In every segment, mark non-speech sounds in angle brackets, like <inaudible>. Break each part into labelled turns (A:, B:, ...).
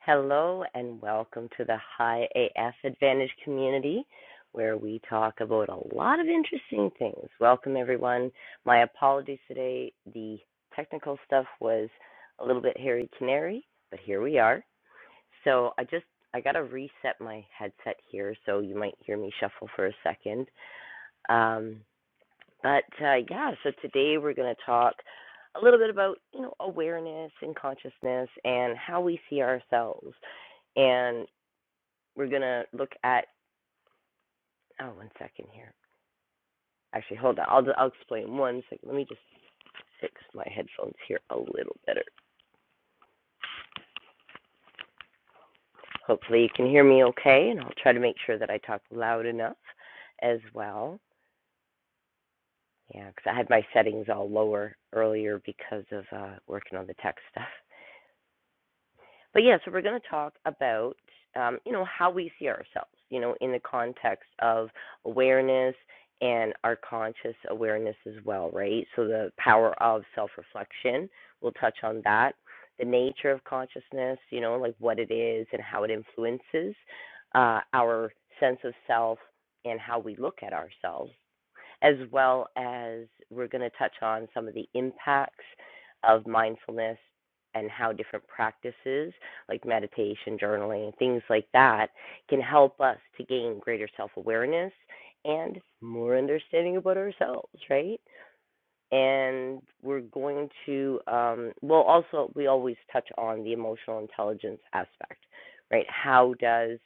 A: Hello and welcome to the High AF Advantage community where we talk about a lot of interesting things. Welcome everyone. My apologies today. The technical stuff was a little bit hairy canary, but here we are. So I just I gotta reset my headset here so you might hear me shuffle for a second. Um, but uh, yeah, so today we're going to talk a little bit about you know awareness and consciousness and how we see ourselves, and we're going to look at oh one second here. Actually, hold on. I'll I'll explain one second. Let me just fix my headphones here a little better. Hopefully you can hear me okay, and I'll try to make sure that I talk loud enough as well. Yeah, because I had my settings all lower earlier because of uh, working on the tech stuff. But yeah, so we're going to talk about, um, you know, how we see ourselves, you know, in the context of awareness and our conscious awareness as well, right? So the power of self reflection, we'll touch on that. The nature of consciousness, you know, like what it is and how it influences uh, our sense of self and how we look at ourselves as well as we're going to touch on some of the impacts of mindfulness and how different practices like meditation, journaling, things like that can help us to gain greater self awareness and more understanding about ourselves, right? and we're going to um, well also we always touch on the emotional intelligence aspect right how does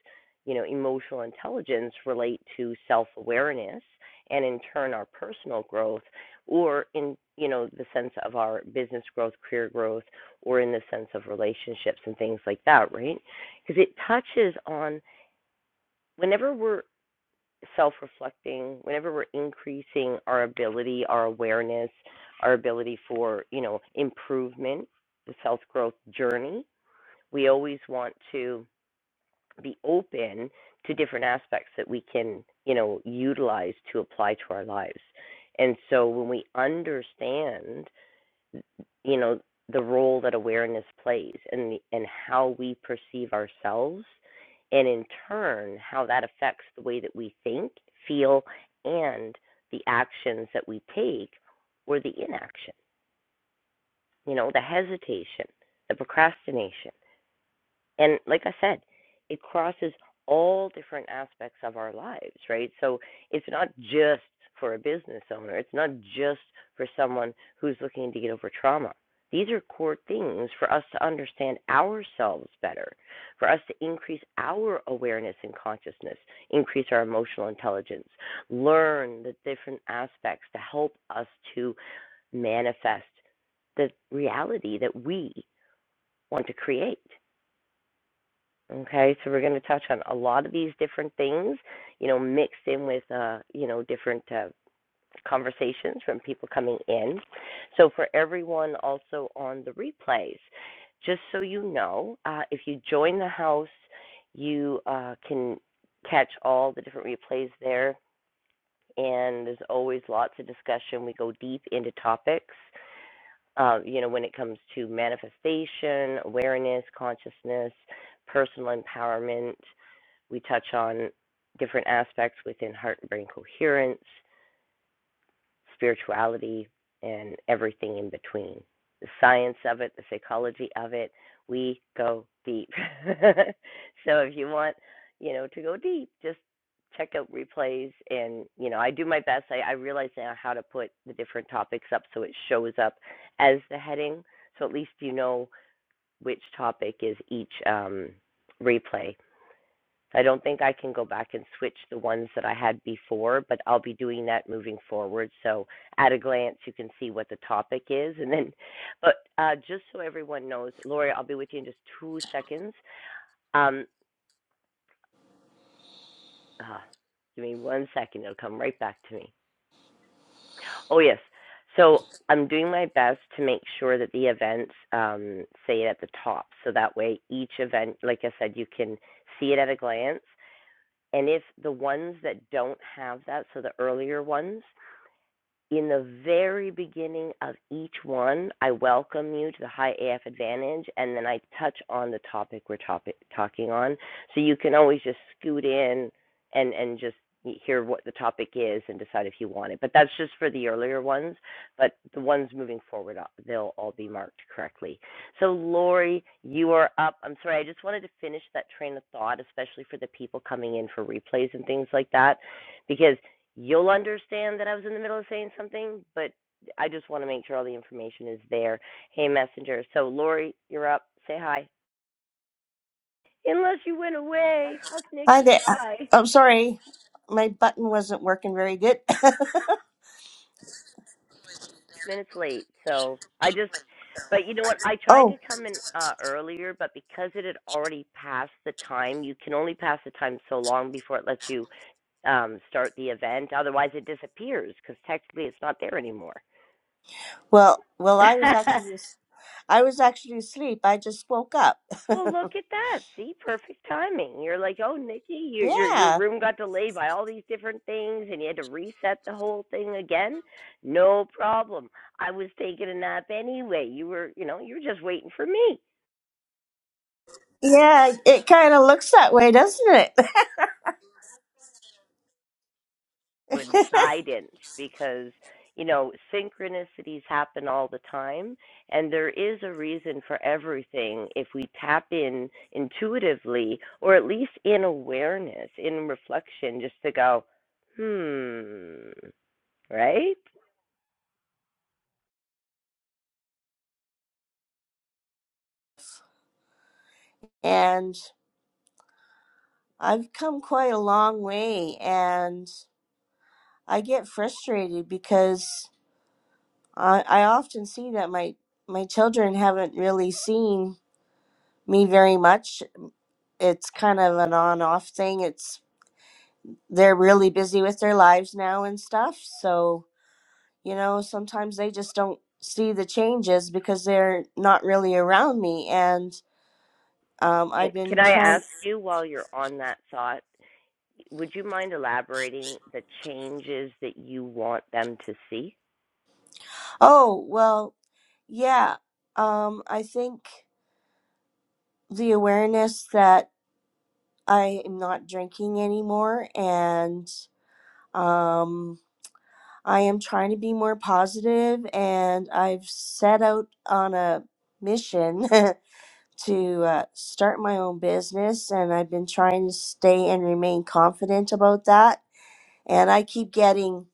A: you know emotional intelligence relate to self-awareness and in turn our personal growth or in you know the sense of our business growth career growth or in the sense of relationships and things like that right because it touches on whenever we're self reflecting, whenever we're increasing our ability, our awareness, our ability for, you know, improvement, the self growth journey, we always want to be open to different aspects that we can, you know, utilize to apply to our lives. And so when we understand you know the role that awareness plays and and how we perceive ourselves and in turn how that affects the way that we think, feel and the actions that we take or the inaction, you know, the hesitation, the procrastination. And like I said, it crosses all different aspects of our lives, right? So it's not just for a business owner, it's not just for someone who's looking to get over trauma. These are core things for us to understand ourselves better, for us to increase our awareness and consciousness, increase our emotional intelligence, learn the different aspects to help us to manifest the reality that we want to create. Okay, so we're going to touch on a lot of these different things, you know, mixed in with, uh, you know, different uh, conversations from people coming in. So for everyone also on the replays, just so you know, uh, if you join the house, you uh, can catch all the different replays there, and there's always lots of discussion. We go deep into topics, uh, you know, when it comes to manifestation, awareness, consciousness, personal empowerment we touch on different aspects within heart and brain coherence, spirituality, and everything in between. The science of it, the psychology of it, we go deep. <laughs> so if you want, you know, to go deep, just check out replays and you know i do my best I, I realize now how to put the different topics up so it shows up as the heading so at least you know which topic is each um, replay I don't think I can go back and switch the ones that I had before, but I'll be doing that moving forward. So at a glance, you can see what the topic is, and then, but uh, just so everyone knows, Lori, I'll be with you in just two seconds. Um, ah, give me one second; it'll come right back to me. Oh yes, so I'm doing my best to make sure that the events um, say it at the top, so that way each event, like I said, you can see it at a glance And if the ones that don't have that, so the earlier ones, in the very beginning of each one, I welcome you to the High AF Advantage, and then I touch on the topic we're topic, talking on. So you can always just scoot in and, and just hear what the topic is and decide if you want it. But that's just for the earlier ones. But the ones moving forward, uh, they'll all be marked correctly. So, Lori, you are up. I'm sorry, I just wanted to finish that train of thought, especially for the people coming in for replays and things like that, because you'll understand that I was in the middle of saying something, but I just want to make sure all the information is there. Hey, Messenger. So, Lori, you're up. Say hi. Unless you went away. Fuck
B: Hi
A: Nikki.
B: there. Uh,
A: Bye.
B: I'm sorry, my button wasn't working very good. <laughs>
A: minutes late. So, I just, but you know what? I tried
B: oh
A: to come in uh, earlier, but because it had already passed the time, you can only pass the time so long before it lets you um, start the event. Otherwise, it disappears because technically it's not there anymore.
B: well, well I was
A: <laughs>
B: actually I was actually asleep. I just woke up. <laughs>
A: Well, look at that. See, perfect timing. You're like, oh, Nikki, your your your
B: yeah,
A: room got delayed by all these different things, and you had to reset the whole thing again. No problem. I was taking a nap anyway. You were, you know, you were just waiting for me.
B: yeah. It kind of looks that way, doesn't it? <laughs>
A: Coincidence, because you know synchronicities happen all the time, and there is a reason for everything if we tap in intuitively, or at least in awareness, in reflection, just to go. Hmm. right?
B: and I've come quite a long way, and I get frustrated because I, I often see that my my children haven't really seen me very much. It's kind of an on off thing. they're really busy with their lives now and stuff. So, you know, sometimes they just don't see the changes because they're not really around me. And um,
A: And
B: I've
A: can
B: been
A: I
B: trying.
A: ask you while you're on that thought, would you mind elaborating the changes that you want them to see?
B: Oh, well, yeah. Um, I think the awareness that I am not drinking anymore and um, I am trying to be more positive and I've set out on a mission <laughs> to uh, start my own business, and I've been trying to stay and remain confident about that. And I keep getting,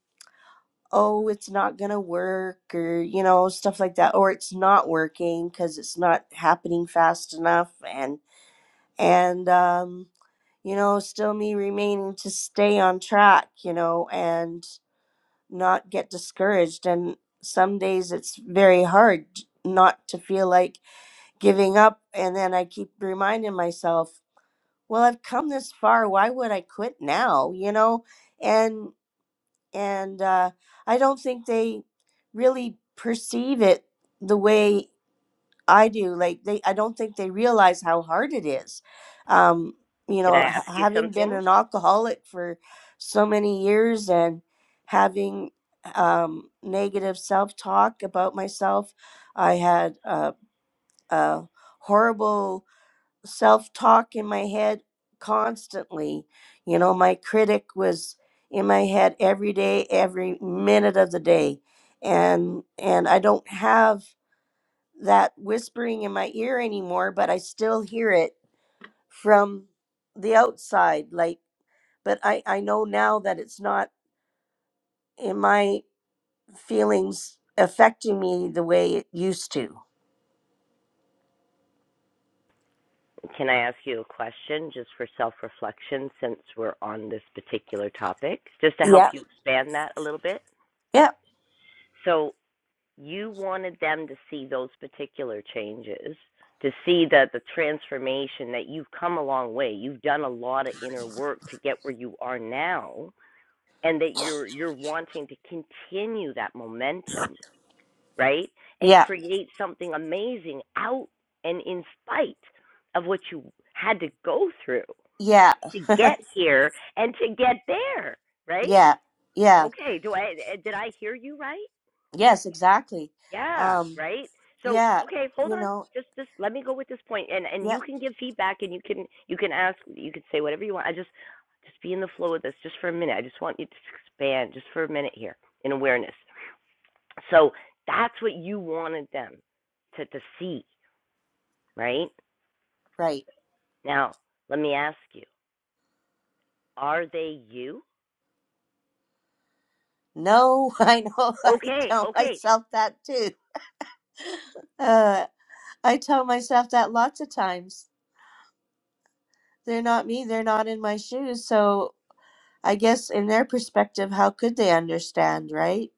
B: oh, it's not going to work, or, you know, stuff like that, or it's not working because it's not happening fast enough. And, and, um, you know, still me remaining to stay on track, you know, and not get discouraged. And some days it's very hard not to feel like giving up. And then I keep reminding myself, well i've come this far why would i quit now you know and and uh, i don't think they really perceive it the way i do like they i don't think they realize how hard it is um you
A: Can I
B: know h-
A: ask you
B: having been
A: something?
B: an alcoholic for so many years and having um negative self-talk about myself i had a, a horrible self talk in my head constantly. You know, my critic was in my head every day, every minute of the day. And and I don't have that whispering in my ear anymore, but I still hear it from the outside. Like but I, I know now that it's not in my feelings affecting me the way it used to.
A: Can I ask you a question just for self reflection since we're on this particular topic, just to help
B: Yeah.
A: you expand that a little bit?
B: Yeah.
A: So, you wanted them to see those particular changes, to see that the transformation that you've come a long way, you've done a lot of inner work to get where you are now and that you're you're wanting to continue that momentum right and
B: Yeah.
A: create something amazing out and in spite of what you had to go through
B: Yeah.
A: to get here and to get there right
B: Yeah. Yeah.
A: okay do i eh, did i hear you right
B: Yes, exactly.
A: yeah
B: Um.
A: right so
B: Yeah,
A: okay hold
B: you
A: on
B: know,
A: just just let me go with this point and and
B: yeah,
A: you can give feedback and you can you can ask you can say whatever you want i just just be in the flow of this just for a minute i just want you to expand just for a minute here in awareness So that's what you wanted them to, to see, right?
B: right.
A: Now, let me ask you, are they you?
B: No, <laughs> I know. I
A: Okay,
B: tell
A: okay,
B: myself that too. Uh, I tell myself that lots of times. They're not me, they're not in my shoes. So I guess in their perspective, how could they understand, right?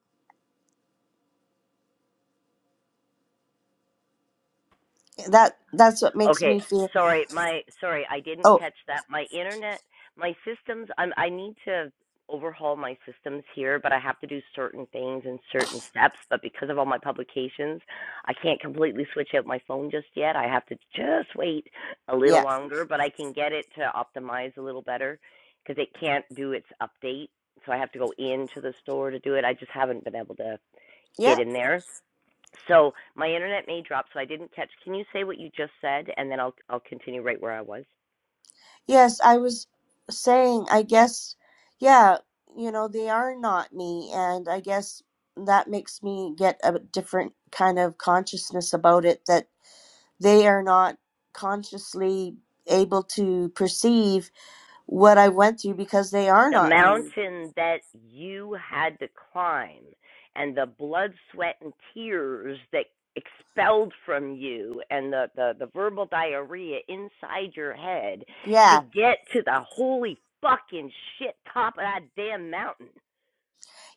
B: That that's what makes me
A: Okay,
B: feel,
A: sorry, my sorry, I didn't
B: oh,
A: catch that. My internet, my systems. I'm, I need to overhaul my systems here, but I have to do certain things and certain steps. But because of all my publications, I can't completely switch out my phone just yet. I have to just wait a little
B: yeah.
A: longer, but I can get it to optimize a little better because it can't do its update. So I have to go into the store to do it. I just haven't been able to
B: Yeah.
A: get in there. So my internet may drop, so I didn't catch. Can you say what you just said, and then I'll I'll continue right where I was.
B: Yes, I was saying, I guess, yeah, you know, they are not me, and I guess that makes me get a different kind of consciousness about it that they are not consciously able to perceive what I went through because they are
A: The
B: not me.
A: mountain that you had to climb, and the blood, sweat, and tears that expelled from you, and the the, the verbal diarrhea inside your head to
B: Yeah.
A: get to the holy fucking shit top of that damn mountain.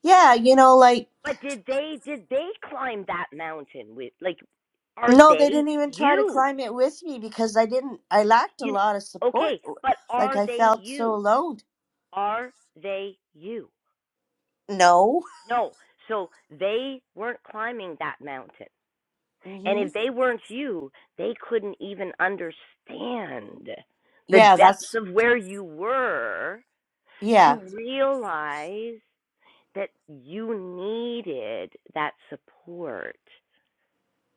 B: Yeah, you know like
A: But did they did they climb that mountain with like? Are
B: no, they
A: they
B: didn't even try to
A: you?
B: climb it with me because I didn't I lacked a
A: You
B: lot of
A: okay,
B: support.
A: but
B: Like
A: are
B: I
A: they
B: felt so
A: you?
B: alone.
A: Are they you?
B: No.
A: No. So they weren't climbing that mountain. And
B: Mhm.
A: if they weren't you, they couldn't even understand the
B: Yeah,
A: depths
B: that's
A: of where you were to
B: yeah.
A: realize that you needed that support.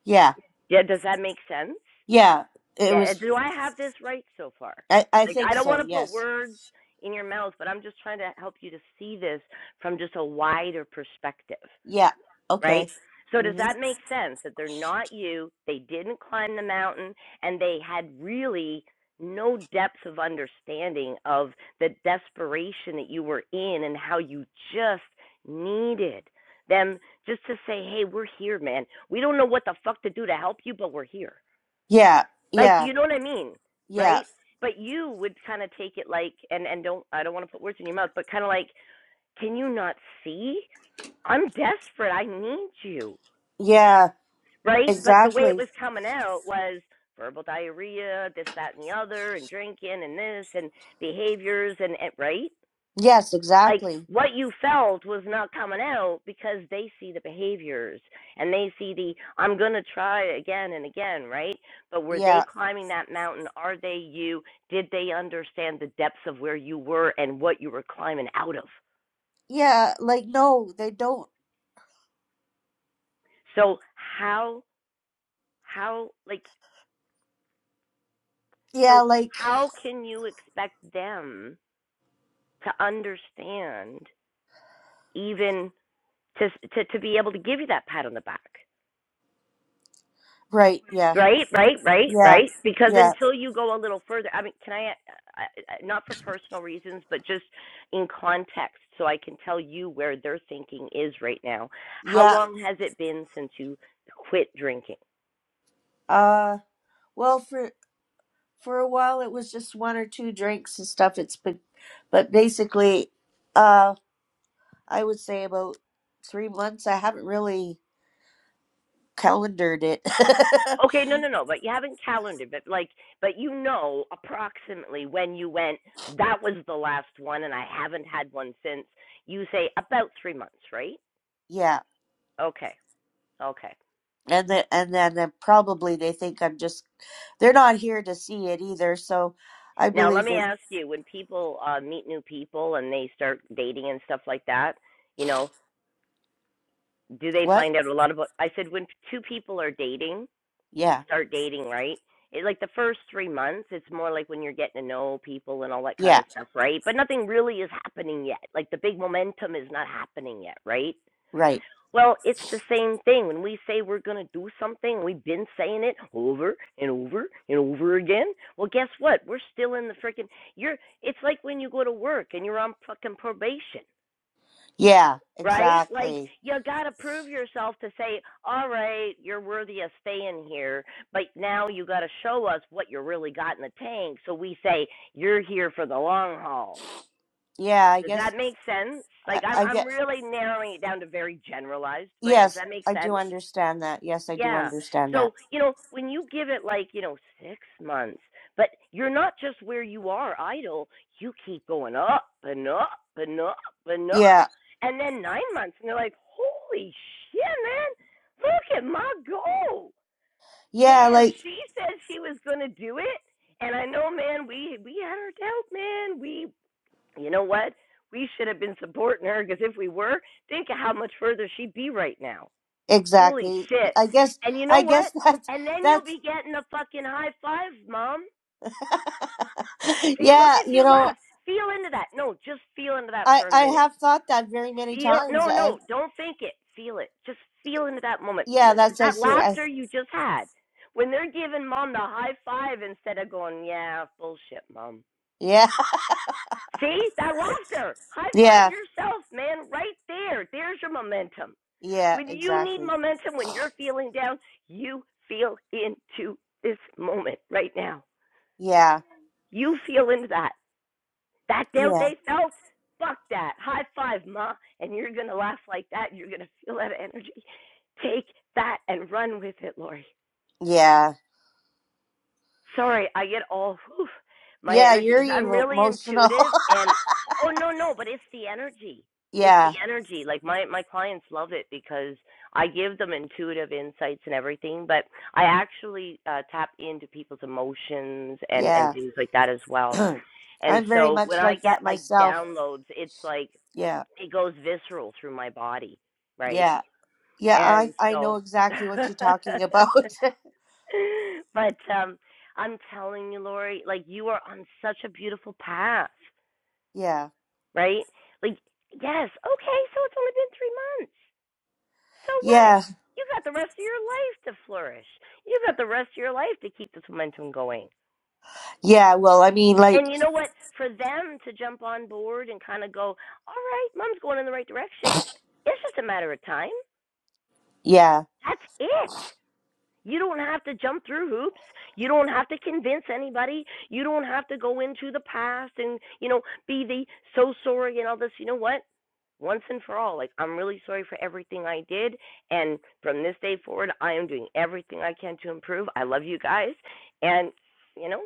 B: Yeah.
A: Yeah, does that make sense?
B: Yeah. It
A: Yeah, uh,
B: was
A: do I have this right so far?
B: I I
A: Like, I
B: think
A: don't
B: so.
A: want to put
B: Yes.
A: words in your mouth, but I'm just trying to help you to see this from just a wider perspective,
B: Yeah.
A: right?
B: Okay.
A: So, does
B: Mhm.
A: that make sense that they're not you? They didn't climb the mountain and they had really no depth of understanding of the desperation that you were in and how you just needed them just to say, hey, we're here, man. We don't know what the fuck to do to help you, but we're here
B: Yeah.
A: like, do
B: Yeah.
A: you know what I mean?
B: Yeah.
A: Right? But you would kind of take it like, and and don't I don't want to put words in your mouth, but kind of like, can you not see? I'm desperate. I need you.
B: Yeah.
A: Right? But the way it
B: Exactly.
A: was coming out was verbal diarrhea, this, that, and the other, and drinking, and this, and behaviors, and, and right?
B: Yes,
A: like
B: exactly.
A: what you felt was not coming out because they see the behaviors and they see the I'm going to try again and again, right? But were they
B: Yeah.
A: climbing that mountain? Are they you? Did they understand the depths of where you were and what you were climbing out of?
B: Yeah. Like, no, they don't.
A: So how how like
B: Yeah.
A: so
B: Like,
A: how can you expect them to understand even to to to be able to give you that pat on the back?
B: right. Yeah.
A: Right, right, right,
B: Yeah.
A: right. Because
B: Yeah.
A: until you go a little further, I mean, can I, I, I- not for personal reasons, but just in context, so I can tell you where their thinking is right now. How
B: Yeah.
A: long has it been since you quit drinking?
B: Uh, well, for, for a while it was just one or two drinks and stuff. It's been, but basically, uh, I would say about three months. I haven't really calendared it. <laughs>
A: Okay, no, no, no, but you haven't calendared, but like, but you know approximately when you went, that was the last one, and I haven't had one since. You say about three months, right?
B: yeah.
A: Okay, okay.
B: And then, and then then probably they think I'm just, they're not here to see it either. So I
A: Now, let
B: believe
A: me
B: they,
A: ask you: when people uh, meet new people and they start dating and stuff like that, you know, do they
B: what?
A: find out a lot about? I said when two people are dating,
B: Yeah.
A: start dating, right? It, like the first three months, it's more like when you're getting to know people and all that kind
B: Yeah.
A: of stuff, right? But nothing really is happening yet. Like the big momentum is not happening yet, right?
B: Right.
A: Well, it's the same thing. When we say we're going to do something, we've been saying it over and over and over again. Well, guess what? We're still in the freaking you're it's like when you go to work and you're on fucking probation,
B: Yeah.
A: right? Like
B: Exactly.
A: you got to prove yourself to say, "All right, you're worthy of staying here." But now you got to show us what you really got in the tank. So we say, "You're here for the long haul."
B: Yeah, I
A: Does that
B: guess
A: make sense? Like
B: I,
A: I'm
B: I
A: I'm
B: get
A: really narrowing it down to very generalized, but does
B: yes,
A: that make
B: I
A: sense?
B: do understand that. Yes, I do
A: Yeah.
B: understand that.
A: So, you know, when you give it like, you know, six months, but you're not just where you are idle, you keep going up and up and up and up.
B: Yeah.
A: And then nine months, and they're like, holy shit, man, look at my goal.
B: Yeah,
A: Damn,
B: like
A: she said she was going to do it. And I know, man, we we had our doubt, man. We, you know what? We should have been supporting her because if we were, think of how much further she'd be right now. Holy
B: exactly.
A: shit.
B: I guess
A: And you know
B: I
A: what?
B: guess that's
A: And then you'll
B: that's
A: be getting a fucking high five, mom.
B: <laughs>
A: See, look
B: yeah,
A: at
B: you
A: you
B: know,
A: laugh. Feel into that. No, just feel into that
B: I
A: for a
B: I
A: minute.
B: have thought that very many
A: Feel
B: times.
A: no,
B: I
A: no, don't think it. Feel it. Just feel into that moment.
B: yeah, that's I
A: That
B: see. I
A: laughter you just had. When they're giving mom the high five instead of going, yeah, bullshit, mom.
B: yeah. <laughs>
A: See, that laughter. High five
B: Yeah.
A: yourself, man, right there. There's your momentum.
B: Yeah,
A: When you need
B: exactly.
A: momentum, when you're feeling down, you feel into this moment right now.
B: Yeah.
A: You feel into that. That doubt
B: Yeah.
A: they felt, fuck that. High five, ma. And you're going to laugh like that. You're going to feel that energy. Take that and run with it, Lori.
B: Yeah.
A: Sorry, I get all whew, my
B: Yeah, you're
A: energy. I'm
B: emo-
A: really
B: emotional.
A: intuitive, and oh no, no, but it's the energy.
B: <laughs>
A: It's the
B: yeah.
A: energy. Like my my clients love it because I give them intuitive insights and everything, but I actually uh, tap into people's emotions and and
B: Yeah.
A: things like that as
B: <clears throat>
A: well. And
B: I'm very
A: so when
B: much
A: I
B: like
A: get
B: that
A: like
B: myself.
A: downloads, it's like
B: Yeah.
A: it goes visceral through my body, right?
B: Yeah. Yeah, I
A: And
B: I
A: so
B: know exactly what you're talking
A: <laughs>
B: about. <laughs>
A: <laughs> but um I'm telling you, Lori, like you are on such a beautiful path,
B: Yeah.
A: right? Like, yes, okay, so it's only been three months. So what?
B: Yeah.
A: You got the rest of your life to flourish. You got the rest of your life to keep this momentum going.
B: Yeah, well, I mean like
A: And you know what? For them to jump on board and kind of go, all right, mom's going in the right direction, it's just a matter of time.
B: yeah.
A: That's it. You don't have to jump through hoops. You don't have to convince anybody. You don't have to go into the past and, you know, be the so sorry and all this. You know what? Once and for all, like, I'm really sorry for everything I did. And from this day forward, I am doing everything I can to improve. I love you guys. And, you know,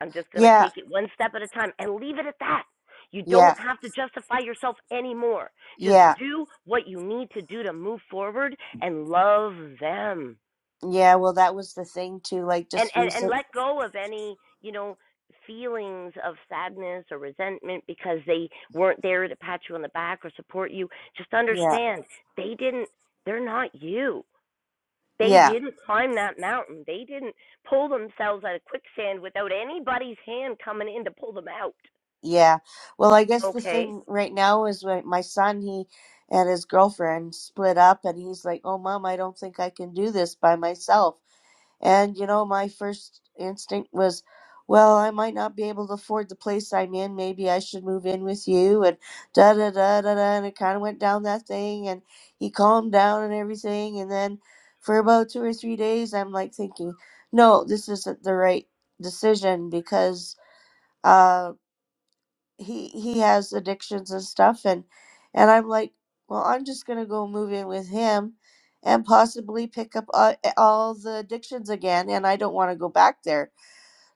A: I'm just going to
B: Yeah.
A: take it one step at a time and leave it at that. You don't
B: Yeah.
A: have to justify yourself anymore. Just
B: Yeah.
A: do what you need to do to move forward and love them
B: Yeah, well that was the thing too like
A: and
B: just
A: and and
B: recent.
A: let go of any you know feelings of sadness or resentment because they weren't there to pat you on the back or support you just
B: Yeah.
A: understand they didn't they're not you they
B: Yeah.
A: didn't climb that mountain they didn't pull themselves out of quicksand without anybody's hand coming in to pull them out
B: Yeah. Well, I guess the
A: okay
B: thing right now is when my son he and his girlfriend split up and he's like, "Oh mom, I don't think I can do this by myself." And, you know, my first instinct was, well, I might not be able to afford the place I'm in. Maybe I should move in with you. And da da da da da. And it kind of went down that thing. And he calmed down and everything. And then for about two or three days, I'm like thinking, no, this isn't the right decision because uh, he he has addictions and stuff and and i'm like well i'm just going to go move in with him and possibly pick up uh, all the addictions again and i don't want to go back there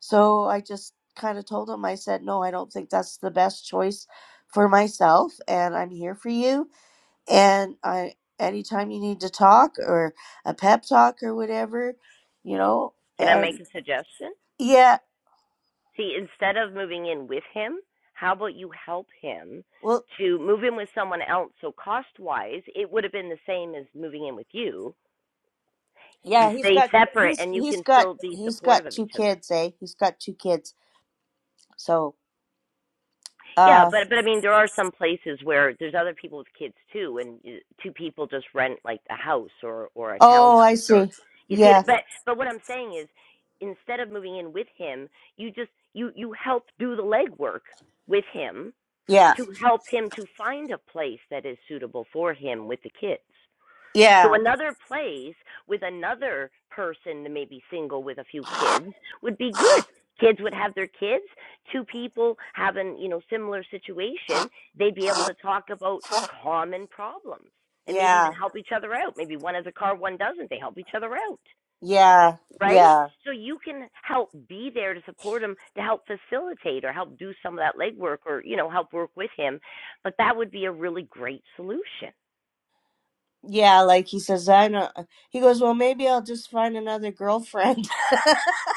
B: so i just kind of told him i said no i don't think that's the best choice for myself and i'm here for you and i anytime you need to talk or a pep talk or whatever you know
A: can i make
B: and
A: a suggestion
B: yeah
A: See, instead of moving in with him, how about you help him
B: well
A: to move in with someone else? So, cost wise, it would have been the same as moving in with you. You
B: Yeah, he's
A: stay
B: got
A: separate
B: he's
A: and you
B: he's
A: can
B: got
A: still be
B: he's
A: supportive
B: got
A: of
B: two
A: each other.
B: kids, eh? He's got two kids. So,
A: Yeah,
B: uh
A: but but I mean, there are some places where there's other people with kids too, and uh, two people just rent like a house or or a
B: oh, I
A: townhouse or
B: see.
A: you see it.
B: Yeah.
A: But but what I'm saying is, instead of moving in with him, you just you you help do the legwork with him
B: Yeah.
A: to help him to find a place that is suitable for him with the kids. So
B: Yeah.
A: another place with another person maybe single with a few kids would be good. Kids would have their kids. Two people having, you know, similar situation, they'd be able to talk about common problems and maybe even
B: Yeah.
A: help each other out. Maybe one has a car, one doesn't. They help each other out
B: Yeah.
A: right?
B: Yeah.
A: So you can help be there to support him, to help facilitate or help do some of that legwork or, you know, help work with him. But that would be a really great solution.
B: Yeah, like he says I don't he goes, "Well, maybe I'll just find another girlfriend."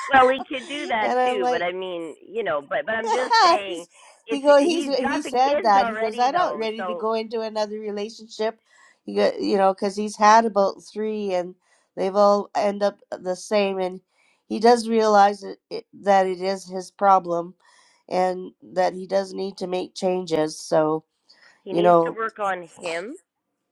A: Well, he could do
B: <laughs>
A: that
B: and I'm
A: too, but
B: like,
A: I mean, you know, but but I'm just
B: <laughs>
A: saying
B: He's- he
A: it's
B: go he's
A: he's got
B: he
A: the
B: said
A: kids
B: that he goes
A: already
B: i'm not
A: though.
B: ready to
A: So
B: go into another relationship you go, you know because he's had about three and they've all end up the same and he does realize it, it, that it is his problem and that he does need to make changes so
A: he
B: you
A: needs to
B: know
A: work on him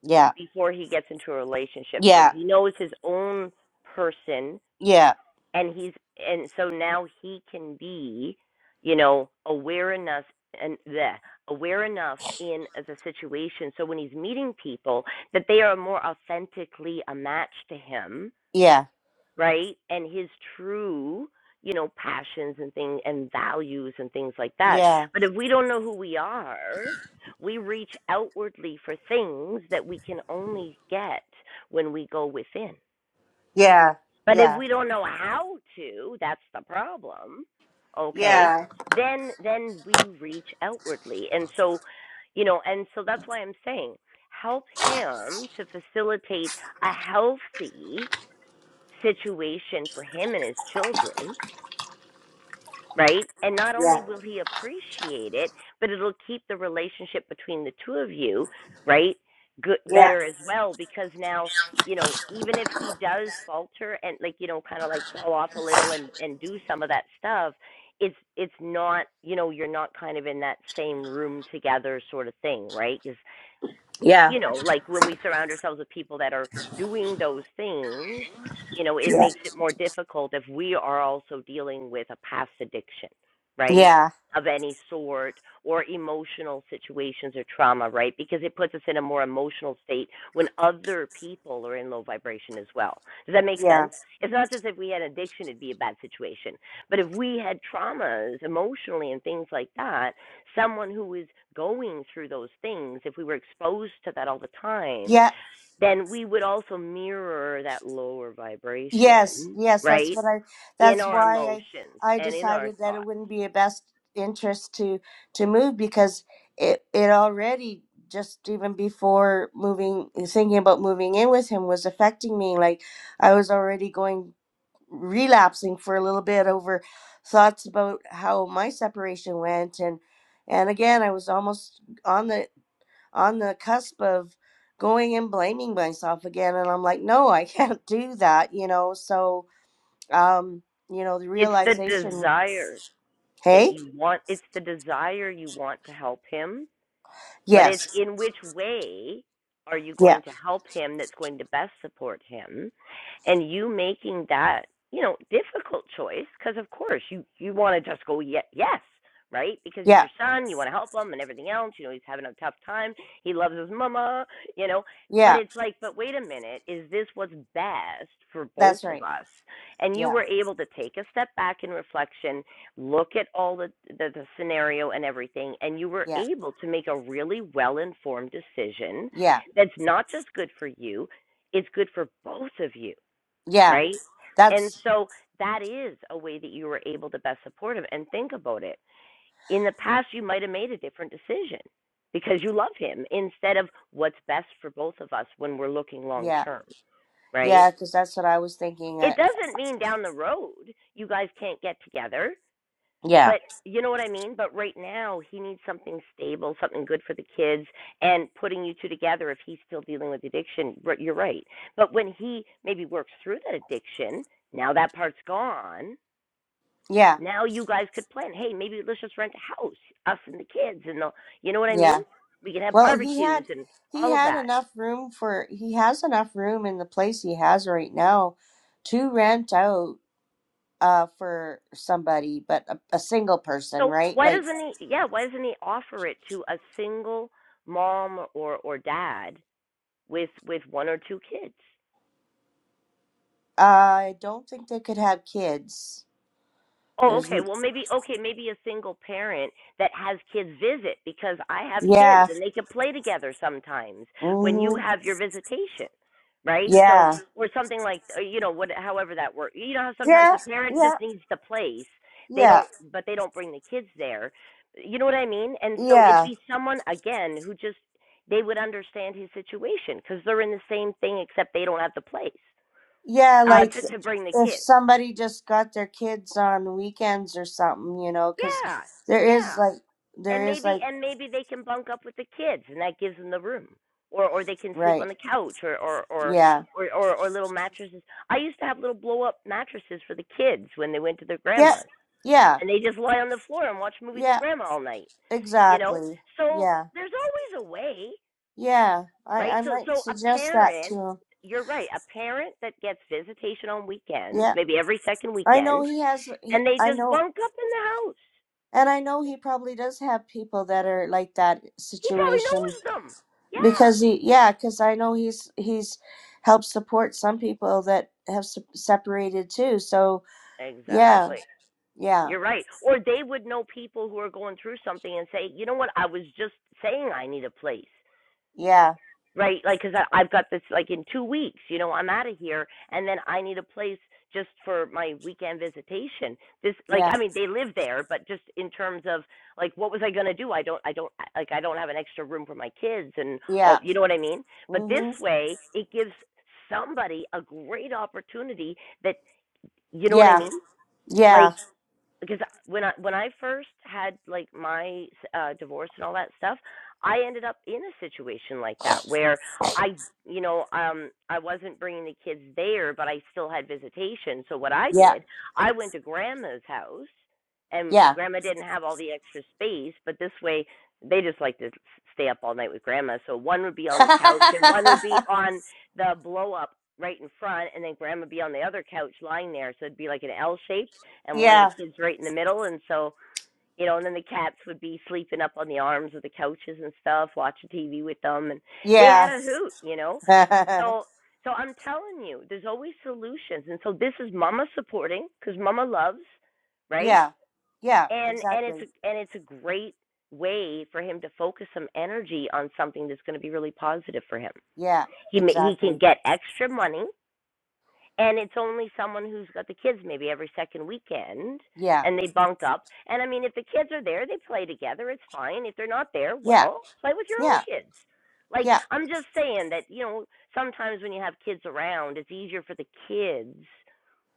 B: yeah
A: before he gets into a relationship. So
B: yeah
A: he knows his own person
B: yeah
A: and he's and so now he can be you know aware enough and the aware enough in the situation so when he's meeting people that they are more authentically a match to him
B: yeah
A: right and his true you know passions and thing and values and things like that
B: yeah
A: but if we don't know who we are we reach outwardly for things that we can only get when we go within
B: yeah
A: but if
B: yeah
A: we don't know how to, that's the problem. Okay?
B: yeah
A: Then then we reach outwardly. And so, you know, and so that's why I'm saying help him to facilitate a healthy situation for him and his children right? And not only
B: yeah
A: will he appreciate it, but it'll keep the relationship between the two of you, right? Good,
B: yeah
A: better as well, because now, you know, even if he does falter and like, you know, kind of like fall off a little and and do some of that stuff, it's it's not, you know, you're not kind of in that same room together sort of thing, right? 'Cause
B: yeah
A: you know, like when we surround ourselves with people that are doing those things, you know, it
B: yeah
A: makes it more difficult if we are also dealing with a past addiction, right?
B: yeah
A: Of any sort, or emotional situations or trauma, right? Because it puts us in a more emotional state when other people are in low vibration as well. Does that make
B: yeah
A: sense? It's not just if we had addiction, it'd be a bad situation. But if we had traumas emotionally and things like that, someone who is going through those things, if we were exposed to that all the time,
B: yeah,
A: then we would also mirror that lower
B: Yes,
A: vibration,
B: yes, that's
A: right?
B: what I
A: In
B: that's
A: our
B: why
A: emotions
B: I I
A: and in our
B: decided that it
A: thoughts.
B: wouldn't be a best interest to to move because it it already just even before moving thinking about moving in with him was affecting me like I was already going relapsing for a little bit over thoughts about how my separation went and and again I was almost on the on the cusp of going and blaming myself again and i'm like no i <laughs> can't do that you know so um you know the
A: It's the
B: realization
A: desire that
B: hey
A: you want, it's the desire you want to help him But it's
B: yes
A: in which way are you
B: yeah
A: going to help him that's going to best support him? And you making that, you know, difficult choice because of course you you want to just go ye- yes, right? Because he's
B: yeah
A: your son, you want to help him and everything else, you know, he's having a tough time. He loves his mama, you know. But
B: yeah
A: it's like, but wait a minute, is this what's best for both
B: that's
A: of
B: right
A: us? And you
B: yeah
A: were able to take a step back in reflection look at all the, the the scenario and everything and you were
B: yeah
A: able to make a really well informed decision
B: yeah
A: that's not just good for you it's good for both of you
B: yeah
A: right and
B: that's
A: so that is a way that you were able to best support him and think about it in the past you might have made a different decision because you love him instead of what's best for both of us when we're looking long
B: yeah
A: term right
B: yeah because that's what i was thinking
A: it
B: uh,
A: doesn't mean down the road you guys can't get together
B: yeah
A: but you know what I mean? But right now, he needs something stable, something good for the kids, and putting you two together if he's still dealing with addiction. You're right. But when he maybe works through that addiction, now that part's gone.
B: yeah
A: Now you guys could plan. Hey, maybe let's just rent a house, us and the kids, and the, you know what I mean?
B: yeah
A: We can have
B: well he
A: barbecues
B: had
A: and
B: he
A: all of
B: had
A: that.
B: enough room for he has enough room in the place he has right now to rent out uh for somebody but a, a single person
A: So
B: right
A: why
B: like
A: doesn't he? Yeah, why doesn't he offer it to a single mom or or dad with with one or two kids?
B: i don't think they could have kids
A: Oh,
B: there's
A: okay.
B: n-
A: Well, maybe okay, maybe a single parent that has kids visit because I have kids
B: yeah
A: and they can play together sometimes when you
B: mhm
A: have your visitation, right? So
B: yeah
A: or something like or, you know what, however that works. You know how sometimes
B: yeah
A: the parent just
B: yeah
A: needs the place. They
B: yeah
A: don't, but they don't bring the kids there. You know what I mean? And so it'd
B: yeah
A: be someone again who just they would understand his situation because they're in the same thing except they don't have the place
B: yeah
A: uh,
B: like
A: to to bring the
B: if
A: kids.
B: somebody just got their kids on weekends or something you know cuz
A: Yeah,
B: there
A: yeah.
B: is like
A: and
B: there is
A: maybe
B: like
A: and maybe they can bunk up with the kids and that gives them the room or or they can sleep on
B: right
A: the couch or or or
B: yeah
A: or, or, or little mattresses i used to have little blow up mattresses for the kids when they went to their
B: yeah
A: grandmas
B: yeah
A: and they just lie on the floor and watch movies with
B: yeah
A: grandma all night you know
B: exactly
A: so
B: yeah
A: there's always a way
B: yeah i
A: right
B: i
A: so
B: might
A: so a
B: suggest that
A: parent
B: to
A: you're right a parent that gets visitation on weekends
B: 'em.
A: maybe every second
B: I know
A: weekend
B: he has. He,
A: and they
B: I
A: just
B: know,
A: bunk up in the house
B: and I know he probably does have people that are like that
A: he probably
B: situation
A: knows them yeah
B: because he, yeah, because I know he's he's helped support some people that have se- separated too. So yeah,
A: Exactly.
B: yeah,
A: You're right. Or they would know people who are going through something and say, you know what, I was just saying I need a place,
B: yeah,
A: right? Like, because I've got this, like, in two weeks, you know, I'm out of here, and then I need a place just for my weekend visitation. This, like,
B: yeah,
A: I mean, they live there, but just in terms of, like, what was I going to do? I don't, I don't, like, I don't have an extra room for my kids and all,
B: yeah,
A: you know what I mean? But this
B: mm-hmm.
A: way, it gives somebody a great opportunity that, you know what I
B: yeah,
A: mean?
B: yeah,
A: Like, because when I when I first had like my uh divorce and all that stuff, I ended up in a situation like that where I you know um I wasn't bringing the kids there, but I still had visitation. So what I
B: yeah,
A: did, I went to grandma's house and
B: yeah,
A: grandma didn't have all the extra space, but this way they just like to stay up all night with grandma. So one would be on the couch
B: <laughs>
A: and one would be on the blow up right in front and then grandma would be on the other couch lying there so it'd be like an L shaped and one of the
B: yeah,
A: kids right in the middle and so you know and then the cats would be sleeping up on the arms of the couches and stuff watching tv with them and they had
B: yeah,
A: a hoot you know
B: <laughs>
A: so so i'm telling you there's always solutions and so this is mama supporting because mama loves right
B: yeah, yeah,
A: and and it's
B: exactly,
A: a, and it's a great way for him to focus some energy on something that's going to be really positive for him
B: yeah,
A: he he can
B: exactly,
A: get extra money and it's only someone who's got the kids maybe every second weekend
B: yeah,
A: and they bunk up and i mean if the kids are there they play together it's fine if they're not there
B: yeah,
A: well play with your own
B: yeah,
A: kids like i'm just saying that you know sometimes when you have kids around it's easier for the kids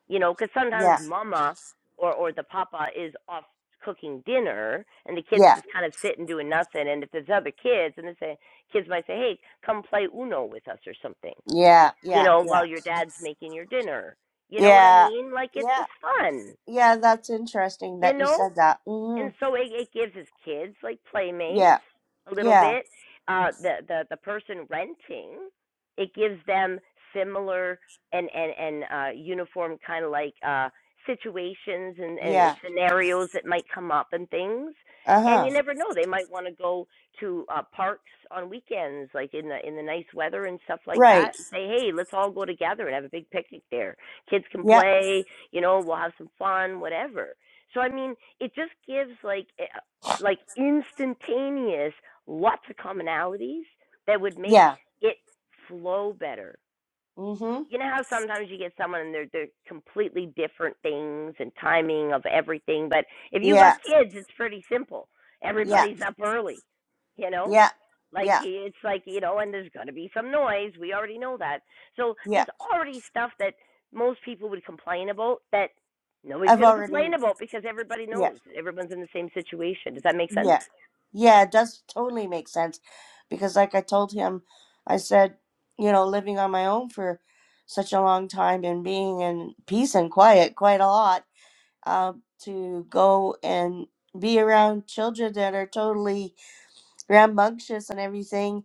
A: you know because
B: yeah.
A: sometimes mama or or the papa is off cooking dinner and the kids are
B: Yeah,
A: just kind of sitting doing nothing and if there's other kids and they say kids might say hey come play uno with us or something
B: yeah,
A: you
B: yeah,
A: know, while
B: yeah,
A: your dad's making your dinner. You know what I
B: yeah,
A: mean? Like it's
B: yeah,
A: just fun,
B: yeah. That's interesting
A: you
B: that you
A: know?
B: said that. hmm
A: and so it, it gives his kids like playmates
B: Yeah,
A: a little
B: yeah,
A: bit. Uh, the the the person renting, it gives them similar and and and uh, uniform kind of like uh, situations and, and
B: yeah.
A: scenarios that might come up and things.
B: Uh
A: And
B: huh.
A: you never know; they might want to go to uh, parks on weekends, like in the in the nice weather and stuff like that.
B: Right.
A: And say, hey, let's all go together and have a big picnic there. Kids can
B: Yep.
A: play, you know, we'll have some fun, whatever. So I mean, it just gives like eh, like instantaneous lots of commonalities that would make
B: Yeah.
A: it flow better
B: Mm-hmm.
A: you know how sometimes you get someone and they're they're completely different things and timing of everything, but if you got
B: Yeah.
A: kids, it's pretty simple.
B: Yeah.
A: Everybody's up early, you know.
B: Yeah.
A: Like
B: Yeah.
A: it's like you know, and there's gonna be some noise. We already know that. So
B: Yeah.
A: there's already stuff that most people would complain about that nobody's
B: I've
A: gonna complain
B: already.
A: about because everybody
B: Yeah.
A: knows everyone's in the same situation. Does that make sense?
B: Yeah. Yeah. It does totally make sense, because like I told him, I said, you know, living on my own for such a long time and being in peace and quiet quite a lot uh, to go and be around children that are totally rambunctious and everything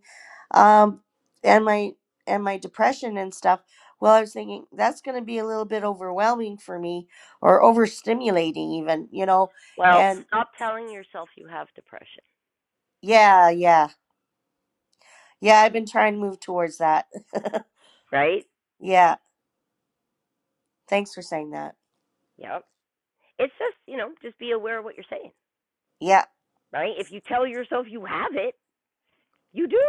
B: um, and my and my depression and stuff well i was thinking that's going to be a little bit overwhelming for me or overstimulating even you know
A: Well,
B: and
A: stop telling yourself you have depression,
B: yeah yeah yeah i've been trying to move towards that <laughs>
A: right?
B: yeah thanks for saying that
A: Yep. It's just you know, just be aware of what you're saying
B: yeah
A: right? If you tell yourself you have it, you do,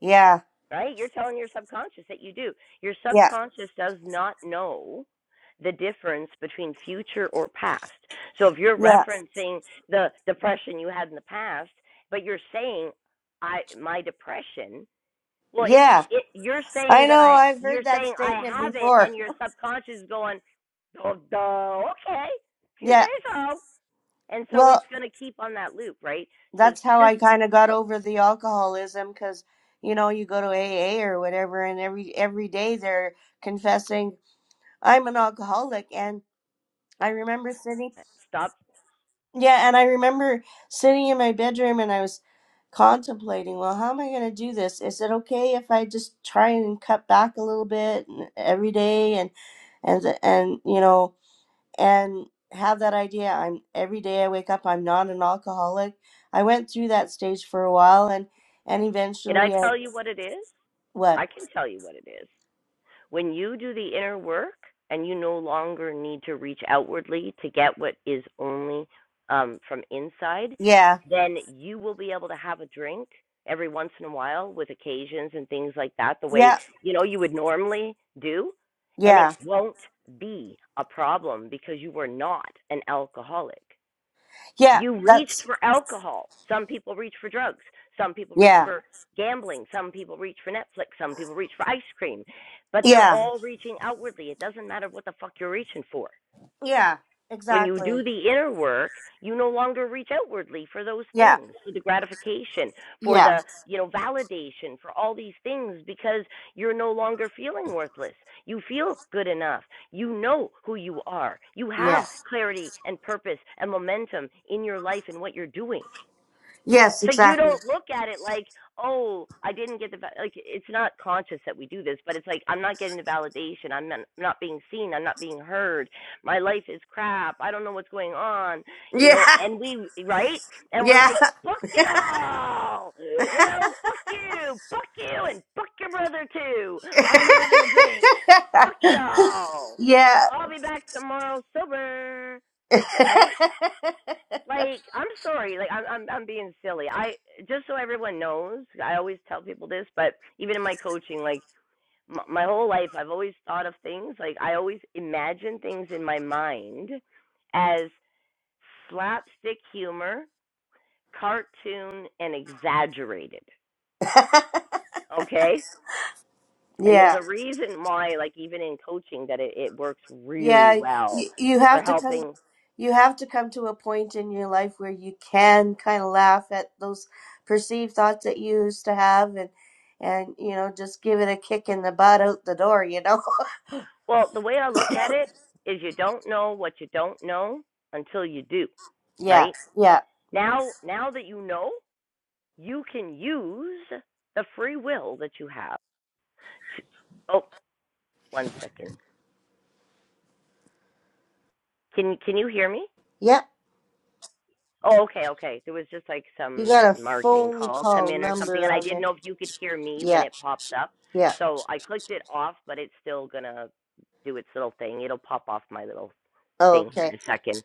B: yeah
A: right? You're telling your subconscious that you do. Your
B: yeah
A: subconscious does not know the difference between future or past. So if you're
B: yeah
A: referencing the depression you had in the past, but you're saying I my depression, well it's
B: yeah
A: it you're saying
B: i
A: that
B: know
A: I
B: i've
A: you're
B: heard that
A: saying I
B: statement
A: have it
B: before
A: and your subconscious is going, Oh duh, okay. If
B: <laughs>
A: you
B: yeah
A: say so. And so
B: well
A: it's gonna keep on that loop, right? So
B: that's how
A: just
B: I kind of got
A: uh,
B: over the alcoholism because you know you go to AA or whatever and every every day they're confessing I'm an alcoholic and I remember sitting
A: Stop.
B: yeah and I remember sitting in my bedroom and I was contemplating well how am I going to do this is it okay if I just try and cut back a little bit and- every day and and and you know and have that idea i'm every day i wake up i'm not an alcoholic i went through that stage for a while and and
A: Can I
B: eventually i
A: tell you what it is?
B: what
A: I can tell you what it is. When you do the inner work and you no longer need to reach outwardly to get what is only um, from inside,
B: yeah
A: then you will be able to have a drink every once in a while with occasions and things like that, the way
B: yeah
A: you know you would normally do, and it
B: yeah
A: won't be a problem because you were not an alcoholic.
B: yeah
A: You reached
B: that's
A: for alcohol. Some people reach for drugs. Some people reach
B: yeah
A: for gambling. Some people reach for Netflix. Some people reach for ice cream. But they're
B: yeah
A: all reaching outwardly. It doesn't matter what the fuck you're reaching for.
B: yeah
A: When you
B: exactly
A: do the inner work, you no longer reach outwardly for those
B: yeah
A: things, for the gratification, for
B: yeah
A: the, you know, validation, for all these things because you're no longer feeling worthless. You feel good enough. You know who you are. You have
B: yeah
A: clarity and purpose and momentum in your life and what you're doing.
B: yes
A: So you
B: exactly
A: don't look at it like, oh, I didn't get the like. It's not conscious that we do this, but it's like I'm not getting the validation. I'm not, I'm not being seen. I'm not being heard. My life is crap. I don't know what's going on. You
B: yeah
A: know, and we right,
B: <laughs>
A: and we're
B: yeah
A: like, fuck it
B: <laughs>
A: all. You know, fuck you, fuck you, and fuck your brother too. I'm having the drink. Fuck y'all.
B: yeah
A: I'll be back tomorrow sober.
B: <laughs>
A: Right? Like, I'm sorry. Like, I'm I'm I'm being silly. I just so everyone knows, I always tell people this, but even in my coaching, like m- my whole life, I've always thought of things like I always imagine things in my mind as slapstick humor, cartoon, and exaggerated. Okay, and there's
B: yeah
A: a reason why, like even in coaching, that it, it works really
B: yeah
A: well
B: you, you
A: for
B: have to come
A: helping
B: you have to come to a point in your life where you can kind of laugh at those perceived thoughts that you used to have and and you know just give it a kick in the butt out the door you know
A: Well, the way I look at it is you don't know what you don't know until you do,
B: <laughs> yeah
A: right?
B: yeah
A: Now, now that you know, you can use the free will that you have. To, oh, one second. Can can you hear me?
B: yep
A: Oh, okay, okay. There was just like
B: you
A: some
B: got a
A: marketing
B: phone
A: call come
B: call
A: in or something,
B: number
A: and I
B: on
A: didn't
B: there
A: know if you could hear me when
B: yeah
A: it pops up.
B: yeah
A: So I clicked it off, but it's still gonna do its little thing. It'll pop off my little
B: oh,
A: thing here
B: okay
A: in a second.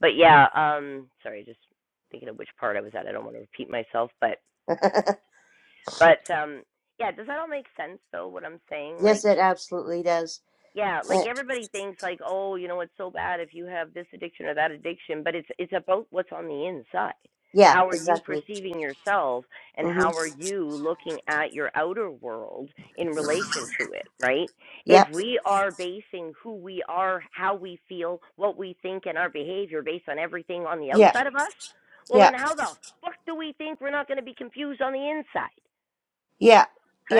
A: but yeah, um, sorry, just thinking of which part I was at. I don't want to repeat myself, but
B: <laughs>
A: but um, yeah, does that all make sense though? What I'm saying, like
B: yes it absolutely does
A: yeah,
B: Uh,
A: like everybody thinks like, oh, you know, it's so bad if you have this addiction or that addiction, but it's it's about what's on the inside.
B: yeah
A: How are you
B: exactly
A: perceiving yourself and
B: mm-hmm
A: how are you looking at your outer world in relation to it, right? If
B: yep
A: we are basing who we are, how we feel, what we think and our behavior based on everything on the
B: yeah
A: outside of us, well
B: yeah
A: then how the fuck do we think we're not going to be confused on the inside,
B: yeah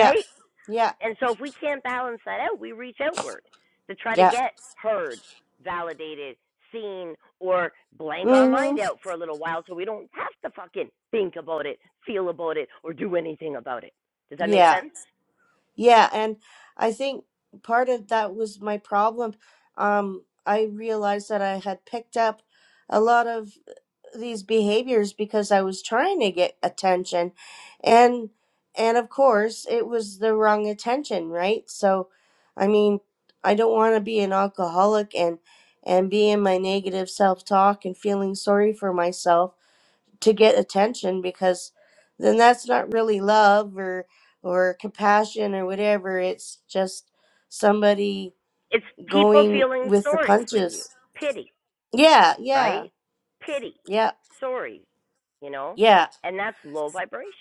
B: yeah yeah
A: And so if we can't balance that out, we reach outward to try to
B: yeah
A: get heard, validated, seen, or blank our
B: mm-hmm
A: mind out for a little while so we don't have to fucking think about it, feel about it, or do anything about it. Does that make
B: Yeah.
A: sense?
B: Yeah, and I think part of that was my problem. Um, I realized that I had picked up a lot of these behaviors because I was trying to get attention. And and of course, it was the wrong attention, right? So, I mean, I don't want to be an alcoholic and and be in my negative self-talk and feeling sorry for myself to get attention because then that's not really love or or compassion or whatever it's just somebody
A: It's people
B: going
A: feeling
B: with the
A: sorry for you.
B: punches
A: Pity,
B: yeah yeah
A: right? Pity.
B: yeah
A: Sorry, you know?
B: yeah
A: And that's low vibration.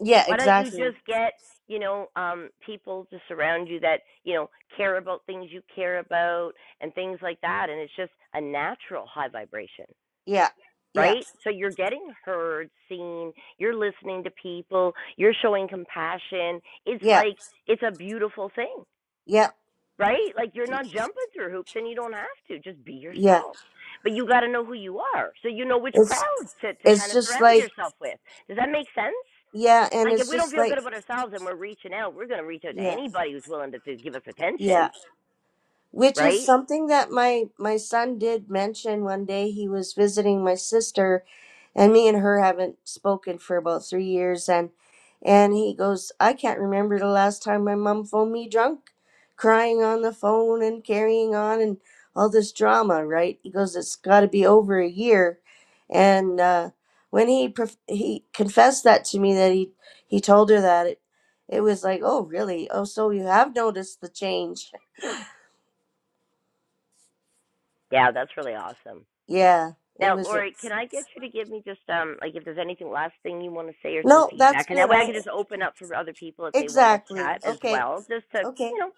B: yeah
A: Why don't you
B: exactly
A: just get, you know, um, people to surround you that, you know, care about things you care about and things like that. And it's just a natural high vibration,
B: yeah yeah
A: right? So you're getting heard, seen, you're listening to people, you're showing compassion. It's
B: yeah
A: like, it's a beautiful thing,
B: yeah
A: right? Like you're not jumping through hoops and you don't have to. Just be
B: yeah
A: yourself. But you got to know who you are. So you know which
B: it's
A: crowd to, to kind
B: it's
A: of
B: just
A: surround
B: like
A: yourself with. Does that make sense?
B: yeah and
A: Like if
B: it's
A: we don't
B: just
A: feel good
B: like
A: about ourselves and we're reaching out, we're gonna reach out to
B: yeah
A: anybody who's willing to, to give us
B: yeah
A: attention,
B: which is
A: right?
B: something that my my son did mention one day he was visiting my sister and me and her haven't spoken for about three years and and he goes i can't remember the last time my mom phoned me drunk crying on the phone and carrying on and all this drama right he goes it's got to be over a year and uh, when he prof- he confessed that to me that he he told her that it it was like oh really oh so you have noticed the change
A: Yeah, that's really awesome.
B: Yeah, it
A: Now,
B: was.
A: Lori, can I get you to give me just um like if there's anything last thing you want to say or some
B: No, that's
A: feedback, and that
B: good.
A: way I
B: I
A: can just open up for other people if they want to
B: exactly.
A: chat as
B: Okay.
A: well, just to
B: Okay.
A: you know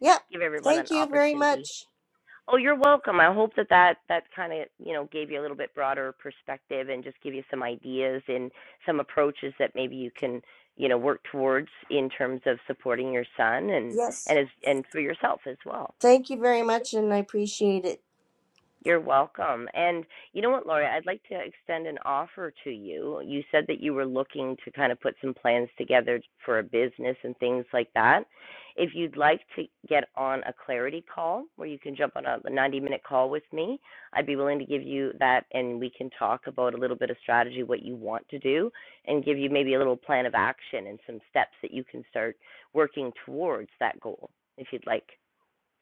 B: Yeah.
A: give everyone an
B: Thank you very
A: opportunity.
B: much.
A: Oh, you're welcome. I hope that that, that kind of, you know, gave you a little bit broader perspective and just give you some ideas and some approaches that maybe you can, you know, work towards in terms of supporting your son and
B: Yes.
A: and as and for yourself as well.
B: Thank you very much, and I appreciate it.
A: You're welcome. And you know what, Lori, I'd like to extend an offer to you. You said that you were looking to kind of put some plans together for a business and things like that. If you'd like to get on a clarity call where you can jump on a 90 minute call with me, I'd be willing to give you that and we can talk about a little bit of strategy, what you want to do, and give you maybe a little plan of action and some steps that you can start working towards that goal if you'd like.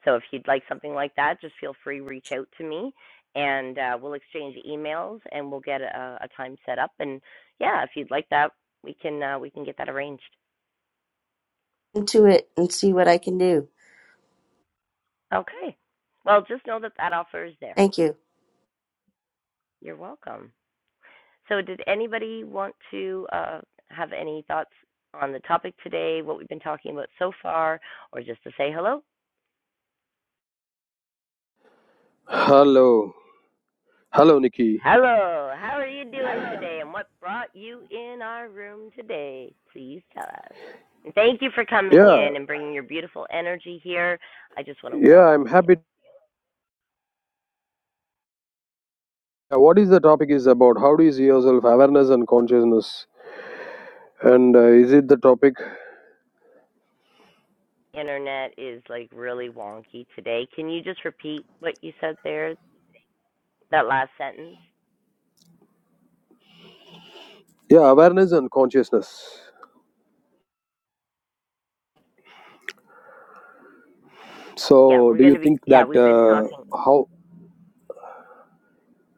A: So if you'd like something like that, just feel free reach out to me, and uh, we'll exchange emails and we'll get a, a time set up. And yeah, if you'd like that, we can uh, we can get that arranged.
B: Into it and see what I can do.
A: Okay. Well, just know that that offer is there.
B: Thank you.
A: You're welcome. So did anybody want to uh, have any thoughts on the topic today, what we've been talking about so far, or just to say hello?
C: Hello. Hello, Nikki.
A: Hello, how are you doing today and what brought you in our room today? Please tell us. And thank you for coming
C: Yeah,
A: in and bringing your beautiful energy here. I just want to
C: yeah,
A: welcome
C: I'm
A: you.
C: happy. Uh, What is the topic is about? How do you see yourself? Awareness and consciousness. And uh, is it the topic?
A: Internet is like really wonky today. Can you just repeat what you said there? That last sentence?
C: Yeah, awareness and consciousness.
A: Yeah,
C: So,
A: we're
C: do
A: going
C: you
A: to be,
C: think
A: yeah,
C: that
A: we've been
C: uh,
A: talking.
C: how?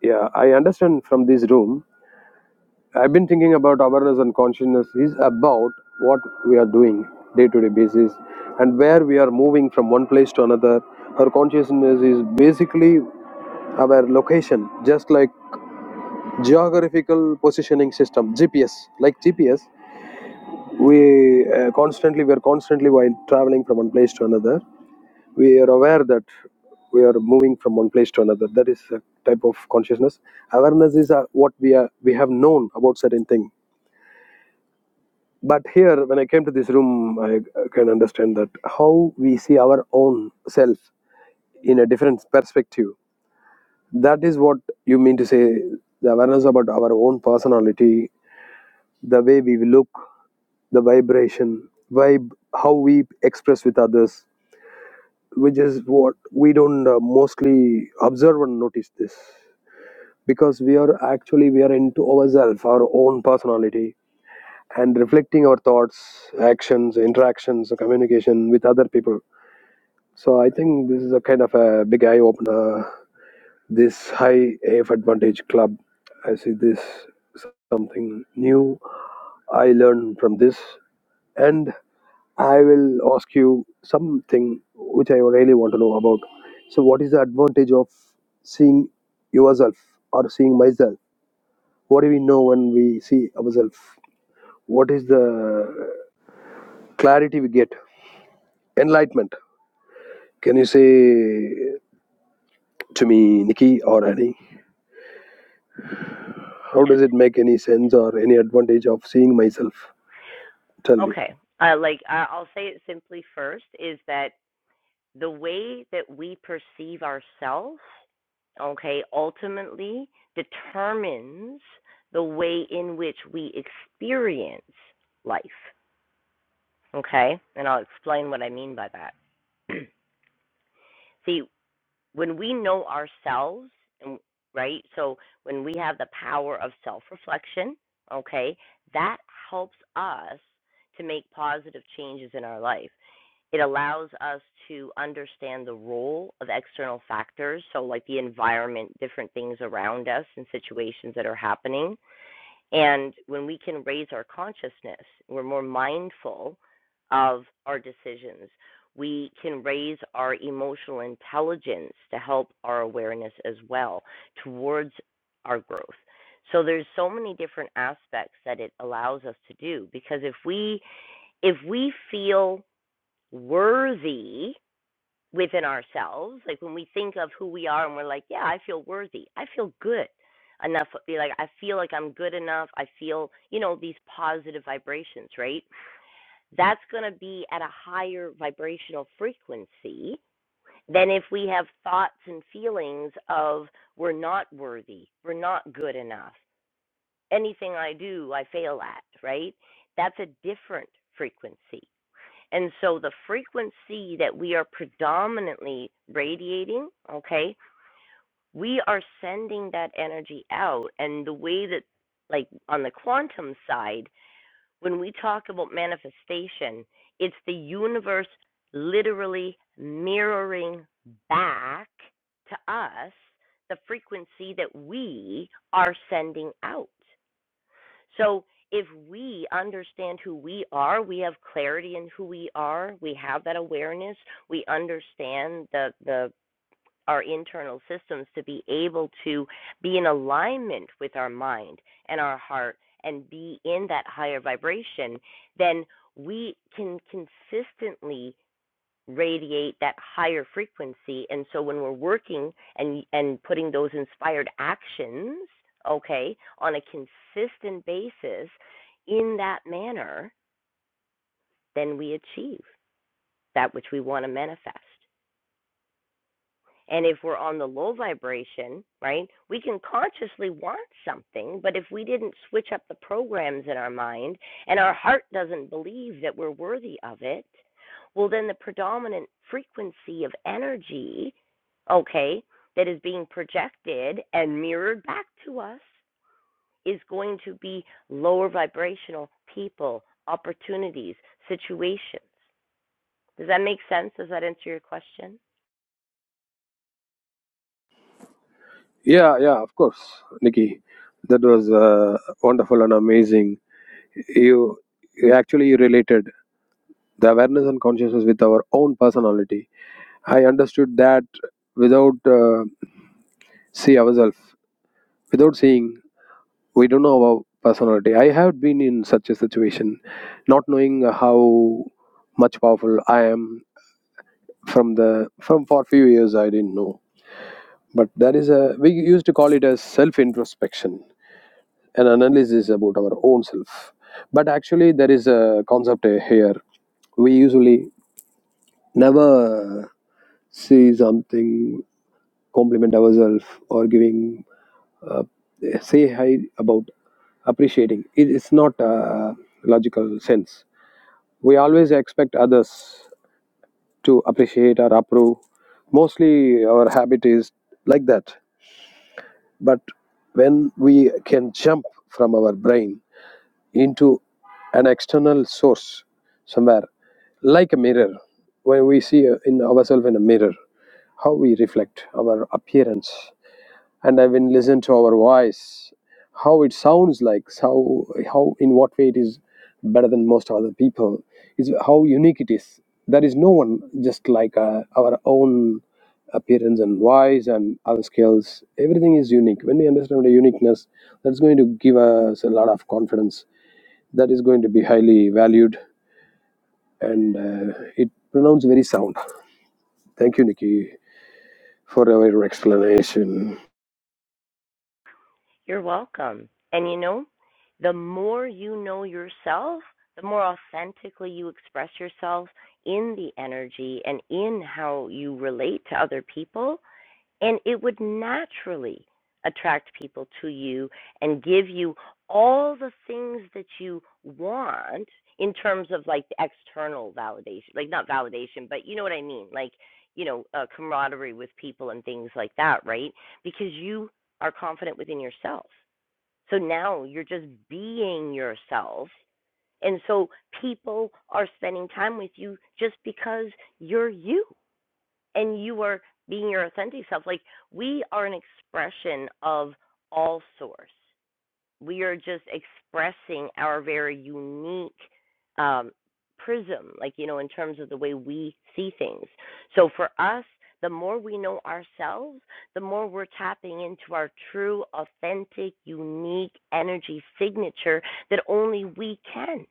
C: Yeah, I understand from this room. I've been thinking about awareness and consciousness is about what we are doing day to day basis and where we are moving from one place to another. Our consciousness is basically our location, just like geographical positioning system gps like gps we uh, constantly we are constantly while traveling from one place to another we are aware that we are moving from one place to another that is a type of consciousness awareness is uh, what we are we have known about certain thing but here when i came to this room i uh, can understand that how we see our own self in a different perspective that is what you mean to say the awareness about our own personality the way we look the vibration, vibe, how we express with others, which is what we don't uh, mostly observe and notice this because we are actually we are into ourselves, our own personality, and reflecting our thoughts, actions, interactions, communication with other people. So I think this is a kind of a big eye opener. This high AF advantage club, I see this something new I learn from this, and. I will ask you something which I really want to know about. So, what is the advantage of seeing yourself or seeing myself? What do we know when we see ourselves? What is the clarity we get? Enlightenment. Can you say to me, Nikki or Annie, how
A: Yes.
C: does it make any sense or any advantage of seeing myself? Tell me.
A: Okay. Uh, like, I- I'll say it simply first is that the way that we perceive ourselves, okay, ultimately determines the way in which we experience life, okay? And I'll explain what I mean by that. <clears throat> See, when we know ourselves, and- right? So when we have the power of self reflection, okay, that helps us to make positive changes in our life it allows us to understand the role of external factors, so like the environment, different things around us, and situations that are happening. And when we can raise our consciousness, we're more mindful of our decisions. We can raise our emotional intelligence to help our awareness as well towards our growth. So there's so many different aspects that it allows us to do because if we if we feel worthy within ourselves. Like when we think of who we are and we're like, yeah, I feel worthy. I feel good enough. Be Like I feel like I'm good enough. I feel, you know, these positive vibrations, right? That's going to be at a higher vibrational frequency than if we have thoughts and feelings of we're not worthy, we're not good enough. Anything I do, I fail at, right? That's a different frequency. And so the frequency that we are predominantly radiating, okay, we are sending that energy out. And the way that, like on the quantum side, when we talk about manifestation, it's the universe literally mirroring back to us the frequency that we are sending out. So if we understand who we are, we have clarity in who we are, we have that awareness, we understand the the our internal systems to be able to be in alignment with our mind and our heart and be in that higher vibration, then we can consistently radiate that higher frequency and so when we're working and and putting those inspired actions okay on a consistent basis in that manner then we achieve that which we want to manifest And if we're on the low vibration, right, we can consciously want something, but if we didn't switch up the programs in our mind and our heart doesn't believe that we're worthy of it, well, then the predominant frequency of energy, okay, that is being projected and mirrored back to us is going to be lower vibrational people, opportunities, situations. Does that make sense? Does that answer your question?
C: Yeah, yeah, of course, Nikki. That was uh, wonderful and amazing. You, you actually related. the awareness and consciousness with our own personality. I understood that without uh, see ourselves, without seeing, we don't know our personality. I have been in such a situation, not knowing how much powerful I am from the from for few years I didn't know. But that is a we used to call it as self introspection, an analysis about our own self. But actually, there is a concept here. We usually never see something compliment ourselves or giving uh, say hi about appreciating it is not a logical sense we always expect others to appreciate or approve mostly our habit is like that but when we can jump from our brain into an external source somewhere like a mirror when we see in ourselves in a mirror how we reflect our appearance and I when listen to our voice, how it sounds like, how how in what way it is better than most other people, is how unique it is. There is no one just like uh, our own appearance and voice and other skills. Everything is unique. When we understand the uniqueness, that's going to give us a lot of confidence. That is going to be highly valued, and uh, it pronounced very sound. Thank you, Nikki, for your explanation.
A: You're welcome. And you know, the more you know yourself, the more authentically you express yourself in the energy and in how you relate to other people, and it would naturally attract people to you and give you all the things that you want in terms of like the external validation like not validation but you know what i mean like you know uh, camaraderie with people and things like that right because you are confident within yourself so now you're just being yourself and so people are spending time with you just because you're you and you are being your authentic self. Like we are an expression of all source. We are just expressing our very unique um, prism, like you know, in terms of the way we see things. So for us, the more we know ourselves, the more we're tapping into our true, authentic, unique energy signature that only we can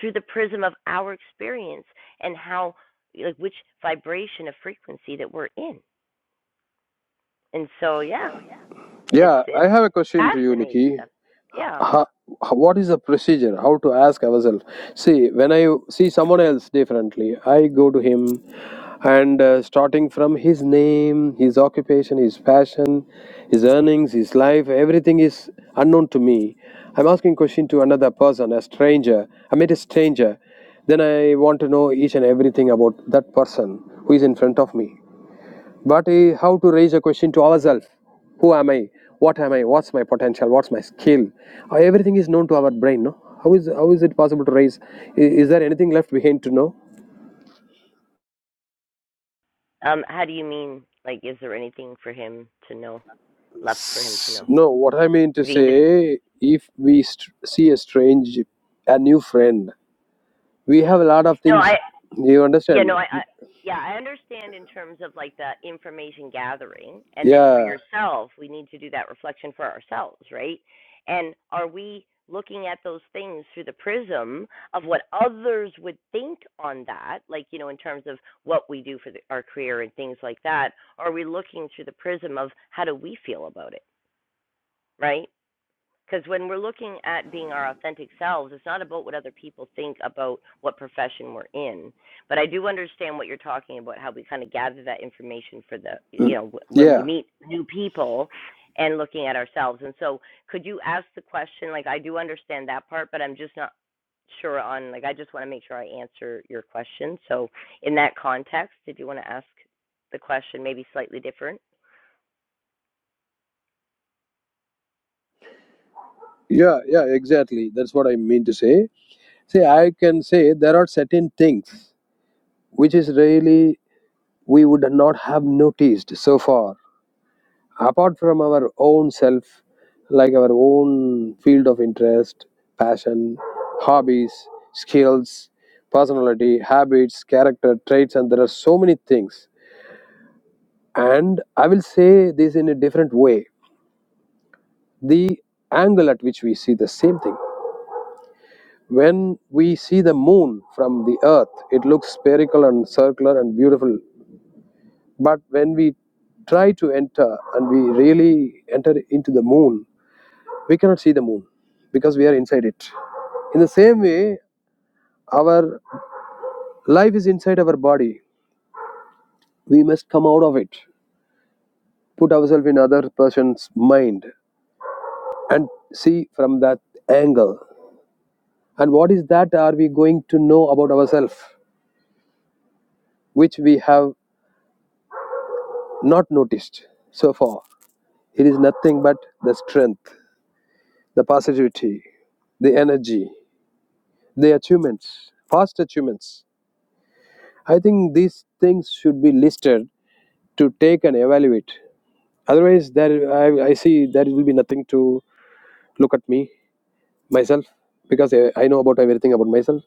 A: through the prism of our experience and how like which vibration of frequency that we're in. And so yeah, it's
C: Yeah,
A: it's
C: I have a question to you,
A: fascinating
C: Nikki.
A: stuff. Yeah.
C: how, what is the procedure how to ask ourselves see when i see someone else differently i go to him and uh, starting from his name his occupation his passion his earnings his life everything is unknown to me i'm asking question to another person a stranger i meet a stranger then i want to know each and everything about that person who is in front of me but eh, how to raise a question to ourselves? Who am I? What am I? What's my potential? What's my skill? Uh, Everything is known to our brain, no? How is how is it possible to raise? i- Is there anything left behind to know?
A: Um, how do you mean? Like, is there anything for him to know left for him to know?
C: No. What I mean to
A: If you can just
C: say, if we st- see a strange, a new friend, we have a lot of
A: no,
C: things.
A: I
C: You
A: Yeah, no,
C: understand?
A: I, I yeah, I understand in terms of like the information gathering, and then for
C: Yeah.
A: yourself, we need to do that reflection for ourselves, right? And are we looking at those things through the prism of what others would think on that, like you know, in terms of what we do for the, our career and things like that? are we looking through the prism of how do we feel about it, right? Because when we're looking at being our authentic selves, it's not about what other people think about what profession we're in. But I do understand what you're talking about, how we kind of gather that information for the, you
C: Mm.
A: know, when we
C: Yeah.
A: meet new people and looking at ourselves. And so, could you ask the question? Like, I do understand that part, but I'm just not sure on, like, I just want to make sure I answer your question. So, in that context, did you want to ask the question maybe slightly different?
C: Yeah. Yeah. Exactly. That's what I mean to say. See, I can say there are certain things which is really we would not have noticed so far apart from our own self like our own field of interest passion hobbies skills personality habits character traits and there are so many things and i will say this in a different way the angle at which we see the same thing when we see the moon from the earth it looks spherical and circular and beautiful But when we try to enter and we really enter into the moon, we cannot see the moon because we are inside it. In the same way, our life is inside our body. We must come out of it, put ourselves in other person's mind, and see from that angle. And what is that are we going to know about ourselves, which we have not noticed so far? It is nothing but the strength, the positivity, the energy. the achievements, past achievements. I think these things should be listed to take and evaluate. Otherwise, there I, I see there will be nothing to look at me myself because I, I know about everything about myself.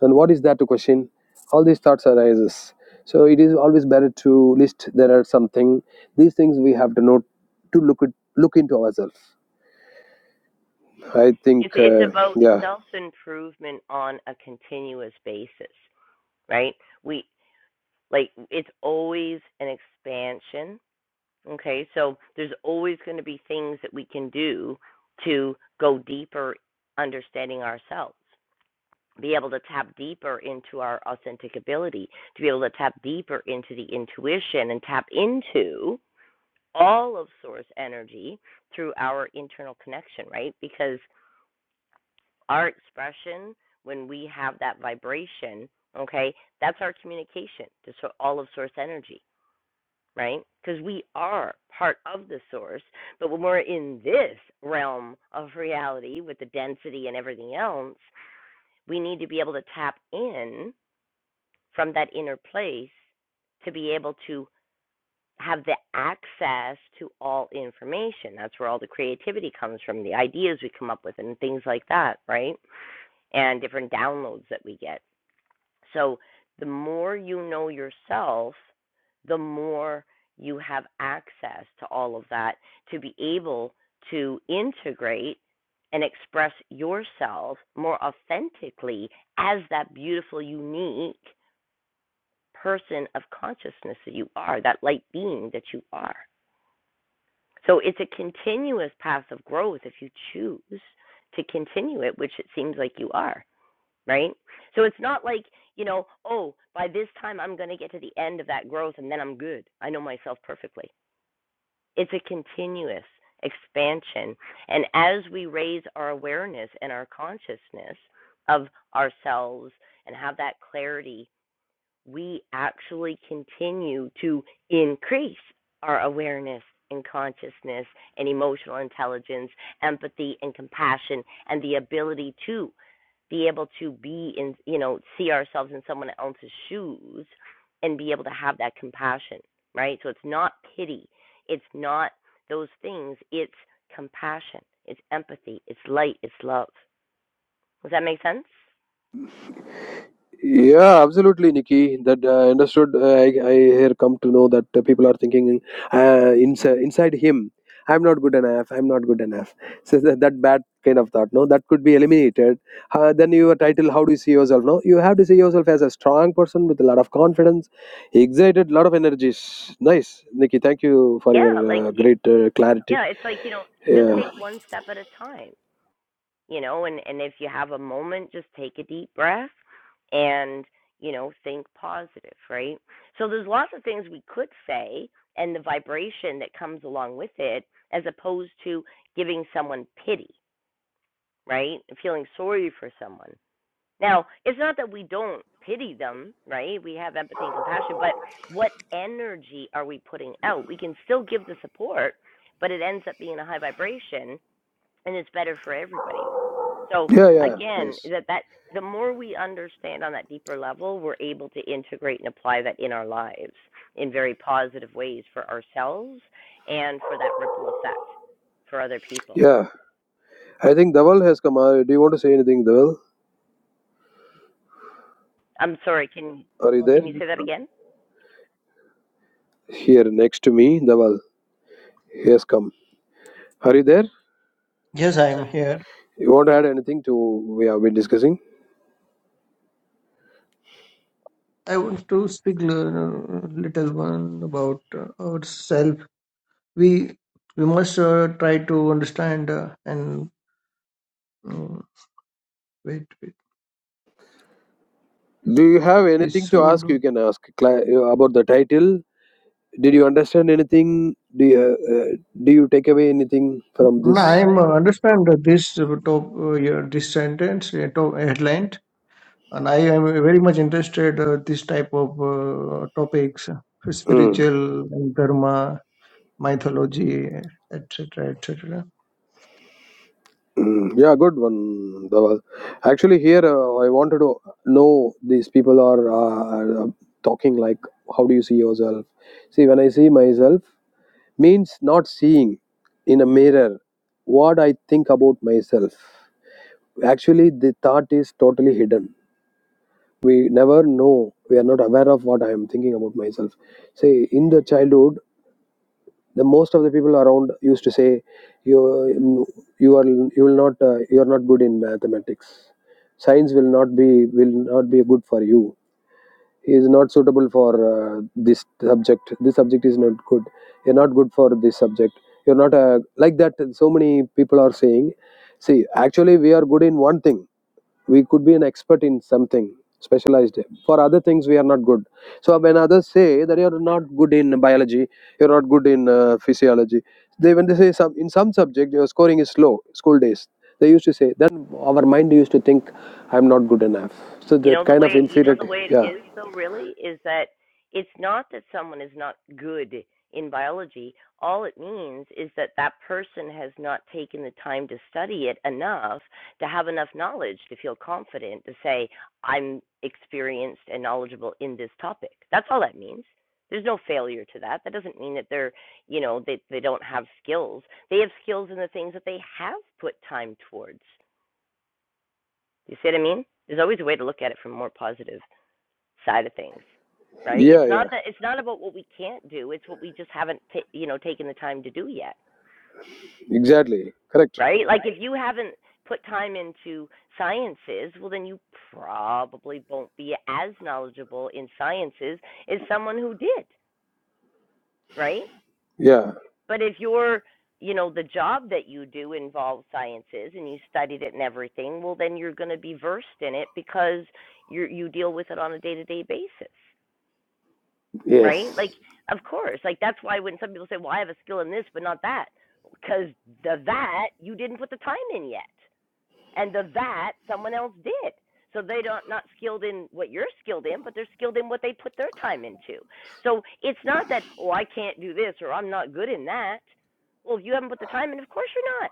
C: And what is there to question? All these thoughts arises. So it is always better to list. There are something these things we have to note to look at, look into ourselves. I think
A: It's it's
C: uh,
A: about
C: yeah.
A: self improvement on a continuous basis. right? We like it's always an expansion. Okay, so there's always going to be things that we can do to go deeper understanding ourselves, be able to tap deeper into our authentic ability, to be able to tap deeper into the intuition and tap into all of source energy through our internal connection, right? Because our expression, when we have that vibration, okay, that's our communication to so all of source energy right? Because we are part of the source. But when we're in this realm of reality with the density and everything else, we need to be able to tap in from that inner place to be able to have the access to all information. That's where all the creativity comes from, the ideas we come up with, and things like that, right? And different downloads that we get. So the more you know yourself, the more you have access to all of that to be able to integrate and express yourself more authentically as that beautiful, unique person of consciousness that you are, that light being that you are. So it's a continuous path of growth if you choose to continue it, which it seems like you are right? So it's not like, you know, oh, by this time I'm going to get to the end of that growth and then I'm good. I know myself perfectly. It's a continuous expansion. And as we raise our awareness and our consciousness of ourselves and have that clarity we actually continue to increase our awareness and consciousness and emotional intelligence, empathy and compassion, and the ability to be able to be in, you know, see ourselves in someone else's shoes and be able to have that compassion, right? So it's not pity, it's not those things, it's compassion, it's empathy, it's light, it's love. Does that make sense?
C: Yeah, absolutely, Nikki. That uh, understood. Uh, I, I here come to know that uh, people are thinking uh, inside inside him. I'm not good enough. I'm not good enough. So that, that bad kind of thought, no, that could be eliminated. Uh, then your title, how do you see yourself? No, you have to see yourself as a strong person with a lot of confidence, excited, lot of energies. Nice, Nikki. Thank you for
A: Yeah, like
C: your uh,
A: it,
C: great uh, clarity.
A: yeah, it's like, you know, just take
C: Yeah,
A: one step at a time, you know, and and if you have a moment, just take a deep breath and, you know, think positive, right? So there's lots of things we could say and the vibration that comes along with it as opposed to giving someone pity, right? Feeling sorry for someone. Now, it's not that we don't pity them, right? We have empathy and compassion, but what energy are we putting out? We can still give the support, but it ends up being a high vibration and it's better for everybody. So
C: yeah, yeah.
A: again,
C: Nice.
A: that that the more we understand on that deeper level, we're able to integrate and apply that in our lives in very positive ways for ourselves and for that ripple effect for other people.
C: Yeah, I think Dhaval has come. Uh, do you want to say anything, Dhaval?
A: I'm sorry, can
D: I
C: Are you
D: was
A: can
C: there?
D: in
A: you say that
D: the-
A: again?
C: Here next to me, Dawal. He has come. Are you there?
D: Yes, I am here.
C: You want to add anything to we have been discussing?
D: I want to speak l- little one about uh, ourselves. We we must uh, try to understand uh, and um, wait, wait.
C: Do you have
D: We
C: anything to
D: should.
C: ask? You can ask Cla- uh, about the title. Did you understand anything? Do you, uh, uh, do you take away anything from
D: No,
C: this?
D: I am uh, understand uh, this uh, top uh, yeah, this sentence uh, top headline, and I am very much interested uh, this type of uh, topics, uh,
C: Mm,
D: spiritual and dharma, mythology, etc., etc.
C: mm. Yeah, good one, Dawal. Actually, here uh, I wanted to know these people are uh, talking like, how do you see yourself? See, when I see myself. means not seeing in a mirror what I think about myself. Actually, the thought is totally hidden. We never know. We are not aware of what I am thinking about myself. Say, in the childhood, the most of the people around used to say, "You, you are, you will not, uh, you are not good in mathematics. Science will not be, will not be good for you." he is not suitable for uh, this subject this subject is not good you're not good for this subject you're not a like that so many people are saying see actually we are good in one thing we could be an expert in something specialized for other things we are not good so when others say that you're not good in biology you're not good in uh, physiology they when they say some in some subject your scoring is low school days they used to say then our mind used to think i'm not good enough so
A: You
C: that
A: know the
C: kind of
A: way you know the
C: inferiority
A: way it
C: yeah
A: is though really is that it's not that someone is not good in biology. All it means is that that person has not taken the time to study it enough to have enough knowledge to feel confident to say I'm experienced and knowledgeable in this topic. That's all that means. There's no failure to that. That doesn't mean that they're, you know, they they don't have skills. They have skills in the things that they have put time towards. You see what I mean? There's always a way to look at it from a more positive side of things, right? It's
C: Yeah,
A: not
C: yeah,
A: that it's not about what we can't do. It's what we just haven't, ta you know, taken the time to do yet,
C: exactly. Correct.
A: right? Like if you haven't put time into sciences, well, then you probably won't be as knowledgeable in sciences as someone who did, right?
C: Yeah,
A: But if you're you know the job that you do involves sciences and you studied it and everything well then you're going to be versed in it because you you deal with it on a day-to-day basis right?
C: Yes.
A: Like, of course, like that's why when some people say, "Well, I have a skill in this, but not that," because the that you didn't put the time in yet, and the that someone else did. So they don't not skilled in what you're skilled in, but they're skilled in what they put their time into. So it's not that oh I can't do this or I'm not good in that. Well, if you haven't put the time in, of course you're not.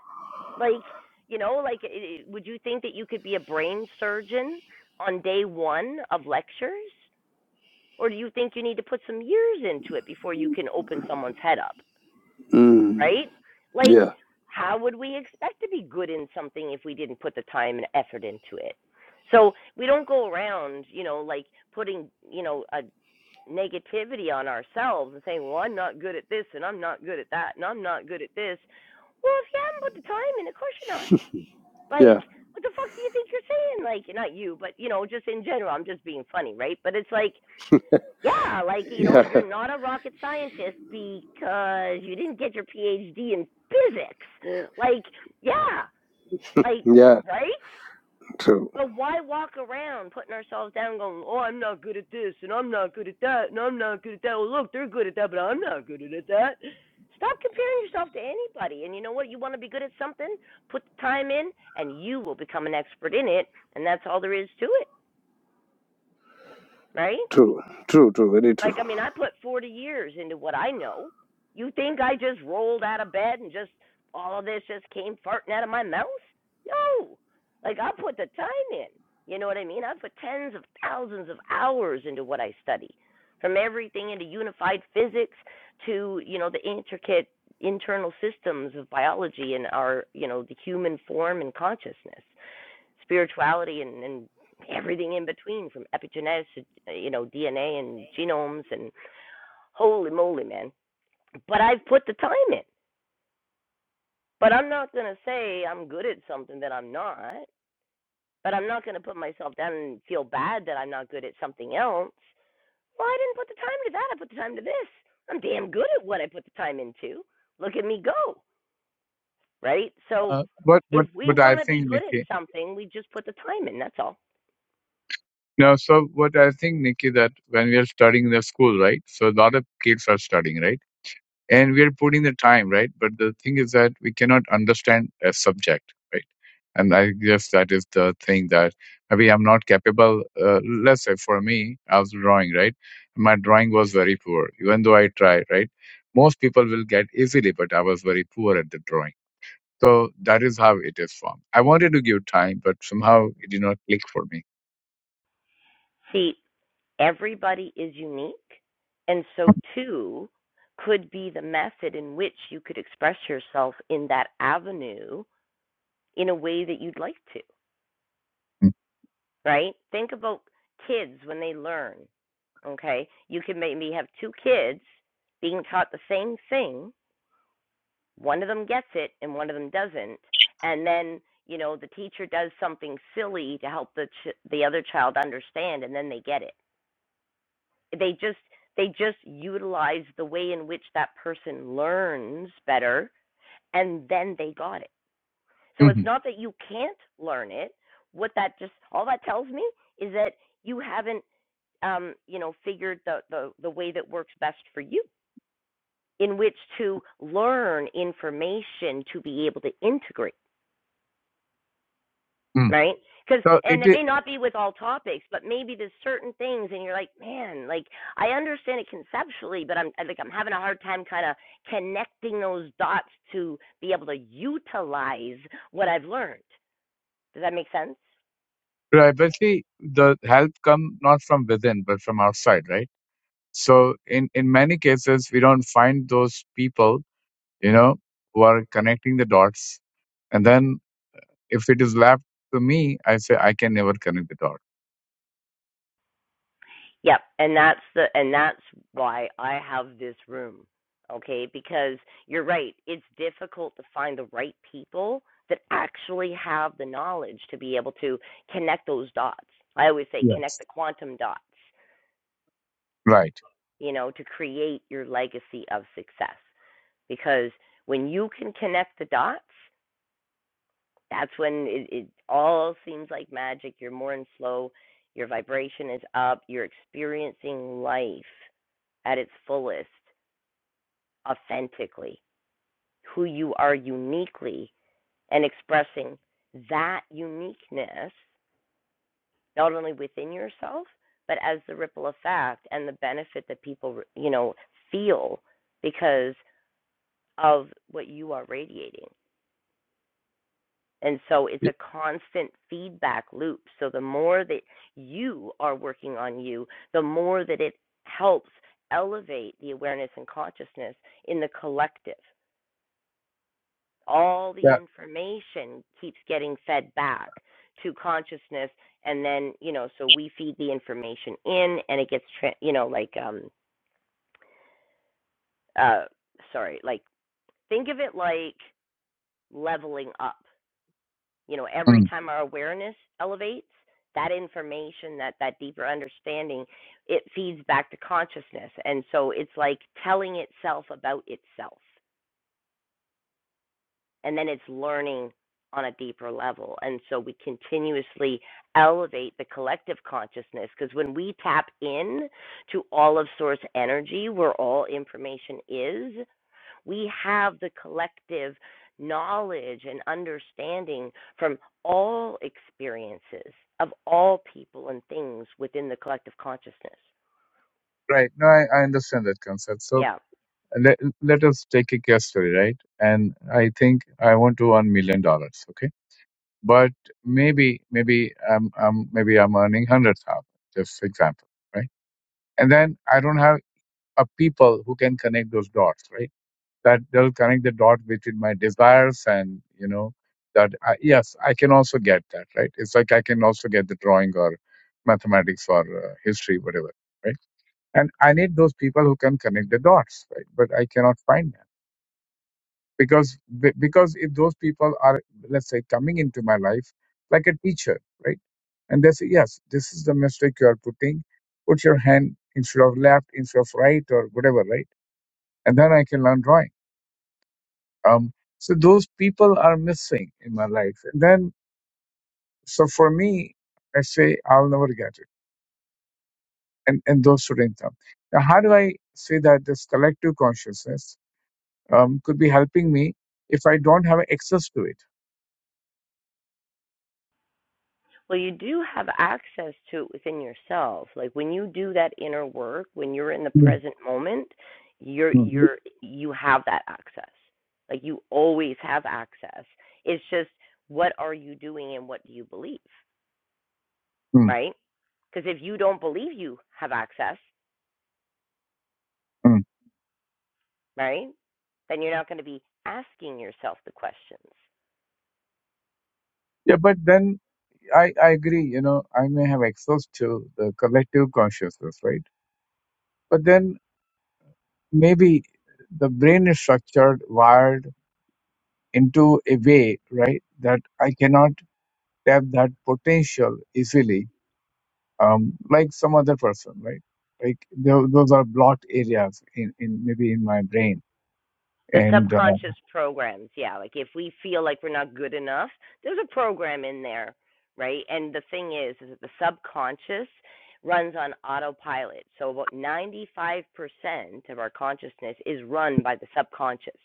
A: Like you know, like would you think that you could be a brain surgeon on day one of lectures? Or do you think you need to put some years into it before you can open someone's head up,
C: Mm.
A: right? Like,
C: yeah,
A: how would we expect to be good in something if we didn't put the time and effort into it? So we don't go around, you know, like putting, you know, a negativity on ourselves and saying, well, I'm not good at this and I'm not good at that and I'm not good at this. Well, if you haven't put the time in, of course you're not. Like,
C: yeah,
A: what the fuck do you think you're saying? Like, not you, but, you know, just in general, I'm just being funny, right? But it's like, yeah, like
C: <laughs>
A: you know,
C: yeah,
A: you're not a rocket scientist because you didn't get your PhD in physics. Like, yeah, like
C: yeah.
A: right?
C: True,
A: But why walk around putting ourselves down, going, "Oh, I'm not good at this, and I'm not good at that, and I'm not good at that." Well, look, they're good at that, but I'm not good at that. Stop comparing yourself to anybody. And you know what? You want to be good at something, put the time in, and you will become an expert in it. And that's all there is to it, right?
C: true, true, true. Very true.
A: Like, I mean, I put 40 years into what I know. You think I just rolled out of bed and just all of this just came farting out of my mouth? No. Like, I put the time in. You know what I mean? I put tens of thousands of hours into what I study, from everything into unified physics to, you know, the intricate internal systems of biology and our, you know, the human form and consciousness spirituality and, and everything in between from epigenetics to uh, you know DNA and genomes and holy moly man but I've put the time in but I'm not going to say I'm good at something that I'm not but I'm not going to put myself down and feel bad that I'm not good at something else well I didn't put the time to that I put the time to this I'm damn good at what I put the time into look at me go right so
E: Uh, but
A: if
E: but
A: we
E: but I
A: want to be
E: think
A: good at
E: Nikki.
A: something we just put the time in that's all
E: No, so what I think Nikki that when we are studying in the school, right? So a lot of kids are studying, right? And we are putting the time, right? But the thing is that we cannot understand a subject, right? And I guess that is the thing that maybe I'm not capable. Uh, let's say for me, I was drawing, right? My drawing was very poor, even though I tried, right? Most people will get easily, but I was very poor at the drawing So that is how it is formed. I wanted to give time, but somehow it did not click for me.
A: see Everybody is unique, and so too could be the method in which you could express yourself in that avenue in a way that you'd like to,
E: Mm,
A: right? Think about kids when they learn, okay? You can maybe have two kids being taught the same thing, one of them gets it and one of them doesn't, and then you know the teacher does something silly to help the ch- the other child understand and then they get it they just they just utilize the way in which that person learns better and then they got it so it's
E: Mhm.
A: not that you can't learn it what that just all that tells me is that you haven't um you know figured the the, the way that works best for you in which to learn information to be able to integrate
E: Mm.
A: right? Because
E: So
A: and
E: it
A: it
E: is
A: may not be with all topics, but maybe there's certain things, and you're like, man, like I understand it conceptually, but I'm like I'm having a hard time kind of connecting those dots to be able to utilize what I've learned. Does that make sense?
E: right, but see, the help come not from within, but from outside, right? So in in many cases, we don't find those people, you know, who are connecting the dots, and then. If it is left to me, I say I can never connect the dot.
A: Yep, and that's the and that's why I have this room. Okay, because you're right, it's difficult to find the right people that actually have the knowledge to be able to connect those dots. I always say connect
E: Yes.
A: the quantum dots,
E: Right.
A: you know, to create your legacy of success. Because when you can connect the dots, that's when it, it all seems like magic. You're more in flow, your vibration is up, you're experiencing life at its fullest authentically, who you are uniquely, and expressing that uniqueness not only within yourself but as the ripple effect and the benefit that people you know feel because of what you are radiating. And so it's
E: Y-
A: a constant feedback loop. So the more that you are working on you, the more that it helps elevate the awareness and consciousness in the collective. all the
E: Yeah.
A: information keeps getting fed back to consciousness and then you know so we feed the information in and it gets tra- you know like um uh sorry like think of it like leveling up you know every
E: Mm.
A: time our awareness elevates that information that that deeper understanding it feeds back to consciousness and so it's like telling itself about itself and then it's learning on a deeper level. And so we continuously elevate the collective consciousness because when we tap in to all of source energy, where all information is, we have the collective knowledge and understanding from all experiences of all people and things within the collective consciousness.
E: Right. No, I, I understand that concept. So
A: Yeah.
E: let, let us take a case study, right? And I think I want to $1 million. dollars. Okay. but maybe maybe I'm, I'm maybe I'm earning hundred thousand, just for example, right? And then I don't have a people who can connect those dots, right? That they'll connect the dot between my desires and you know that I, yes, I can also get that, right? It's like I can also get the drawing or mathematics or uh, history, whatever, right? And I need those people who can connect the dots, right? But I cannot find them because be- because if those people are let's say coming into my life like a teacher right and they say yes this is the mistake you are putting put your hand instead of left instead of right or whatever right and then i can learn drawing um so those people are missing in my life and then so for me i say i'll never get it and and those students come now how do i say that this collective consciousness um, could be helping me if i don't have access to it
A: Well, you do have access to it within yourself. Like when you do that inner work, when you're in the
E: Mm,
A: present moment, you're
E: mm,
A: you're you have that access. Like you always have access. It's just what are you doing and what do you believe,
E: mm,
A: right? Because if you don't believe you have access,
E: mm.
A: right, then you're not going to be asking yourself the questions.
E: Yeah, but then I, I agree, you know, I may have access to the collective consciousness, right? But then maybe the brain is structured, wired into a way, right, that I cannot tap that potential easily, um, like some other person, right? Like tho- those are blocked areas in, in maybe in my brain.
A: The
E: And uh,
A: subconscious programs, yeah. Like if we feel like we're not good enough, there's a program in there, right? And the thing is, is that the subconscious runs on autopilot. So about 95% of our consciousness is run by the subconscious.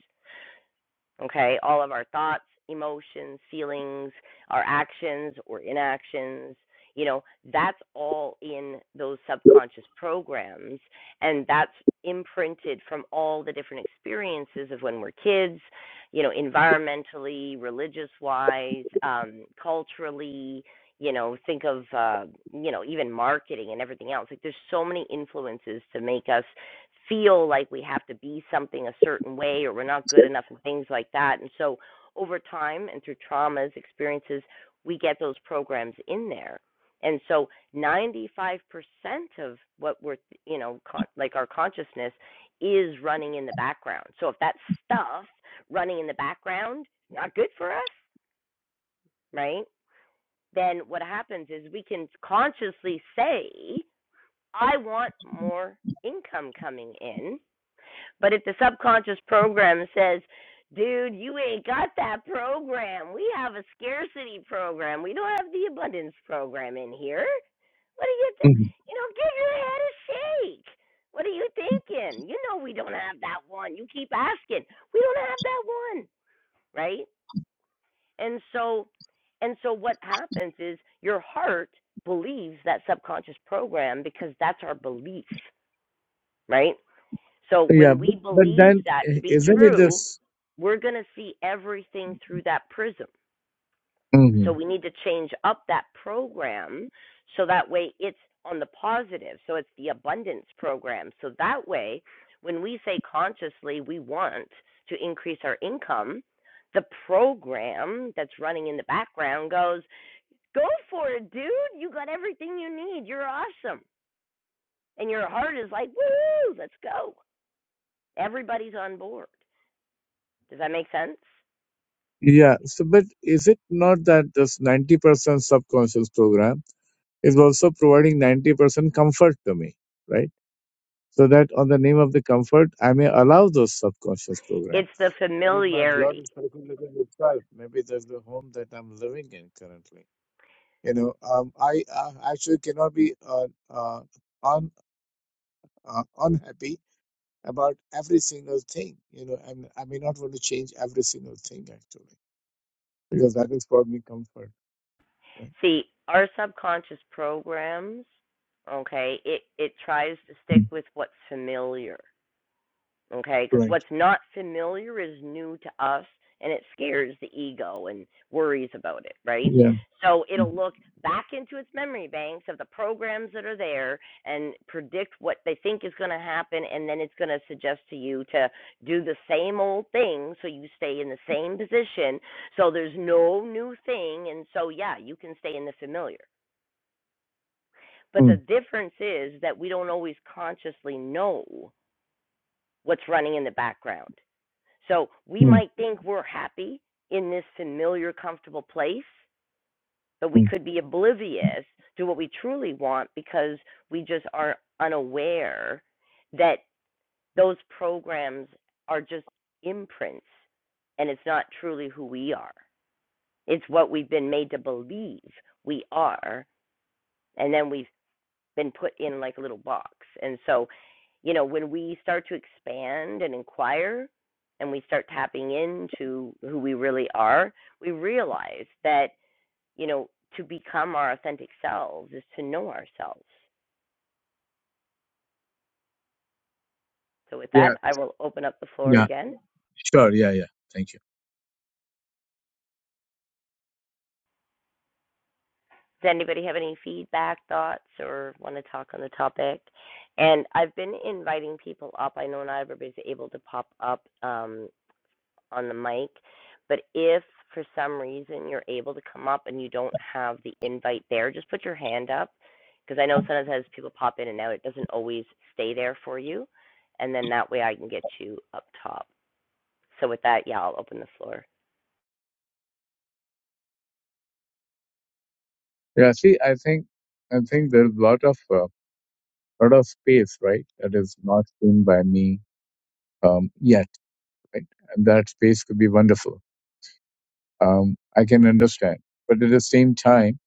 A: Okay, all of our thoughts, emotions, feelings, our actions or inactions, you know, that's all in those subconscious programs. And that's imprinted from all the different experiences of when we're kids, you know, environmentally, religious wise, um, culturally. You know, think of, uh, you know, even marketing and everything else. Like, there's so many influences to make us feel like we have to be something a certain way or we're not good enough and things like that. And so over time and through traumas, experiences, we get those programs in there. And so 95% of what we're, you know, con- like our consciousness is running in the background. So if that stuff running in the background is not good for us, right? Then what happens is we can consciously say, I want more income coming in but if the subconscious program says, dude, you ain't got that program, we have a scarcity program, we don't have the abundance program in here. What are you, th-
E: Mhm.
A: you know, give your head a shake. What are you thinking? You know, we don't have that one. You keep asking, we don't have that one, right? And so, and so what happens is your heart believes that subconscious program because that's our belief, right? So
E: yeah,
A: when
E: but,
A: we
E: but
A: believe
E: then
A: that to
E: i-
A: be
E: isn't it
A: true,
E: this?
A: we're going to see everything through that prism. So we need to change up that program so that way it's on the positive. So it's the abundance program. So that way, when we say consciously we want to increase our income, the program that's running in the background goes, Go for it, dude. You got everything you need. You're awesome. And your heart is like, Woo, let's go. Everybody's on board. Does that make sense?
E: Yeah. So, but is it not that this 90% subconscious program is also providing 90% comfort to me, right? So that on the name of the comfort, I may allow those subconscious
A: It's
E: programs.
A: the
E: Maybe my blood
A: familiarity.
E: is circulating itself. Maybe there's the home that I'm living in currently. You know, um, I uh, actually cannot be uh, uh, un, uh, unhappy about every single thing. You know, and I may not want to change every single thing actually because that is for me comfort, right?
A: See, our subconscious programs, okay, it, it tries to stick with what's familiar. okay? Because
E: Right.
A: what's not familiar is new to us and it scares the ego and worries about it, right?
E: Yeah.
A: So
E: Mm,
A: it'll look back into its memory banks of the programs that are there and predict what they think is going to happen, and then it's going to suggest to you to do the same old thing so you stay in the same position. So there's no new thing, and so yeah, you can stay in the familiar. But the
E: mm,
A: difference is that we don't always consciously know what's running in the background. So we
E: mm,
A: might think we're happy in this familiar, comfortable place, but we
E: mm.
A: could be oblivious to what we truly want because we just are unaware that those programs are just imprints and it's not truly who we are. It's what we've been made to believe we are. And then we have been put in like a little box. And so, you know, when we start to expand and inquire and we start tapping into who we really are, we realize that, you know, to become our authentic selves is to know ourselves. So with
E: Yeah.
A: that, I will open up the floor
E: Yeah.
A: again.
E: Sure. Yeah. Yeah. Thank you.
A: Does anybody have any feedback, thoughts, or want to talk on the topic? And I've been inviting people up. I know not everybody's able to pop up um, on the mic. But if for some reason you're able to come up and you don't have the invite there, just put your hand up because I know sometimes people pop in and out. It doesn't always stay there for you, and then that way I can get you up top. So with that, yeah, I'll open the floor.
E: Yeah. See, I think I think there's a lot of uh, lot of space, right? That is not seen by me um, yet, right? And that space could be wonderful. Um, I can understand, but at the same time,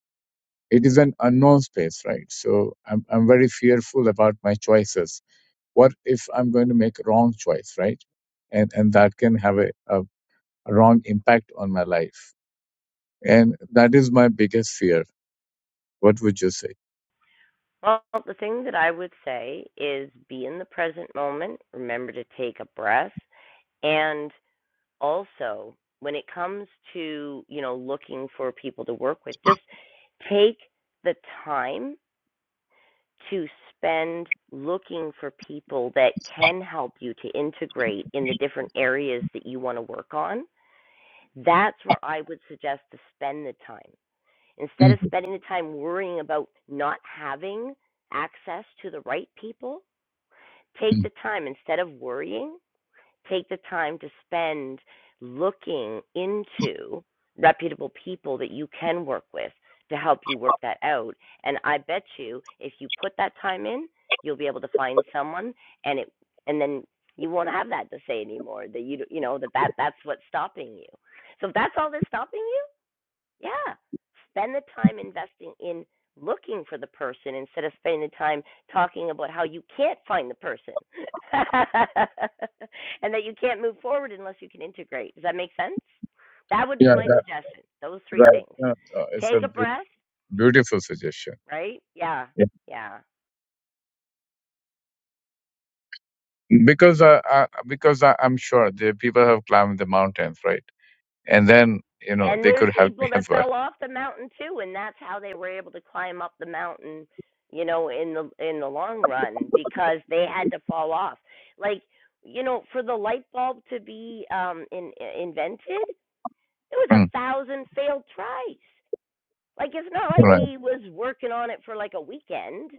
E: it is an unknown space, right? So I'm I'm very fearful about my choices. What if I'm going to make a wrong choice, right? And and that can have a, a wrong impact on my life. And that is my biggest fear. What would you say?
A: Well, the thing that I would say is be in the present moment. Remember to take a breath, and also when it comes to you know looking for people to work with, just take the time to spend looking for people that can help you to integrate in the different areas that you want to work on, that's where I would suggest to spend the time. Instead of
E: Mm-hmm.
A: spending the time worrying about not having access to the right people, take the time instead of worrying take the time to spend looking into reputable people that you can work with to help you work that out. And I bet you if you put that time in, you'll be able to find someone and it and then you won't have that to say anymore that you you know that, that that's what's stopping you. So if that's all that's stopping you, yeah. Spend the time investing in looking for the person instead of spending the time talking about how you can't find the person <laughs> and that you can't move forward unless you can integrate. Does that make sense? That would be
E: Yeah,
A: my
E: that,
A: suggestion. Those three
E: right.
A: things.
E: Uh, uh, it's a
A: Take a
E: beau-
A: breath,
E: beautiful suggestion.
A: right? Yeah.
E: Yeah.
A: Yeah.
E: Because uh, uh, because I, I'm sure the people have climbed the mountains, right? And then you know
A: And
E: they
A: there's
E: could help
A: people
E: me <laughs> as
A: that
E: well.
A: fell off the mountain too, and that's how they were able to climb up the mountain, you know, in the in the long run because they had to fall off. Like, you know, for the light bulb to be um in, invented, it was a
E: Mm,
A: thousand failed tries. Like it's not like
E: right.
A: he was working on it for like a weekend.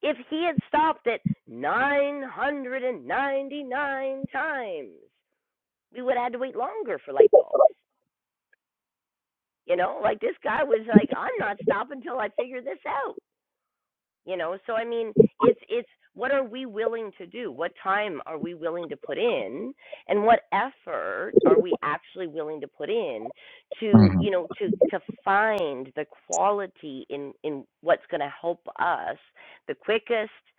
A: If he had stopped at 999 times, we would have had to wait longer for light bulbs. You know, like this guy was like, I'm not stopping till I figure this out. You know, so I mean, it's it's what are we willing to do? What time are we willing to put in, and what effort are we actually willing to put in to
E: hmm
A: you know to to find the quality in in what's going to help us the quickest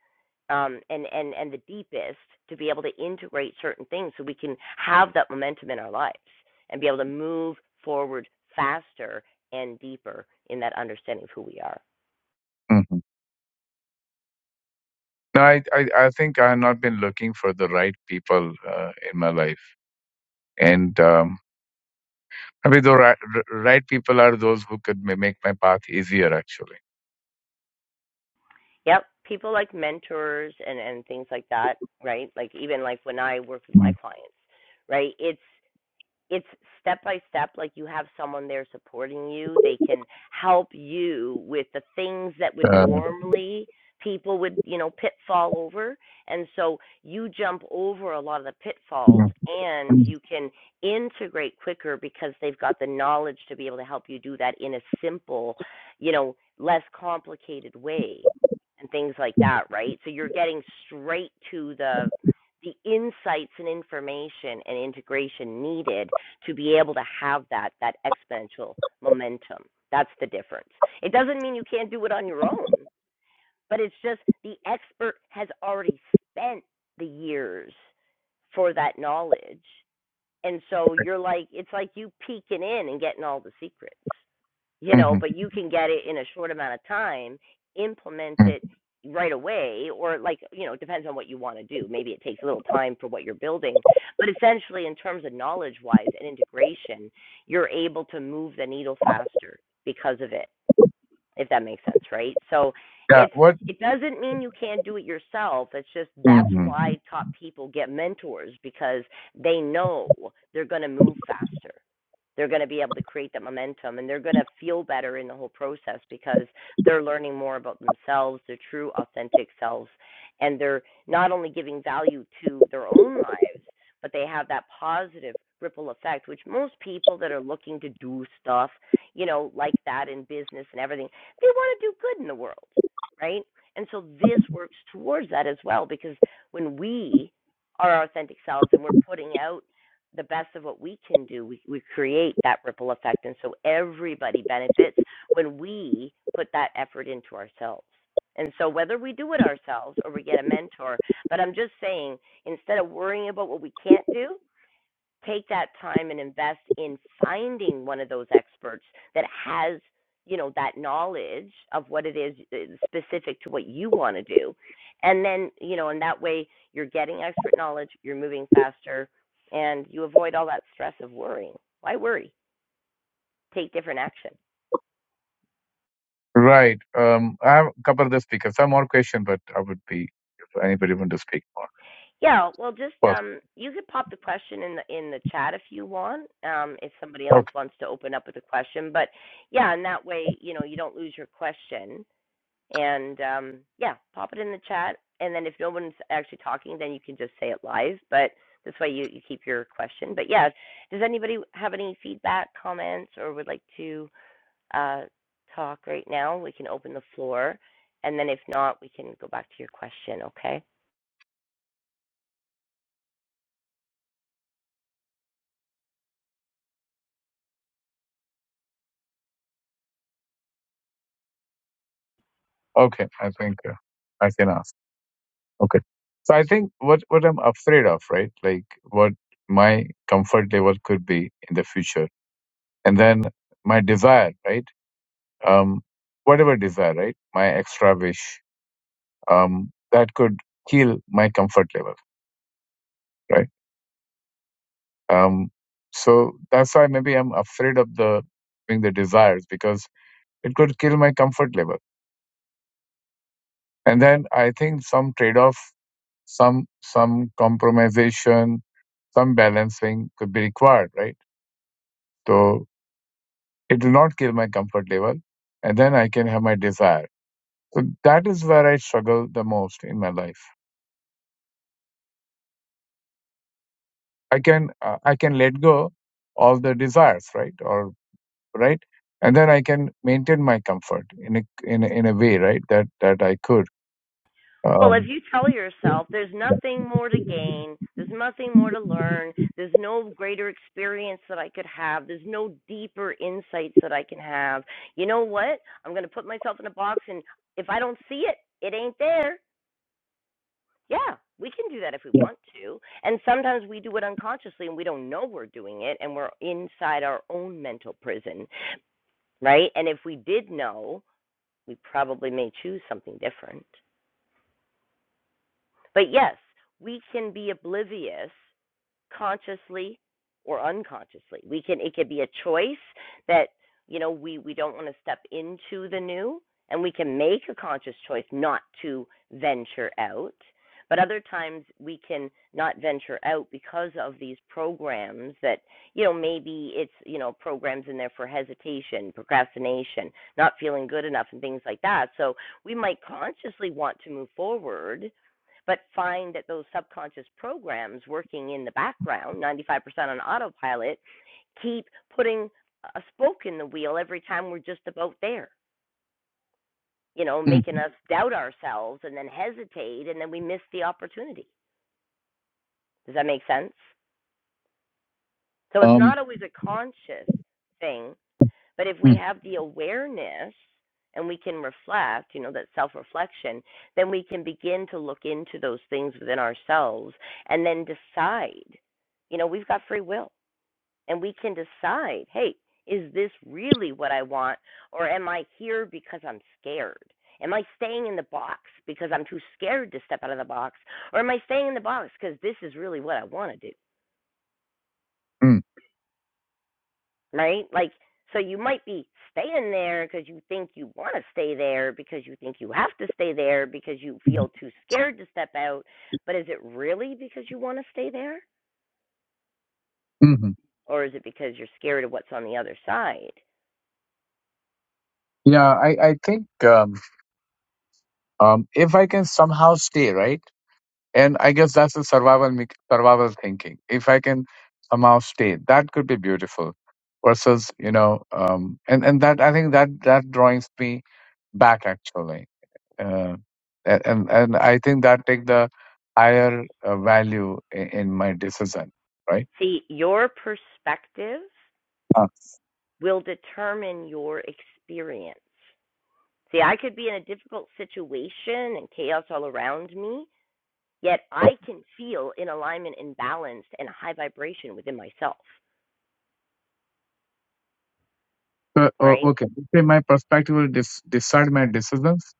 A: um, and and and the deepest to be able to integrate certain things so we can have that momentum in our lives and be able to move forward faster and deeper in that understanding of who we are
E: hmm No, I, I I think I have not been looking for the right people uh, in my life, and um, I mean the right, right people are those who could ma- make my path easier, actually.
A: yep people like mentors and and things like that right like even like when i work with my
E: Mm.
A: clients right it's it's step by step like you have someone there supporting you they can help you with the things that would
E: Uh,
A: normally people would you know pitfall over and so you jump over a lot of the pitfalls
E: mm.
A: and you can integrate quicker because they've got the knowledge to be able to help you do that in a simple you know less complicated way and things like that right so you're getting straight to the the insights and information and integration needed to be able to have that that exponential momentum. That's the difference. It doesn't mean you can't do it on your own, but it's just the expert has already spent the years for that knowledge. And so you're like it's like you peeking in and getting all the secrets you know,
E: hmm
A: but you can get it in a short amount of time, implement it right away, or like, you know, depends on what you want to do. Maybe it takes a little time for what you're building, but essentially, in terms of knowledge wise and integration, you're able to move the needle faster because of it, if that makes sense, right? So
E: Yeah.
A: it's,
E: What?
A: it doesn't mean you can't do it yourself. It's just that's
E: hmm
A: why top people get mentors because they know they're going to move faster they're going to be able to create that momentum and they're going to feel better in the whole process because they're learning more about themselves, their true authentic selves, and they're not only giving value to their own lives, but they have that positive ripple effect which most people that are looking to do stuff, you know, like that in business and everything, they want to do good in the world, right? And so this works towards that as well because when we are our authentic selves and we're putting out the best of what we can do, we, we create that ripple effect. And so everybody benefits when we put that effort into ourselves. And so whether we do it ourselves or we get a mentor, but I'm just saying, instead of worrying about what we can't do, take that time and invest in finding one of those experts that has you know that knowledge of what it is uh, specific to what you want to do and then you know in that way you're getting expert knowledge you're moving faster and you avoid all that stress of worrying why worry take different action
E: Right. Um, I have a couple of the speakers. Some more question, but I would be if anybody want to speak more.
A: yeah well just
E: Well,
A: um you could pop the question in the in the chat if you want um if somebody else
E: okay.
A: wants to open up with a question but yeah in that way you know you don't lose your question And um, yeah, pop it in the chat. And then if no one's actually talking, then you can just say it live. But this way you, you keep your question. But yeah, does anybody have any feedback, comments, or would like to uh, talk right now? We can open the floor. And then if not, we can go back to your question, okay?
E: Okay. I think uh, I can ask. Okay. So I think what what I'm afraid of, right? Like what my comfort level could be in the future, and then my desire, right? Um, whatever desire, right? My extra wish, um, that could kill my comfort level, right? Um, so that's why maybe I'm afraid of the having the desires because it could kill my comfort level. And then I think some trade-off, some some compromisation, some balancing could be required, right? So it will not kill my comfort level, and then I can have my desire. So that is where I struggle the most in my life. I can uh, I can let go of the desires, right? Or right? And then I can maintain my comfort in a in a, in a way, right? That that I could.
A: Well, if
E: Um,
A: you tell yourself there's
E: yeah.
A: nothing more to gain, there's nothing more to learn, there's no greater experience that I could have, there's no deeper insights that I can have, you know what? I'm going to put myself in a box, and if I don't see it, it ain't there. Yeah, we can do that if we want to. And sometimes we do it unconsciously and we don't know we're doing it, and we're inside our own mental prison, right? And if we did know, we probably may choose something different. But yes, we can be oblivious consciously or unconsciously. We can it could be a choice that you know we we don't want to step into the new and we can make a conscious choice not to venture out. But other times we can not venture out because of these programs that, you know, maybe it's, you know, programs in there for hesitation, procrastination, not feeling good enough, and things like that. So we might consciously want to move forward, but find that those subconscious programs working in the background, 95% on autopilot, keep putting a spoke in the wheel every time we're just about there, you know,
E: Mm.
A: making us doubt ourselves and then hesitate and then we miss the opportunity. Does that make sense? So it's
E: Um,
A: not always a conscious thing, But if we
E: mm,
A: have the awareness and we can reflect, you know, that self reflection, then we can begin to look into those things within ourselves and then decide. You know, we've got free will and we can decide hey, is this really what I want? Or am I here because I'm scared? Am I staying in the box because I'm too scared to step out of the box? Or am I staying in the box because this is really what I want to do?
E: mm,
A: right? Like, so you might be staying there because you think you want to stay there, because you think you have to stay there, because you
E: mm,
A: feel too scared to step out. But is it really because you want to stay there?
E: mhm.
A: Or is it because you're scared of what's on the other side?
E: Yeah, I, I think um, um, if I can somehow stay, right? And I guess that's the survival mech- survival thinking. If I can somehow stay, that could be beautiful. Versus, you know, um, and and that I think that that drawings me back actually. uh, a- and and I think that take the higher uh, value in, in my decision, right?
A: See, your perspective
E: Ah.
A: will determine your experience. See, I could be in a difficult situation and chaos all around me, yet I can feel in alignment and balanced and a high vibration within myself,
E: So, o-
A: right?
E: okay, say my perspective will dis- decide my decisions.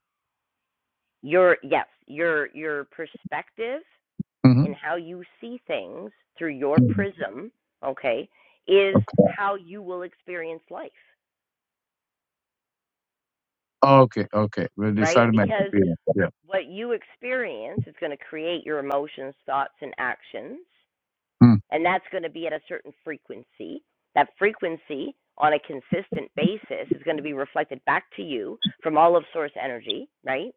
A: your yes your your perspective
E: hmm
A: and how you see things through your prism okay is
E: Okay.
A: how you will experience life
E: Okay. Okay. Will
A: right
E: decide my
A: because
E: experience. Yeah.
A: what you experience is going to create your emotions thoughts and actions
E: Mm.
A: and that's going to be at a certain frequency that frequency on a consistent basis is going to be reflected back to you from all of source energy right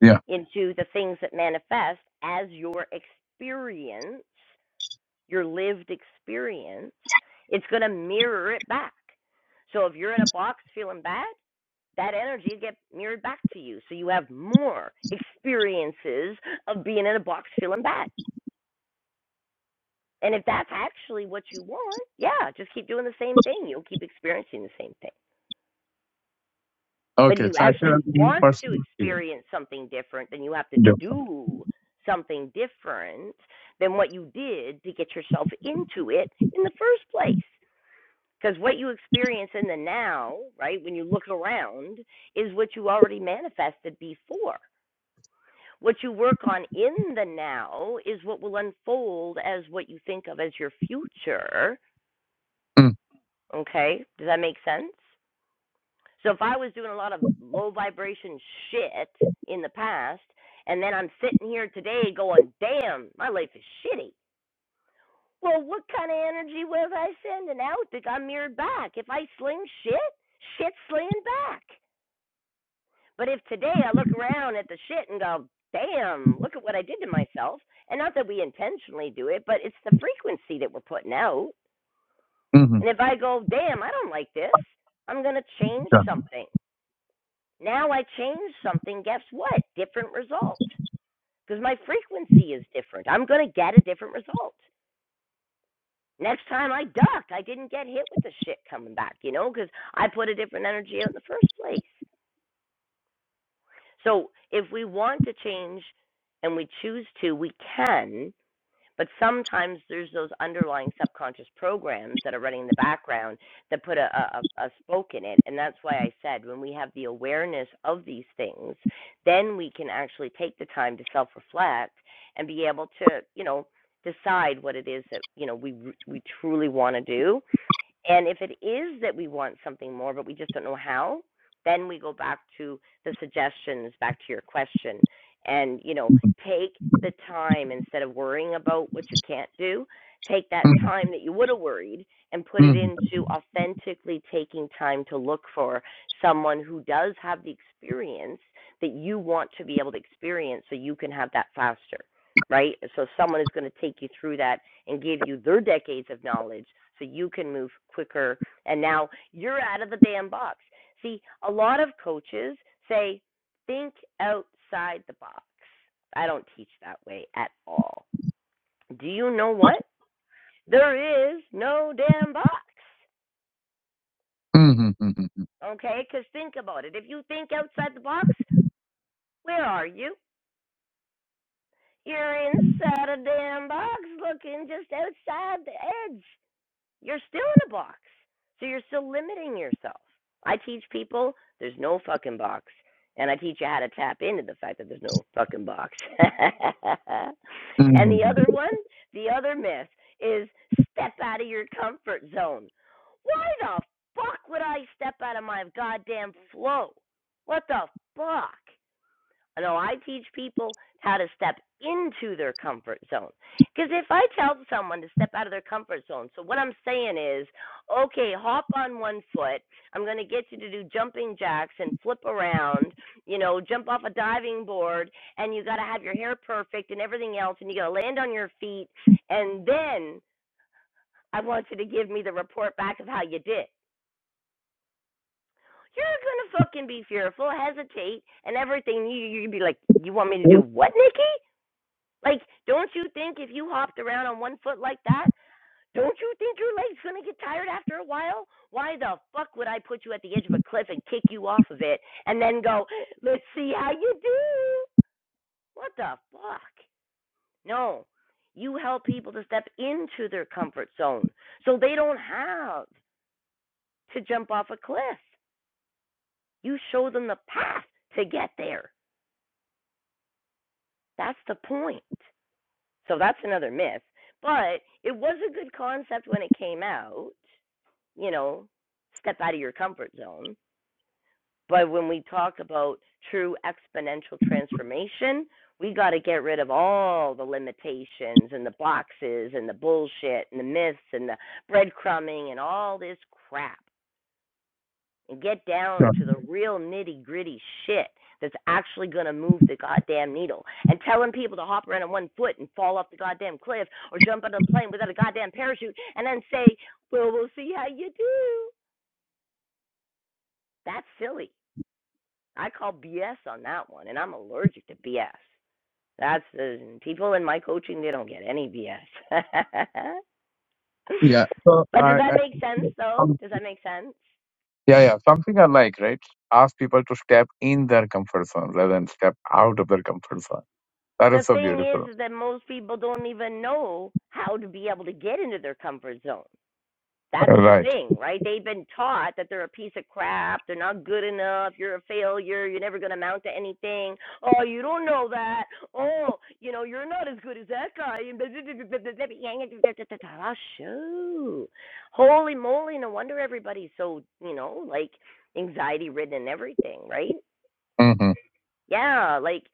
E: Yeah.
A: into the things that manifest as your experience your lived experience, it's going to mirror it back. So if you're in a box feeling bad, that energy will get mirrored back to you. So you have more experiences of being in a box feeling bad. And if that's actually what you want, yeah, just keep doing the same thing. You'll keep experiencing the same thing. But if
E: Okay.
A: you
E: So I feel
A: actually
E: new
A: want to
E: perspective.
A: experience something different, then you have to
E: Yeah.
A: do something different than what you did to get yourself into it in the first place. Because what you experience in the now, right, when you look around, is what you already manifested before. What you work on in the now is what will unfold as what you think of as your future.
E: Mm.
A: Okay? Does that make sense? So if I was doing a lot of low vibration shit in the past, and then I'm sitting here today going, damn, my life is shitty Well, what kind of energy was I sending out that got mirrored back? If I sling shit, shit's slinging back. But if today I look around at the shit and go, damn, look at what I did to myself, and not that we intentionally do it, but it's the frequency that we're putting out.
E: Mm-hmm.
A: And if I go, damn, I don't like this, I'm going to change
E: Yeah.
A: something. Now I change something, guess what? Different result. Because my frequency is different. I'm going to get a different result. Next time I ducked, I didn't get hit with the shit coming back, you know, because I put a different energy out in the first place. So if we want to change and we choose to, we can. But sometimes there's those underlying subconscious programs that are running in the background that put a, a, a spoke in it. And that's why I said when we have the awareness of these things, then we can actually take the time to self reflect and be able to, you know, decide what it is that, you know, we, we truly want to do and if it is that we want something more, but we just don't know how, then we go back to the suggestions, back to your question. And, you know,
E: Mm-hmm.
A: take the time instead of worrying about what you can't do, take that
E: Mm-hmm.
A: time that you would have worried and put it
E: Mm-hmm.
A: into authentically taking time to look for someone who does have the experience that you want to be able to experience so you can have that faster, right? So someone is going to take you through that and give you their decades of knowledge so you can move quicker. And now you're out of the damn box. See, a lot of coaches say, think outside the box. I don't teach that way at all. Do you know what? There is no damn box.
E: Mm-hmm. Mm-hmm.
A: Okay? Because think about it. If you think outside the box, where are you? You're inside a damn box looking just outside the edge. You're still in a box. So you're still limiting yourself. I teach people there's no fucking box. And I teach you how to tap into the fact that there's no fucking box. <laughs>
E: Mm-hmm.
A: and the other
E: Mm-hmm.
A: one, the other myth is step out of your comfort zone. Why the fuck would I step out of my goddamn flow? What the fuck? No, I teach people how to step into their comfort zone. Because if I tell someone to step out of their comfort zone, so what I'm saying is, okay, hop on one foot. I'm going to get you to do jumping jacks and flip around, you know, jump off a diving board, and you got to have your hair perfect and everything else, and you got to land on your feet, and then I want you to give me the report back of how you did. You're gonna fucking be fearful, hesitate, and everything. You you'd be like, you want me to do what, Nikki? Like, don't you think if you hopped around on one foot like that, don't you think your leg's gonna get tired after a while? Why the fuck would I put you at the edge of a cliff and kick you off of it and then go, let's see how you do? What the fuck? No. You help people to step into their comfort zone so they don't have to jump off a cliff. You show them the path to get there. That's the point. So that's another myth. But it was a good concept when it came out you know, step out of your comfort zone. But when we talk about true exponential transformation, we got to get rid of all the limitations and the boxes and the bullshit and the myths and the breadcrumbing and all this crap and get down
E: Sure.
A: to the real nitty gritty shit that's actually going to move the goddamn needle. And telling people to hop around on one foot and fall off the goddamn cliff or jump out of the plane without a goddamn parachute and then say, well, we'll see how you do. That's silly. I call BS on that one, and I'm allergic to BS. That's the people in my coaching; they don't get any BS. <laughs>
E: Yeah. So
A: but does
E: I,
A: that make sense,
E: I
A: though? Does that make sense?
E: Yeah, yeah. Something I like, right? Ask people to step in their comfort zone rather than step out of their comfort zone. That is
A: The
E: so
A: thing
E: beautiful.
A: is that most people don't even know how to be able to get into their comfort zone. That's the
E: Right.
A: thing, right? They've been taught that they're a piece of crap, they're not good enough, you're a failure, you're never going to amount to anything. Oh, you don't know that. Oh, you know, you're not as good as that guy. Ah, Shoot. Holy moly, no wonder everybody's so, you know, like anxiety ridden and everything, right?
E: hmm
A: Yeah, like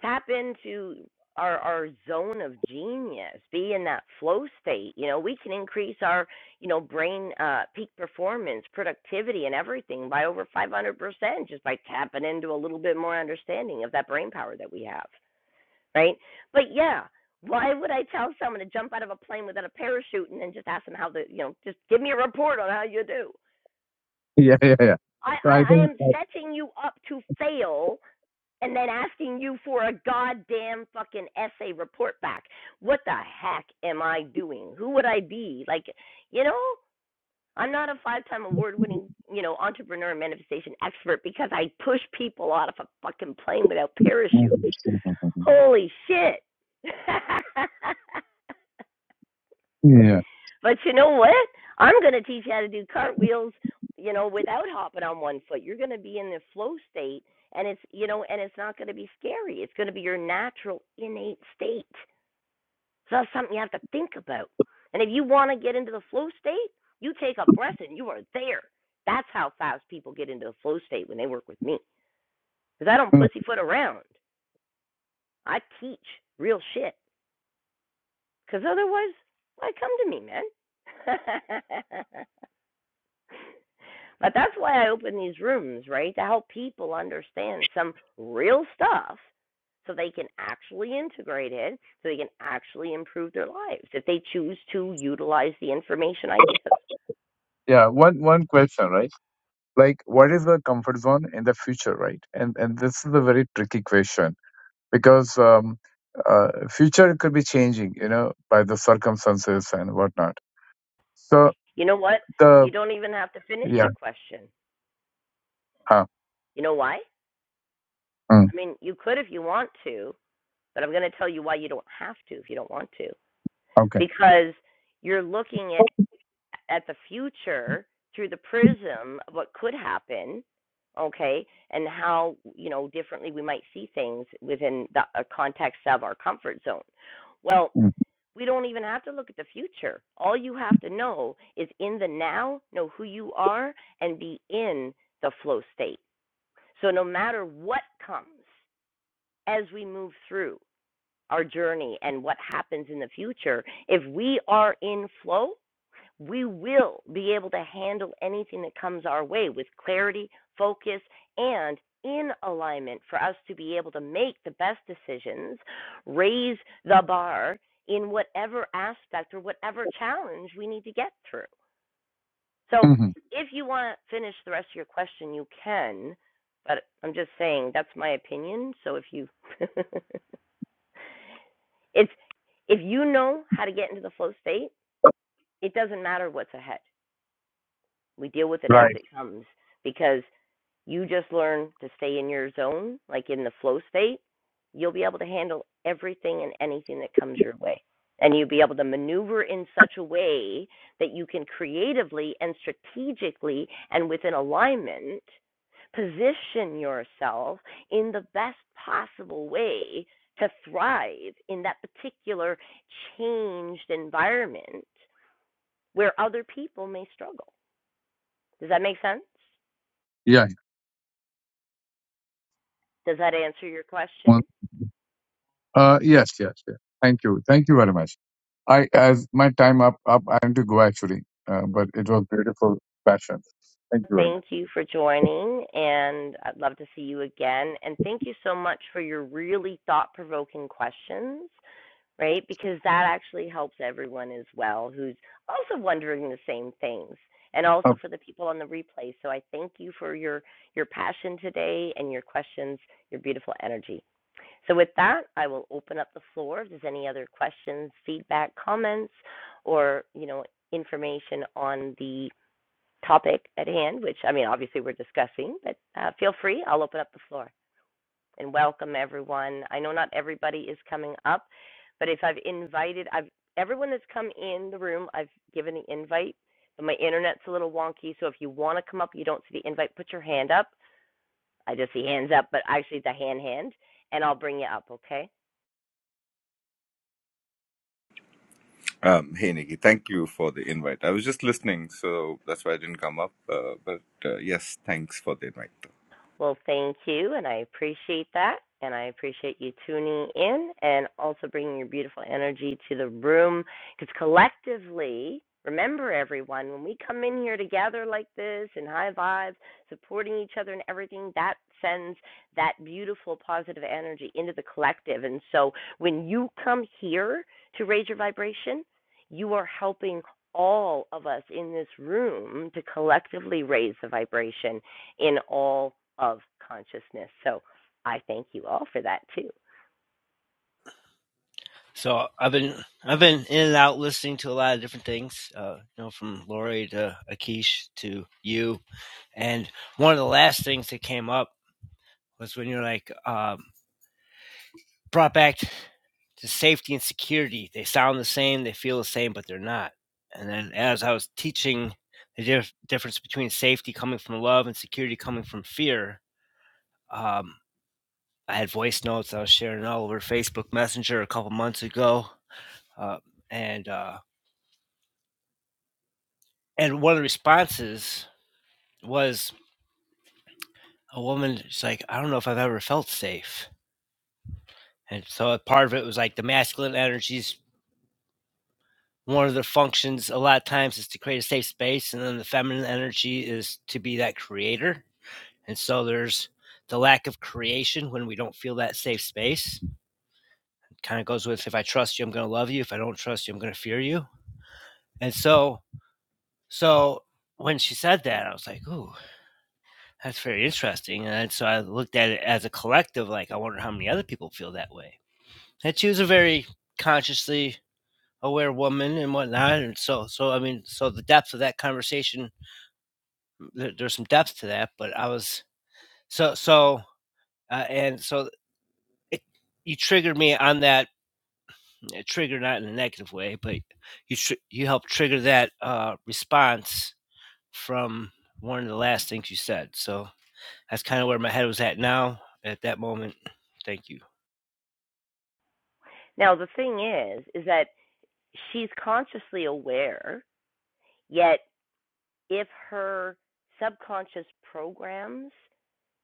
A: tap into our our zone of genius be in that flow state you know we can increase our you know brain uh peak performance productivity and everything by over 500% just by tapping into a little bit more understanding of that brain power that we have right but yeah why would i tell someone to jump out of a plane without a parachute and then just ask them how the you know just give me a report on how you do
E: <laughs> Yeah, yeah, yeah.
A: i
E: So I
A: i, I
E: think
A: am
E: that,
A: setting you up to fail and then asking you for a goddamn fucking essay report back. What the heck am I doing? Who would I be? Like, you know, I'm not a five-time award-winning, you know, entrepreneur manifestation expert because I push people out of a fucking plane without parachutes.
E: Mhm.
A: Holy shit. <laughs>
E: yeah.
A: But you know what? I'm going to teach you how to do cartwheels, you know, without hopping on one foot. You're going to be in the flow state and it's, you know, and it's not going to be scary. It's going to be your natural innate state. So that's something you have to think about. And if you want to get into the flow state, you take a breath and you are there. That's how fast people get into the flow state when they work with me. Because I don't
E: Mm.
A: pussyfoot around. I teach real shit. Because otherwise, why come to me, man? <laughs> But that's why I open these rooms, right? To help people understand some real stuff so they can actually integrate it, so they can actually improve their lives if they choose to utilize the information I give.
E: Yeah. One one question, right? Like what is the comfort zone in the future, right? And and this is a very tricky question because um uh, future could be changing, you know, by the circumstances and whatnot. So
A: You know what? You
E: the
A: don't even have to finish
E: yeah,
A: your question.
E: huh.
A: You know why?
E: Mm.
A: I mean, you could if you want to, but I'm going to tell you why you don't have to if you don't want to.
E: okay.
A: Because you're looking at at the future through the prism of what could happen, okay, and how you know differently we might see things within the uh, context of our comfort zone. Well,
E: Mm.
A: we don't even have to look at the future. All you have to know is in the now, know who you are, and be in the flow state. So no matter what comes as we move through our journey and what happens in the future, if we are in flow, we will be able to handle anything that comes our way with clarity, focus, and in alignment for us to be able to make the best decisions, raise the bar in whatever aspect or whatever challenge we need to get through. So,
E: Mhm.
A: if you want to finish the rest of your question, you can, but I'm just saying that's my opinion. So, if you <laughs> it's if you know how to get into the flow state, it doesn't matter what's ahead. We deal with it as it comes because you just learn to stay in your zone, like in the flow state. You'll be able to handle everything and anything that comes your way. And you'll be able to maneuver in such a way that you can creatively and strategically and within alignment position yourself in the best possible way to thrive in that particular changed environment where other people may struggle. Does that make sense?
E: Yeah. yeah.
A: Does that answer your
E: Well,
A: question?
E: uh, yes, yes, yes. Thank you. Thank you very much. I, as my time up, up, I am to go actually, uh, but it was beautiful passion. Thank you very much.
A: Thank you for joining, and I'd love to see you again. And thank you so much for your really thought provoking questions, right? Because that actually helps everyone as well who's also wondering the same things. And
E: Okay.
A: also for the people on the replay. So I thank you for your, your passion today and your questions, your beautiful energy. So with that, I will open up the floor. If there's any other questions, feedback, comments, or you know information on the topic at hand, which I mean, obviously we're discussing, but uh, feel free. I'll open up the floor and welcome everyone. I know not everybody is coming up, but if I've invited, I've everyone that's come in the room, I've given the invite. But my internet's a little wonky, so if you want to come up, you don't see the invite, put your hand up. I just see hands up, but actually the hand hand, and I'll bring you up. Okay.
F: Um, hey Nikki, thank you for the invite. I was just listening, so that's why I didn't come up. Uh, but uh, yes, thanks for the invite.
A: Well, thank you, and I appreciate that. And I appreciate you tuning in and also bringing your beautiful energy to the room. Because collectively, remember everyone, when we come in here together like this and high vibes, supporting each other and everything, that sends that beautiful positive energy into the collective. And so when you come here to raise your vibration, you are helping all of us in this room to collectively raise the vibration in all of consciousness. So I thank you all for that too.
G: So I've been I've been in and out listening to a lot of different things, uh, you know, from Lori to Akish to you. And one of the last things that came up was when you're like um, brought back to safety and security. They sound the same, they feel the same, but they're not. And then as I was teaching the dif- difference between safety coming from love and security coming from fear, um, I had voice notes I was sharing all over Facebook Messenger a couple months ago, uh, and. Uh, And one of the responses was a woman, she's like, "I don't know if I've ever felt safe." And so a part of it was like the masculine energies, one of their functions a lot of times is to create a safe space, and then the feminine energy is to be that creator. And so there's the lack of creation when we don't feel that safe space. It Kind of goes with if I trust you, I'm going to love you. If I don't trust you, I'm going to fear you. And so, so when she said that, I was like, ooh, That's very interesting. And so I looked at it as a collective, like, I wonder how many other people feel that way. And she was a very consciously aware woman and whatnot. And so, so I mean, so the depth of that conversation, there, there's some depth to that, but I was, so, so, uh, and so it, you triggered me on that uh, trigger, not in a negative way, but you, tr- you helped trigger that uh, response from one of the last things you said. So that's kind of where my head was at now at that moment. Thank you.
A: Now the thing is is that she's consciously aware, yet if her subconscious programs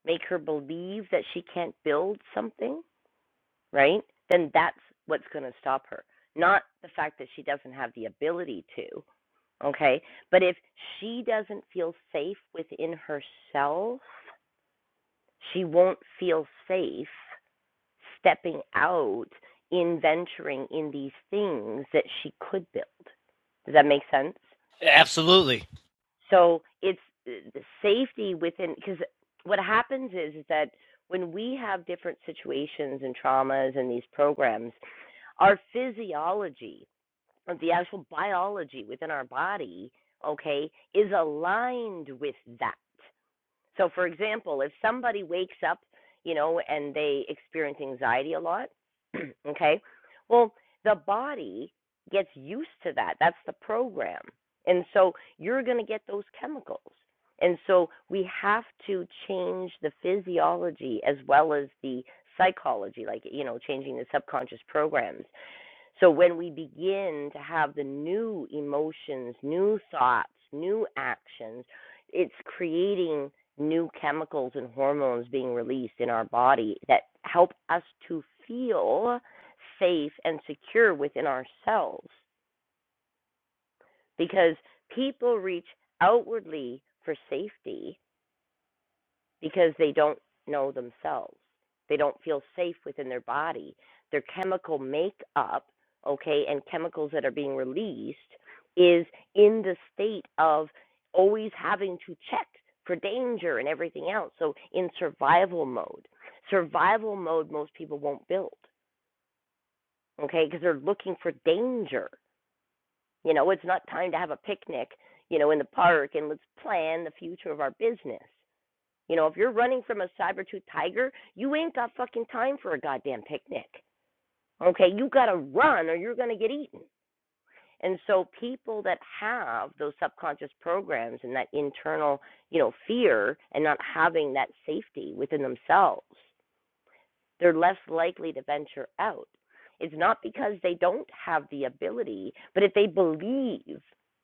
A: make her believe that she can't build something, right? Then that's what's going to stop her, not the fact that she doesn't have the ability to, okay? But if she doesn't feel safe within herself, she won't feel safe stepping out in venturing in these things that she could build. Does that make sense?
G: Absolutely.
A: So it's uh, the safety within because what happens is, is that when we have different situations and traumas and these programs, our physiology, or the actual biology within our body, okay, is aligned with that. So, for example, if somebody wakes up, you know, and they experience anxiety a lot, <clears throat> okay, well, the body gets used to that. That's the program. And so you're going to get those chemicals. And so we have to change the physiology as well as the psychology, like, you know, changing the subconscious programs so when we begin to have the new emotions, new thoughts, new actions, it's creating new chemicals and hormones being released in our body that help us to feel safe and secure within ourselves because people reach outwardly for safety because they don't know themselves. They don't feel safe within their body. Their chemical makeup, okay, and chemicals that are being released is in the state of always having to check for danger and everything else. So in survival mode, survival mode, most people won't build, okay, because they're looking for danger. You know, it's not time to have a picnic, you know, in the park and let's plan the future of our business. You know, if you're running from a saber tooth tiger, you ain't got fucking time for a goddamn picnic. Okay, you gotta run or you're gonna get eaten. And so people that have those subconscious programs and that internal, you know, fear and not having that safety within themselves, they're less likely to venture out. It's not because they don't have the ability, but if they believe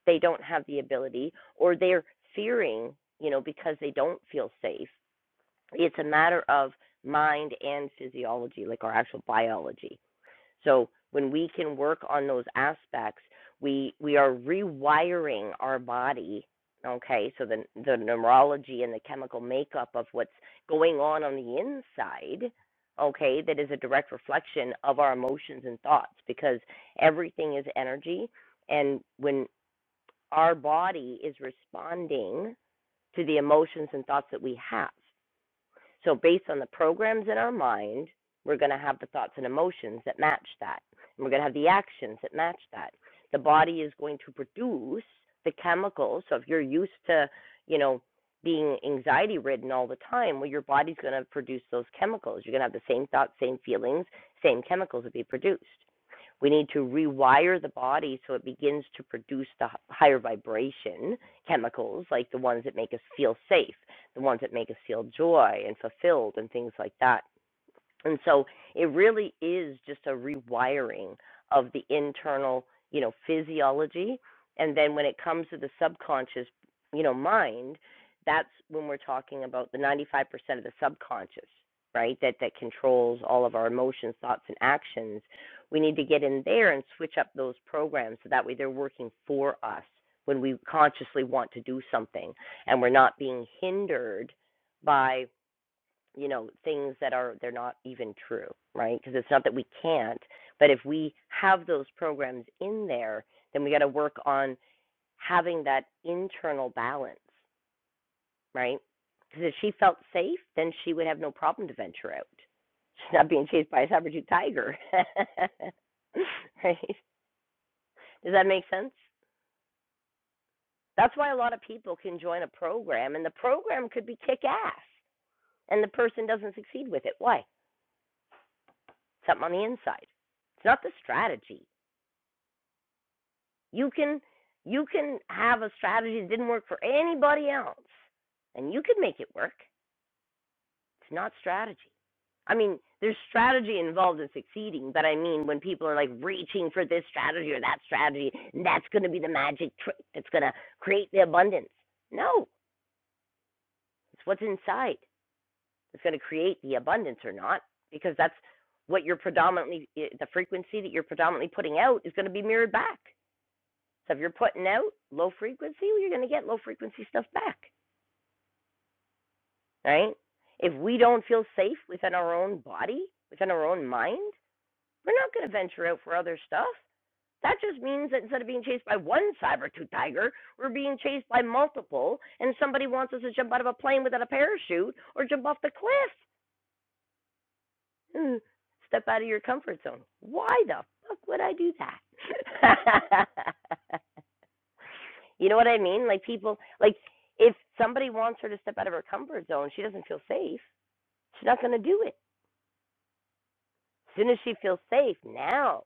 A: they don't have the ability or they're fearing, you know, because they don't feel safe, it's a matter of mind and physiology, like our actual biology. So when we can work on those aspects, we we are rewiring our body. Okay, so the the neurology and the chemical makeup of what's going on on the inside, okay, that is a direct reflection of our emotions and thoughts because everything is energy, and when our body is responding to the emotions and thoughts that we have. So, based on the programs in our mind, we're going to have the thoughts and emotions that match that. And we're going to have the actions that match that. The body is going to produce the chemicals. So, if you're used to, you know, being anxiety ridden all the time, well, your body's going to produce those chemicals. You're going to have the same thoughts, same feelings, same chemicals will be produced. We need to rewire the body so it begins to produce the higher vibration chemicals, like the ones that make us feel safe the ones that make us feel joy and fulfilled and things like that. And so it really is just a rewiring of the internal, you know, physiology. And then when it comes to the subconscious, you know, mind, that's when we're talking about the 95% of the subconscious, right? That that controls all of our emotions, thoughts and actions. We need to get in there and switch up those programs so that way they're working for us when we consciously want to do something and we're not being hindered by you know things that are they're not even true right because it's not that we can't but if we have those programs in there then we got to work on having that internal balance right because if she felt safe then she would have no problem to venture out she's not being chased by a saber tooth tiger <laughs> right does that make sense that's why a lot of people can join a program and the program could be kick ass and the person doesn't succeed with it why something on the inside. It's not the strategy. You can you can have a strategy that didn't work for anybody else, and you can make it work. It's not strategy. I mean, there's strategy involved in succeeding, but I mean, when people are like reaching for this strategy or that strategy, and that's going to be the magic trick that's going to create the abundance. No, it's what's inside that's going to create the abundance or not, because that's what you're predominantly, eh, the frequency that you're predominantly putting out is going to be mirrored back. So if you're putting out low frequency, well, you're going to get low frequency stuff back, right? If we don't feel safe within our own body, within our own mind, we're not going to venture out for other stuff. That just means that instead of being chased by one saber-tooth tiger, we're being chased by multiple, and somebody wants us to jump out of a plane without a parachute or jump off the cliff. <laughs> Step out of your comfort zone. Why the fuck would I do that? <laughs> You know what I mean? Like people, like if somebody wants her to step out of her comfort zone, she doesn't feel safe. She's not going to do it. As soon as she feels safe, now,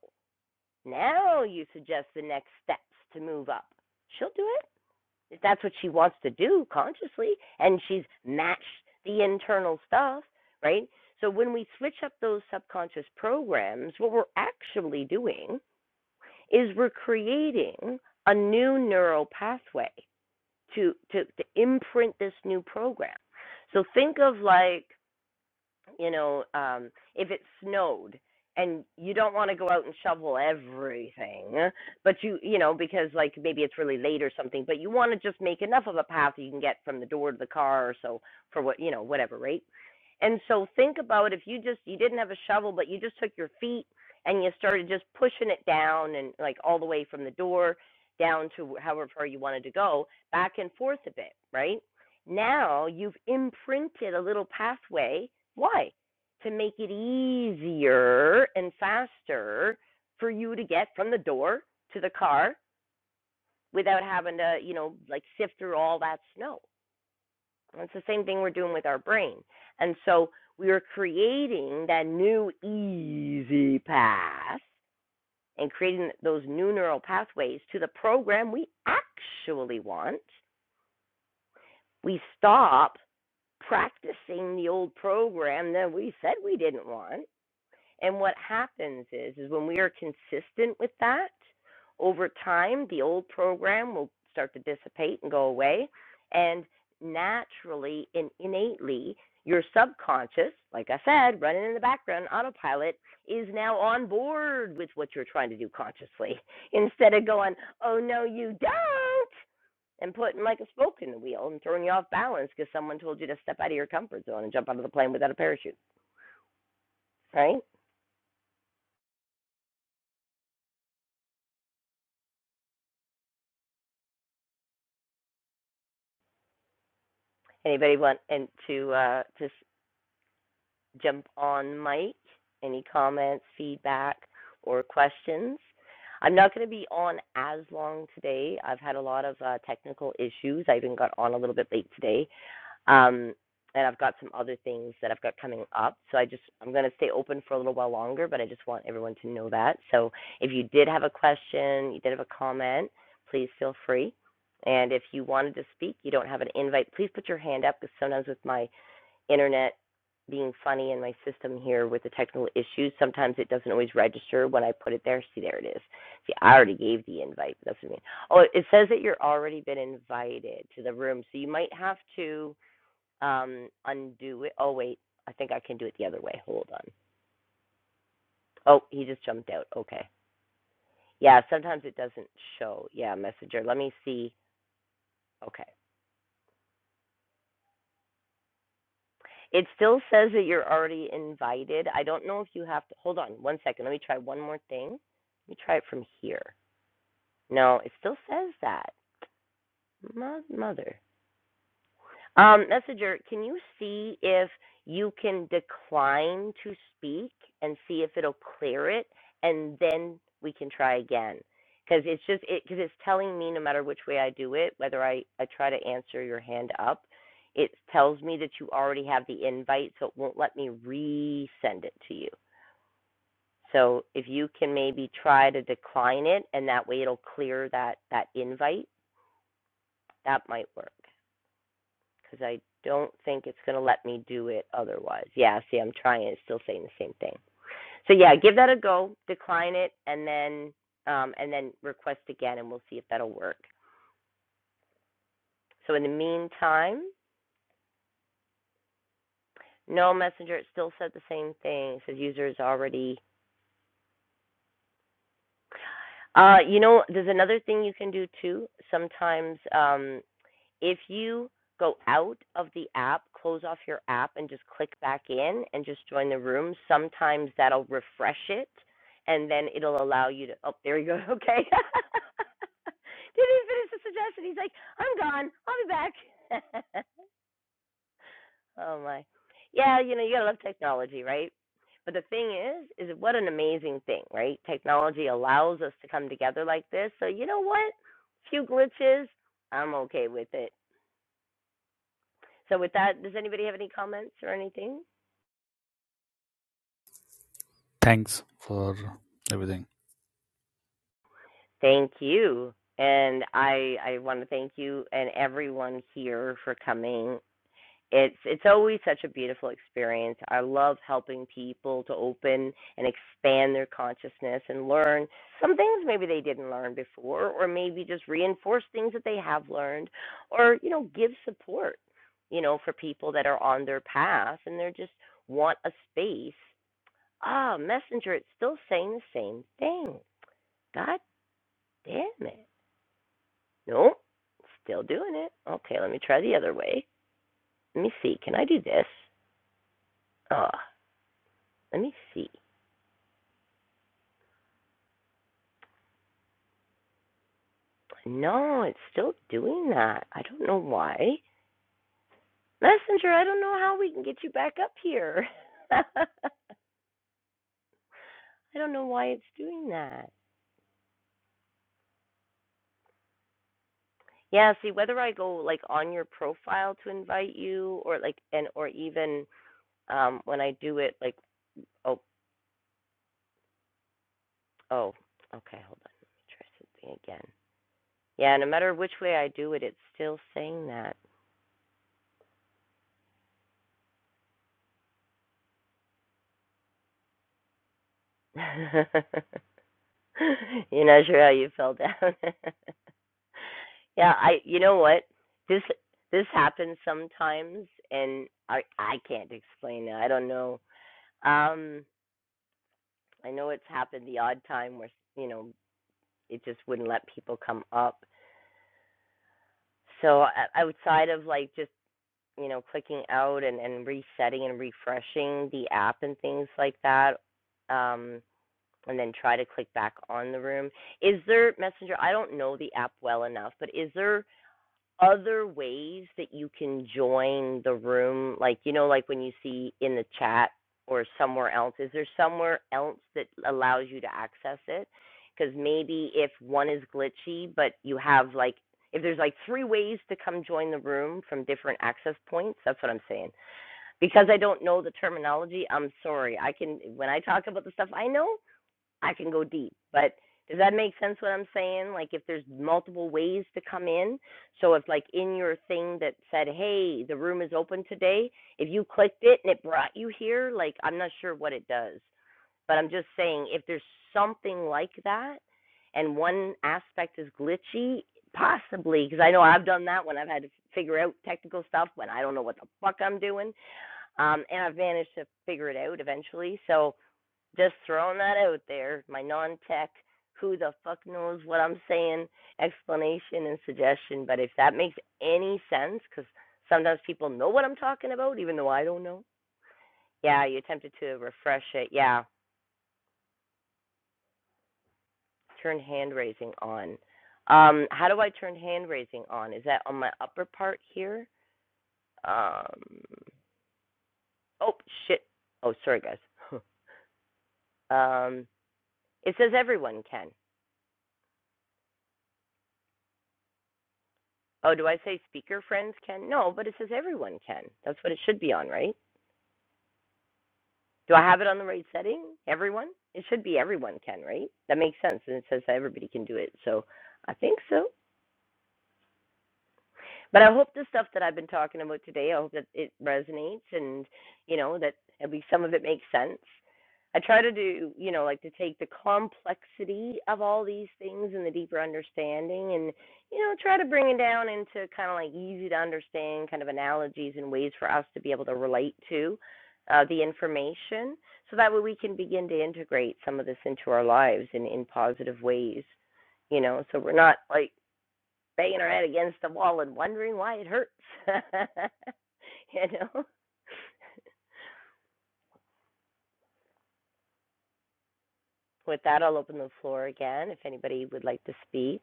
A: now you suggest the next steps to move up. She'll do it if that's what she wants to do consciously, and she's matched the internal stuff, right? So when we switch up those subconscious programs, what we're actually doing is we're creating a new neural pathway to to to imprint this new program. So think of like you know, um, if it snowed and you don't want to go out and shovel everything, but you, you know, because like maybe it's really late or something, but you want to just make enough of a path you can get from the door to the car or so for what, you know, whatever, right? And so think about if you just, you didn't have a shovel, but you just took your feet and you started just pushing it down and like all the way from the door down to however far you wanted to go, back and forth a bit, right? Now you've imprinted a little pathway. Why? To make it easier and faster for you to get from the door to the car without having to, you know, like sift through all that snow. And It's the same thing we're doing with our brain. And so we are creating that new easy path and creating those new neural pathways to the program we actually want. We stop practicing the old program that we said we didn't want. And what happens is is when we are consistent with that, over time the old program will start to dissipate and go away and naturally and innately your subconscious, like I said, running in the background, autopilot, is now on board with what you're trying to do consciously <laughs> instead of going, oh, no, you don't and putting like a spoke in the wheel and throwing you off balance because someone told you to step out of your comfort zone and jump out of the plane without a parachute, right? Anybody want and to uh, to jump on mic? Any comments, feedback, or questions? I'm not going to be on as long today. I've had a lot of uh, technical issues. I even got on a little bit late today, Um, and I've got some other things that I've got coming up. So I just I'm going to stay open for a little while longer, but I just want everyone to know that. So if you did have a question, you did have a comment, please feel free. And if you wanted to speak, you don't have an invite, please put your hand up because sometimes with my internet being funny and my system here with the technical issues, sometimes it doesn't always register when I put it there. See, there it is. See, I already gave the invite. That's what I mean. Oh, it says that you're already been invited to the room, so you might have to um, undo it. Oh wait, I think I can do it the other way. Hold on. Oh, he just jumped out. Okay. Yeah, sometimes it doesn't show. Yeah, messenger. Let me see. Okay. It still says that you're already invited. I don't know if you have to. Hold on one second. Let me try one more thing. Let me try it from here. No, it still says that. Mother. Um, Messenger, can you see if you can decline to speak and see if it'll clear it, and then we can try again? Because it's just it because it's telling me no matter which way I do it, whether I I try to answer your hand up, it tells me that you already have the invite, so it won't let me resend it to you. So if you can maybe try to decline it, and that way it'll clear that that invite, that might work. because I don't think it's going to let me do it otherwise. Yeah, see, I'm trying. It's still saying the same thing. So yeah, give that a go. Decline it, and then um, and then request again, and we'll see if that'll work. So in the meantime, no messenger. It still said the same thing. It says user is already. Uh, you know, there's another thing you can do too. Sometimes um, if you go out of the app, close off your app, and just click back in and just join the room, sometimes that'll refresh it and then it'll allow you to. Oh, there you go. Okay. <laughs> Didn't even finish the suggestion. He's like, I'm gone. I'll be back. <laughs> oh, my. Yeah, you know, you got to love technology, right? But the thing is, is what an amazing thing, right? Technology allows us to come together like this. So, you know what? Few glitches, I'm okay with it So with that, does anybody have any comments or anything?
H: thanks for everything.
A: Thank you. And I I want to thank you and everyone here for coming. It's it's always such a beautiful experience. I love helping people to open and expand their consciousness and learn some things maybe they didn't learn before or maybe just reinforce things that they have learned or you know give support, you know, for people that are on their path and they're just want a space Ah, Messenger, it's still saying the same thing. God damn it. Nope. Still doing it. Okay, let me try the other way. Let me see. Can I do this? Ah, uh, let me see. No, it's still doing that. I don't know why. Messenger, I don't know how we can get you back up here. <laughs> I don't know why it's doing that. Yeah, see whether I go like on your profile to invite you or like and or even um when I do it like oh. Oh, okay, hold on. Let me try something again. Yeah, no matter which way I do it, it's still saying that. <laughs> You're not sure how you fell down. <laughs> yeah, I. You know what? This this happens sometimes, and I I can't explain it. I don't know. Um, I know it's happened the odd time where you know it just wouldn't let people come up. So uh, outside of like just you know, clicking out and, and resetting and refreshing the app and things like that, um, and then try to click back on the room. Is there Messenger? I don't know the app well enough, but is there other ways that you can join the room? Like, you know, like when you see in the chat or somewhere else, is there somewhere else that allows you to access it? Because maybe if one is glitchy, but you have like, if there's like three ways to come join the room from different access points, that's what I'm saying. Because I don't know the terminology, I'm sorry. I can, when I talk about the stuff I know, I can go deep. But does that make sense what I'm saying? Like if there's multiple ways to come in. So if like in your thing that said, "Hey, the room is open today," if you clicked it and it brought you here, like I'm not sure what it does. But I'm just saying if there's something like that and one aspect is glitchy, possibly because I know I've done that when I've had to figure out technical stuff when I don't know what the fuck I'm doing. Um and I've managed to figure it out eventually. So just throwing that out there, my non tech, who the fuck knows what I'm saying, explanation and suggestion. But if that makes any sense, because sometimes people know what I'm talking about, even though I don't know. Yeah, you attempted to refresh it. Yeah, turn hand raising on. Um, how do I turn hand raising on? Is that on my upper part here? Um, oh, shit. Oh, sorry, guys. <laughs> um, it says everyone can. Oh, do I say speaker friends can? No, but it says everyone can. That's what it should be on, right? Do I have it on the right setting? Everyone? It should be everyone can, right? That makes sense. And it says that everybody can do it. So I think so. But I hope the stuff that I've been talking about today, I hope that it resonates and, you know, that at least some of it makes sense. I try to do, you know, like to take the complexity of all these things and the deeper understanding and, you know, try to bring it down into kind of like easy to understand kind of analogies and ways for us to be able to relate to uh, the information so that way we can begin to integrate some of this into our lives in, in positive ways, you know, so we're not like banging her head against the wall and wondering why it hurts. <laughs> you know. With that, I'll open the floor again if anybody would like to speak.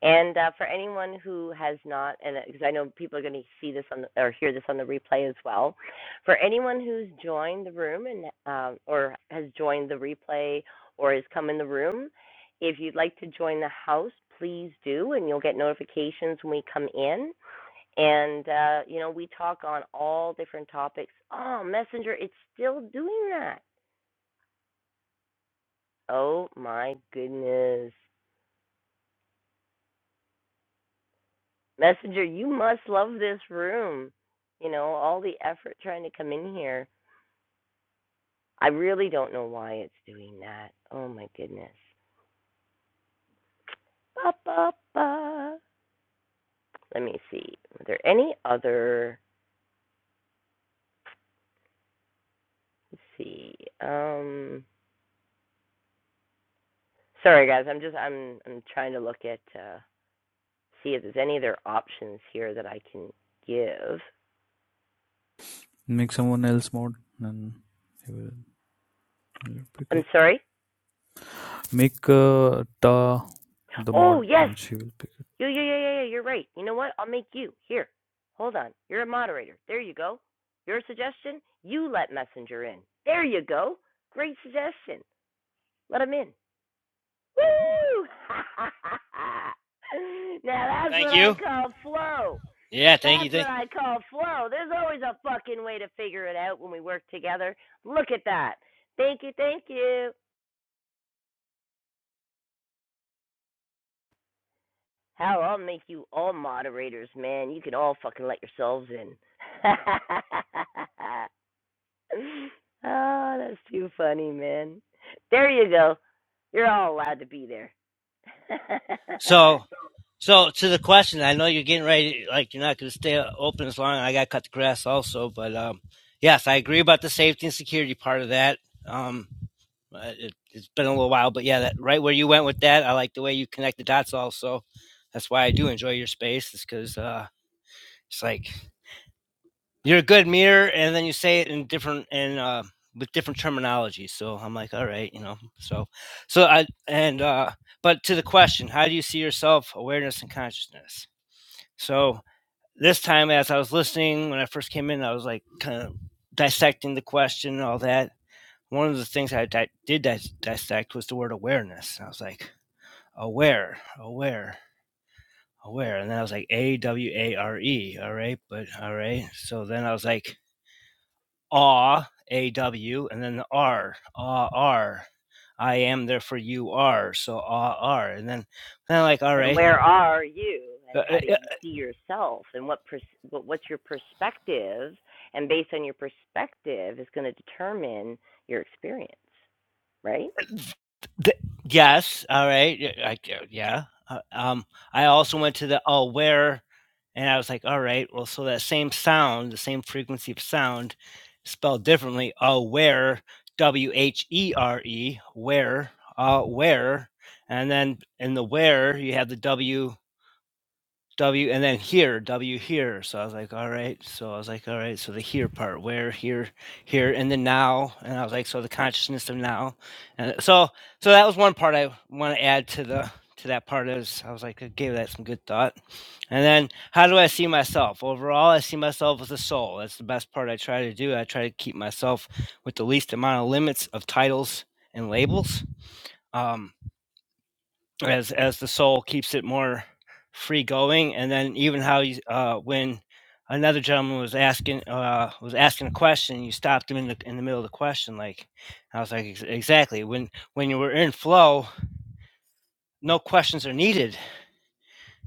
A: And uh, for anyone who has not, and because I know people are going to see this on the, or hear this on the replay as well, for anyone who's joined the room and um, or has joined the replay or has come in the room, if you'd like to join the house, please do, and you'll get notifications when we come in. and uh, you know we talk on all different topics. Oh, Messenger, it's still doing that. Oh my goodness, Messenger, you must love this room. You know all the effort trying to come in here. I really don't know why it's doing that. Oh my goodness. Ba ba ba. Let me see. Are there any other? Let's see. Um. Sorry guys, I'm just I'm I'm trying to look at uh, see if there's any other options here that I can give.
H: Make someone else mod and he will, pick
A: I'm
H: up.
A: sorry?
H: Make uh, Ta the mod
A: Oh, yes.
H: and she will pick
A: Yeah, yeah, yeah, yeah, yeah. You're right. You know what? I'll make you. Here. Hold on. You're a moderator. There you go. Your suggestion? You let Messenger in. There you go. Great suggestion. Let him in. Woo! <laughs> now that's what
G: Thank
A: I
G: you.
A: call flow.
G: Yeah, thank you.
A: That's what
G: Thank. you.
A: I call flow. There's always a fucking way to figure it out when we work together. Look at that. Thank you, thank you. Hell, I'll make you all moderators, man. You can all fucking let yourselves in. <laughs> oh, that's too funny, man. There you go. You're all allowed to be there. <laughs>
G: So, so to the question, I know you're getting ready. Like you're not going to stay open as long. I got to cut the grass also, but um, yes, I agree about the safety and security part of that. Um, uh, it, it's been a little while, but yeah, that right where you went with that, I like the way you connect the dots. Also, that's why I do enjoy your space. Is because uh, it's like you're a good mirror, and then you say it in different and uh, with different terminology. So I'm like, all right, you know. So, so I and uh, but to the question, how do you see yourself, awareness, and consciousness? So this time, as I was listening when I first came in, I was like kind of dissecting the question and all that. One of the things I di- did dis- dissect was the word awareness. And I was like, aware, aware, aware. And then I was like, A W A R E. All right. But all right. So then I was like, aw a w and then the r aw r i am therefore you are so aw r and then then like all
A: and
G: right
A: where are you?
G: uh,
A: And how
G: uh,
A: do
G: uh,
A: you see yourself? And what pers- what what's your perspective? And based on your perspective is going to determine your experience, right?
G: th- yes all right y- I, g- yeah uh, um i also went to the oh where and i was like all right well so that same sound the same frequency of sound spelled differently oh where w h e r e where uh where and then in the where you have the w W and then here, W here. So I was like, all right. So I was like, all right. So the here part, where, here, here, and then now. And I was like, so the consciousness of now. And so, so that was one part I want to add to the to that part is I was like, I gave that some good thought. And then, how do I see myself overall? I see myself as a soul. That's the best part I try to do. I try to keep myself with the least amount of limits of titles and labels. Um, as as the soul keeps it more free going and then even how you uh when another gentleman was asking uh was asking a question you stopped him in the in the middle of the question like i was like "Ex- exactly when when you were in flow no questions are needed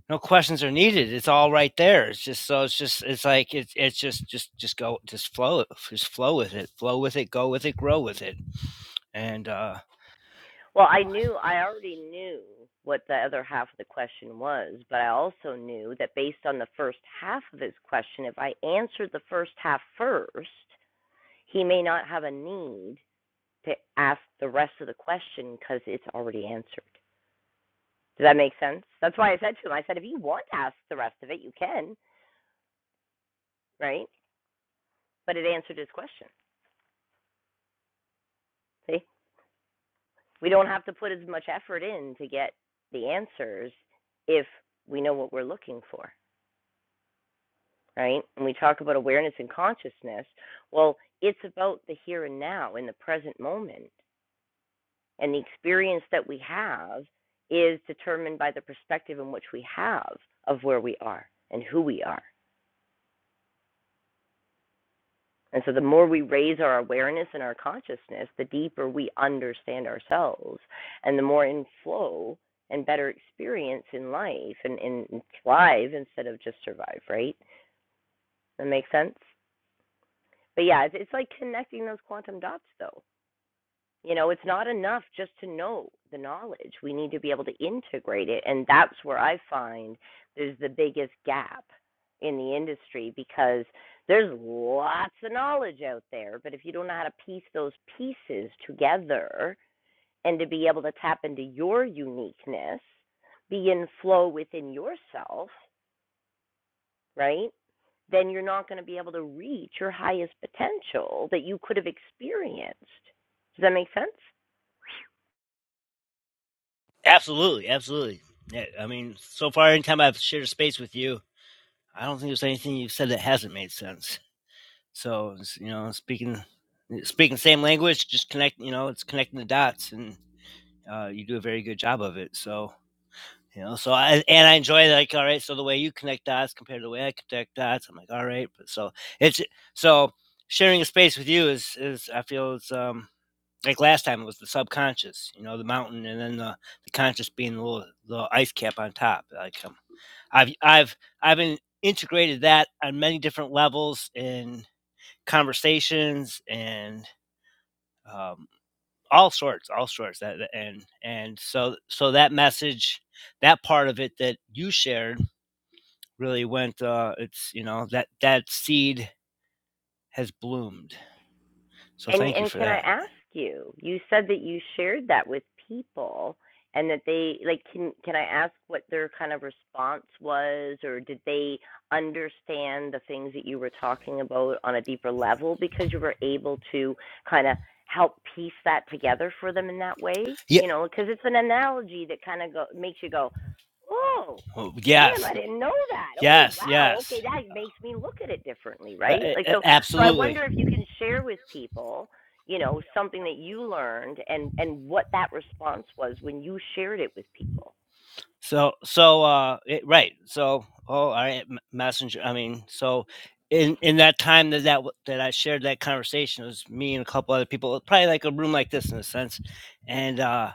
G: no questions are needed it's all right there it's just so it's just it's like it's it's just just just go just flow it just flow with it flow with it go with it grow with it and uh
A: Well, I knew, I already knew what the other half of the question was, but I also knew that based on the first half of his question, if I answered the first half first, he may not have a need to ask the rest of the question because it's already answered. Does that make sense? That's why I said to him, I said, if you want to ask the rest of it, you can, right? But it answered his question. See, we don't have to put as much effort in to get the answers if we know what we're looking for. right? And we talk about awareness and consciousness. Well, it's about the here and now in the present moment. And the experience that we have is determined by the perspective in which we have of where we are and who we are. And so the more we raise our awareness and our consciousness, the deeper we understand ourselves and the more in flow and better experience in life and, and thrive instead of just survive, right? That makes sense? But yeah, it's, it's like connecting those quantum dots though You know, it's not enough just to know the knowledge. We need to be able to integrate it. And that's where I find there's the biggest gap in the industry because there's lots of knowledge out there. But if you don't know how to piece those pieces together and to be able to tap into your uniqueness, be in flow within yourself, right? Then you're not going to be able to reach your highest potential that you could have experienced. Does that make sense?
G: absolutely absolutely yeah, i mean so far anytime i've shared a space with you I don't think there's anything you've said that hasn't made sense. So you know, speaking speaking the same language, just connect. You know, it's connecting the dots, and uh, you do a very good job of it. So you know, so I and I enjoy that. like all right. So the way you connect dots compared to the way I connect dots, I'm like all right. But so it's so sharing a space with you is is I feel it's um like last time it was the subconscious, you know, the mountain, and then the, the conscious being the little, the ice cap on top. Like um, I've I've I've been integrated that on many different levels in conversations and um, all sorts, all sorts. That that- and and so so that message, that part of it that you shared really went. Uh, it's you know that that seed has bloomed. So
A: And
G: thank you
A: and
G: for
A: can I
G: that.
A: ask you? You said that you shared that with people and that they like can can I ask what their kind of response was or did they understand the things that you were talking about on a deeper level because you were able to kind of help piece that together for them in that way?
G: Yeah.
A: You know, because it's an analogy that kind of go makes you go, "Oh,
G: Oh,
A: damn,
G: yes.
A: I didn't know that. Oh,
G: Yes.
A: wow.
G: Yes.
A: Okay, that makes me look at it differently,
G: Yeah,
A: right?" Like
G: a-
A: so so I wonder
G: absolutely.
A: if you can share with people, you know, something that you learned and and what that response was when you shared it with people.
G: So, so, uh, it, right. So, oh, all right, M- messenger. I mean, so in in that time that that w- that I shared that conversation it was me and a couple other people, probably like a room like this in a sense, and uh,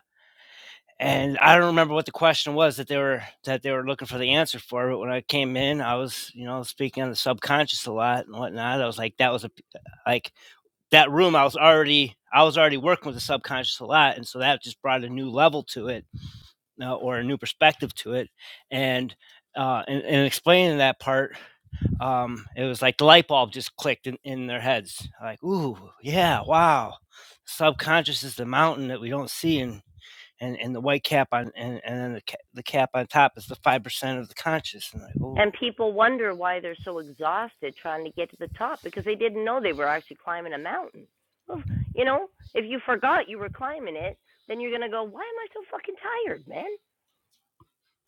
G: and I don't remember what the question was that they were that they were looking for the answer for. But when I came in, I was you know speaking on the subconscious a lot and whatnot. I was like, that was a p- like that room. I was already I was already working with the subconscious a lot, and so that just brought a new level to it uh, or a new perspective to it, and uh, and, and explaining that part, um, it was like the light bulb just clicked in, in their heads. Like, ooh, yeah, wow. Subconscious is the mountain that we don't see, and and, and the white cap on, and, and then the, ca- the cap on top is the five percent of the conscious. And like,
A: And
G: ooh,
A: people wonder why they're so exhausted trying to get to the top because they didn't know they were actually climbing a mountain. Well, you know, if you forgot you were climbing it, then you're going to go, "Why am I so fucking tired, man?"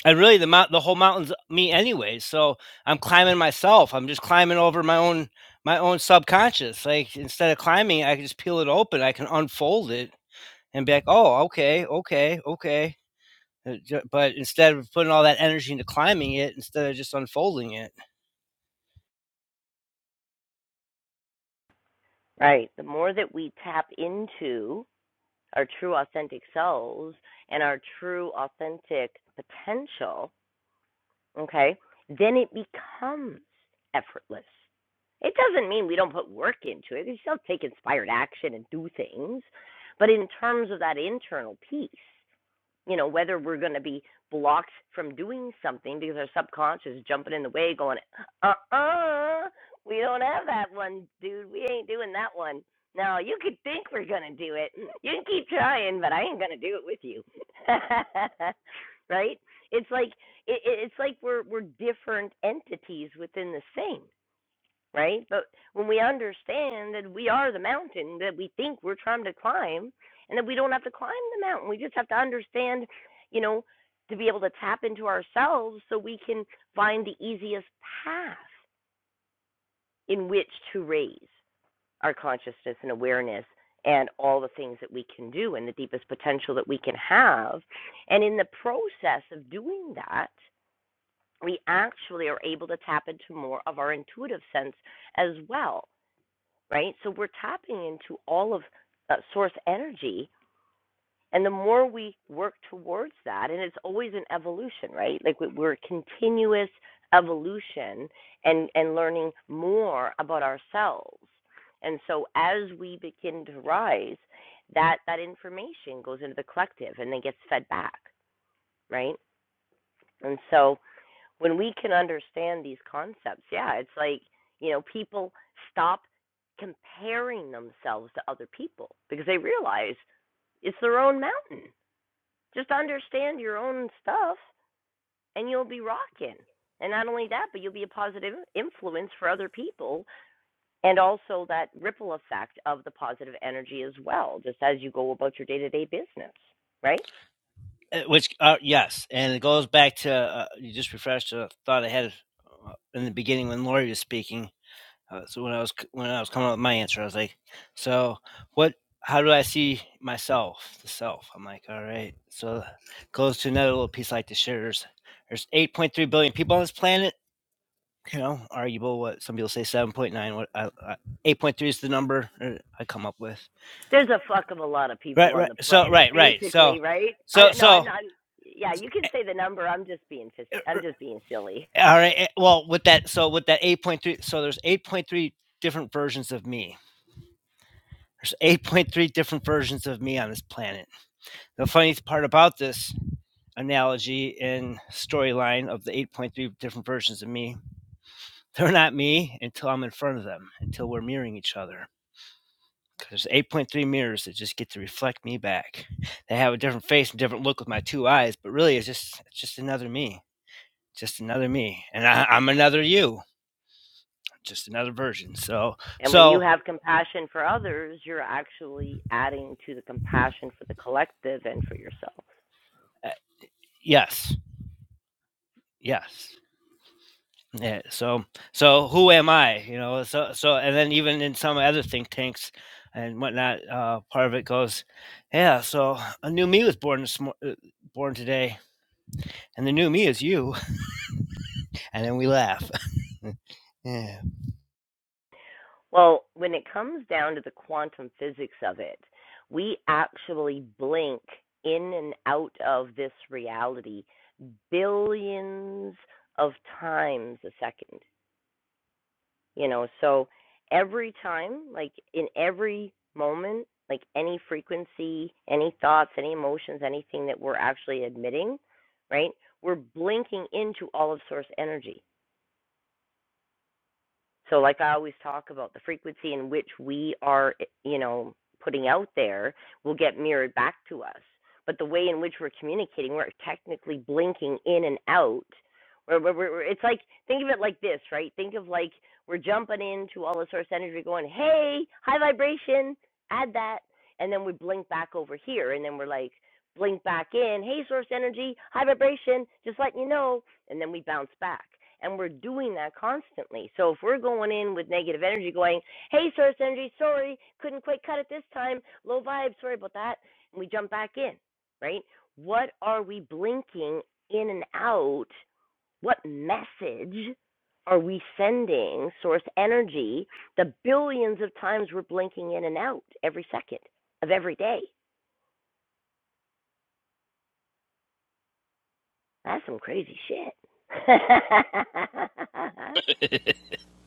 G: and really the mount, the whole mountain's me anyway. So I'm climbing myself. I'm just climbing over my own my own subconscious. Like instead of climbing, I can just peel it open. I can unfold it and be like, oh, okay, okay, okay. Uh, But instead of putting all that energy into climbing it, instead of just unfolding it.
A: Right. The more that we tap into our true authentic selves and our true authentic potential, okay, then it becomes effortless. It doesn't mean we don't put work into it. We still take inspired action and do things. But in terms of that internal piece, you know, whether we're going to be blocked from doing something because our subconscious is jumping in the way, going, uh uh we don't have that one, dude. We ain't doing that one. No, you could think we're going to do it. Mm, You can keep trying, but I ain't going to do it with you. <laughs> right? It's like it, it's like we're we're different entities within the same right? But when we understand that we are the mountain that we think we're trying to climb and that we don't have to climb the mountain, we just have to understand, you know, to be able to tap into ourselves so we can find the easiest path in which to raise our consciousness and awareness and all the things that we can do and the deepest potential that we can have. And in the process of doing that, we actually are able to tap into more of our intuitive sense as well right? So we're tapping into all of uh, source energy. And the more we work towards that, and it's always an evolution, right? Like we- we're a continuous evolution and, and learning more about ourselves. And so as we begin to rise, that, that information goes into the collective and then gets fed back, right? And so when we can understand these concepts, yeah, it's like, you know, people stop comparing themselves to other people because they realize it's their own mountain. Just understand your own stuff and you'll be rocking. And not only that, but you'll be a positive influence for other people and also that ripple effect of the positive energy as well, just as you go about your day to day business, right?
G: Uh, Which, uh, yes, and it goes back to uh, you just refreshed a thought I had uh, in the beginning when Lori was speaking Uh, so when I was c- when I was coming up with my answer, I was like, "So what? How do I see myself? The self?" I'm like, "All right." So goes to another little piece I like to share. There's there's 8.3 billion people on this planet. You know, arguable. What some people say 7.9. What I, I, 8.3 is the number uh, I come up with.
A: There's a fuck of a lot of people
G: Right,
A: on
G: right.
A: the
G: So
A: planet,
G: right, right. So
A: basically, right? I
G: so
A: no, I'm
G: so.
A: not. Yeah, you can say the number. I'm just being
G: uh, uh,
A: I'm just being silly.
G: All right. eh, Well, with that, so with that 8.3, so there's 8.3 different versions of me. There's 8.3 different versions of me on this planet The funniest part about this analogy and storyline of the 8.3 different versions of me, they're not me until I'm in front of them, until we're mirroring each other. 'Cause There's 8.3 mirrors that just get to reflect me back. They have a different face and different look with my two eyes, but really it's just it's just another me, just another me, and I, I'm another you, just another version. So
A: And when you
G: so
A: have compassion for others, you're actually adding to the compassion for the collective and for yourself.
G: uh, yes, yes, Yeah. So so who am I? You know. So so and then even in some other think tanks and whatnot, uh, part of it goes, yeah. So a new me was born this mor- uh, born today, and the new me is you. <laughs> And then we laugh. <laughs> yeah.
A: Well, when it comes down to the quantum physics of it, we actually blink in and out of this reality billions of times a second. you know so every time like in every moment like any frequency any thoughts any emotions anything that we're actually admitting right we're blinking into all of source energy so, like I always talk about, the frequency in which we are, eh, you know, putting out there will get mirrored back to us. But the way in which we're communicating, we're technically blinking in and out. We're, we're, we're, it's like, think of it like this, right? Think of like we're jumping into all the source energy going, hey, high vibration, add that. And then we blink back over here. And then we're like, blink back in, hey, source energy, high vibration, just letting you know and then we bounce back. And we're doing that constantly. So if we're going in with negative energy, going, hey, source energy, sorry, couldn't quite cut it this time, low vibe, sorry about that, and we jump back in, right? What are we blinking in and out? What message are we sending source energy the billions of times we're blinking in and out every second of every day? That's some crazy shit. <laughs>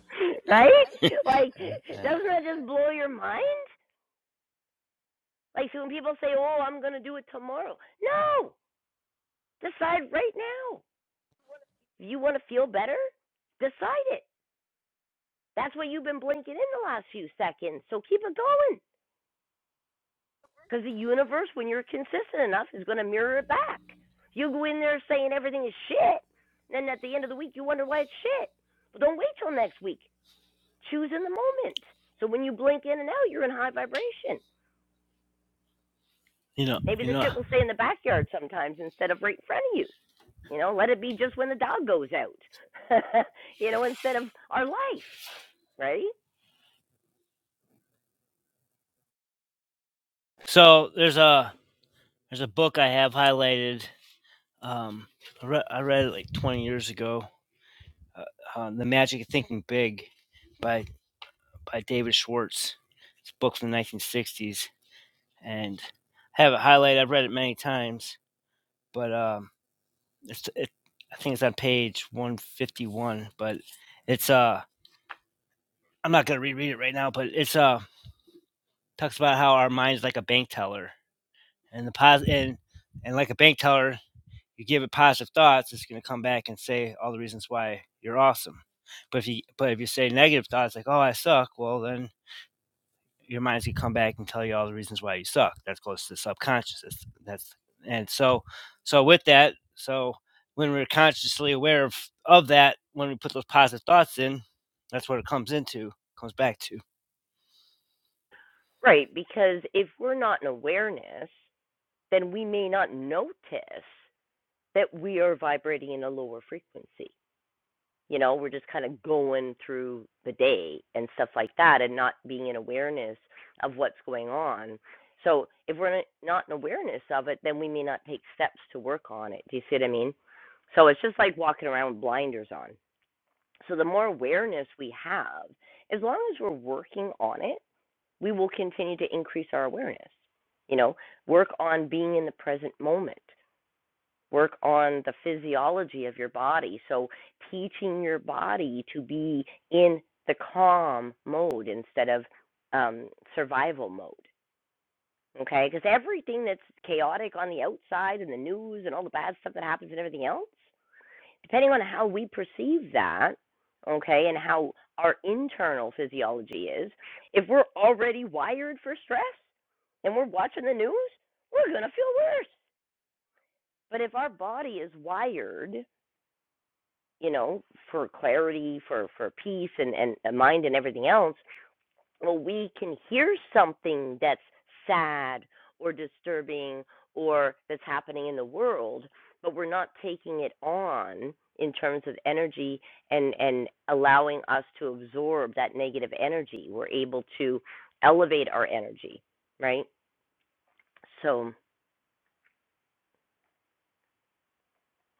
A: <laughs> right? Like,
G: Uh,
A: doesn't that just blow your mind? Like, so when people say, "Oh, I'm gonna do it tomorrow," no, decide right now. If you want to feel better, decide it. That's what you've been blinking in the last few seconds. So keep it going, because the universe, when you're consistent enough, is gonna mirror it back. You go in there saying everything is shit, and then at the end of the week you wonder why it's shit. But don't wait till next week. Choose in the moment. So when you blink in and out, you're in high vibration.
G: You know.
A: Maybe
G: You
A: the
G: know.
A: shit will stay in the backyard sometimes instead of right in front of you. You know, let it be just when the dog goes out. <laughs> you know, instead of our life, right?
G: So there's a there's a book I have highlighted. Um, I, re- I read it like 20 years ago. Uh, uh, the Magic of Thinking Big by by David Schwartz. It's a book from the 1960s and I have it highlighted. I've read it many times, but um, it's it, I think it's on page one fifty one. But it's uh, I'm not gonna reread it right now, but it's uh, talks about how our mind's like a bank teller, and the pos and and like a bank teller, you give it positive thoughts, it's gonna come back and say all the reasons why you're awesome. But if you but if you say negative thoughts like oh I suck, well then your mind's gonna come back and tell you all the reasons why you suck. That's close to the subconscious. That's, that's and so so with that, so when we're consciously aware of of that, when we put those positive thoughts in, that's what it comes into, comes back to.
A: Right, because if we're not in awareness, then we may not notice that we are vibrating in a lower frequency. you know we're just kind of going through the day and stuff like that and not being in awareness of what's going on so if we're not in awareness of it then we may not take steps to work on it do you see what i mean so it's just like walking around with blinders on so the more awareness we have as long as we're working on it we will continue to increase our awareness you know work on being in the present moment work on the physiology of your body. So, teaching your body to be in the calm mode instead of um, survival mode. Okay, because everything that's chaotic on the outside and the news and all the bad stuff that happens and everything else, depending on how we perceive that, okay, and how our internal physiology is, if we're already wired for stress and we're watching the news, we're going to feel worse. But if our body is wired you know, for clarity, for for peace and and a mind and everything else, well, we can hear something that's sad or disturbing or that's happening in the world, but we're not taking it on in terms of energy and and allowing us to absorb that negative energy. We're able to elevate our energy, right? So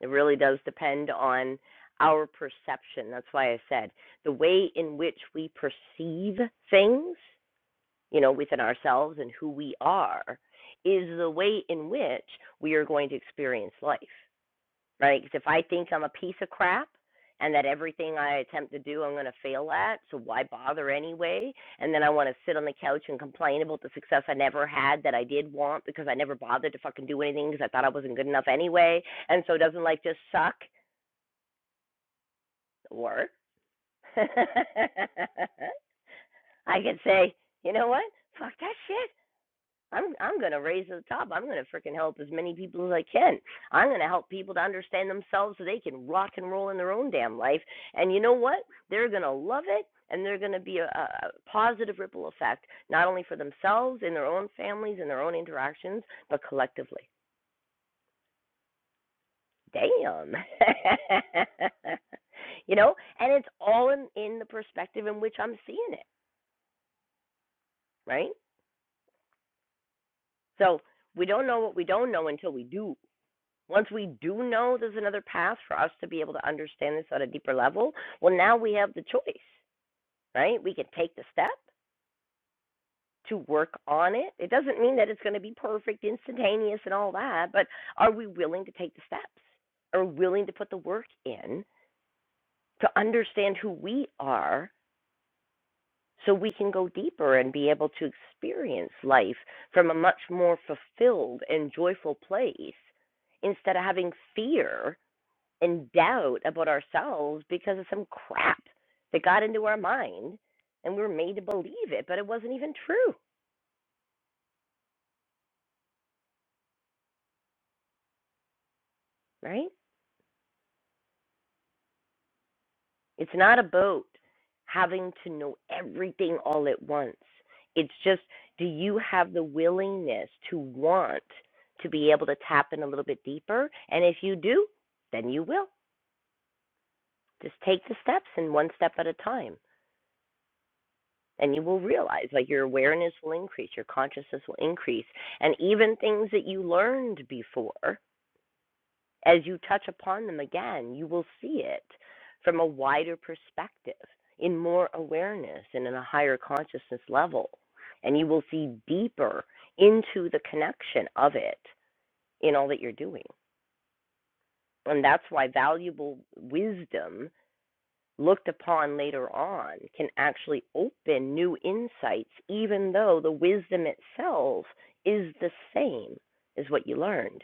A: It really does depend on our perception. That's why I said the way in which we perceive things, you know, within ourselves and who we are, is the way in which we are going to experience life, right? Because if I think I'm a piece of crap and that everything I attempt to do I'm going to fail at, so why bother anyway? And then I want to sit on the couch and complain about the success I never had that I did want because I never bothered to fucking do anything because I thought I wasn't good enough anyway. And so doesn't life just suck? Or <laughs> I could say, you know what? Fuck that shit. I'm I'm gonna raise to the top. I'm gonna freaking help as many people as I can. I'm gonna help people to understand themselves so they can rock and roll in their own damn life. And you know what? They're gonna love it, and they're gonna be a, a positive ripple effect, not only for themselves in their own families and their own interactions, but collectively. Damn. <laughs> you know, and it's all in in the perspective in which I'm seeing it. right? So we don't know what we don't know until we do. Once we do know there's another path for us to be able to understand this at a deeper level, well, now we have the choice, right? We can take the step to work on it. It doesn't mean that it's going to be perfect, instantaneous, and all that, but are we willing to take the steps? Are we willing to put the work in to understand who we are so we can go deeper and be able to experience life from a much more fulfilled and joyful place instead of having fear and doubt about ourselves because of some crap that got into our mind and we were made to believe it, but it wasn't even true, right? It's not about having to know everything all at once. It's just, do you have the willingness to want to be able to tap in a little bit deeper? And if you do, then you will. Just take the steps and one step at a time. And you will realize, like, your awareness will increase, your consciousness will increase. And even things that you learned before as you touch upon them again, you will see it from a wider perspective, in more awareness, and in a higher consciousness level. And you will see deeper into the connection of it in all that you're doing. And that's why valuable wisdom looked upon later on can actually open new insights, even though the wisdom itself is the same as what you learned.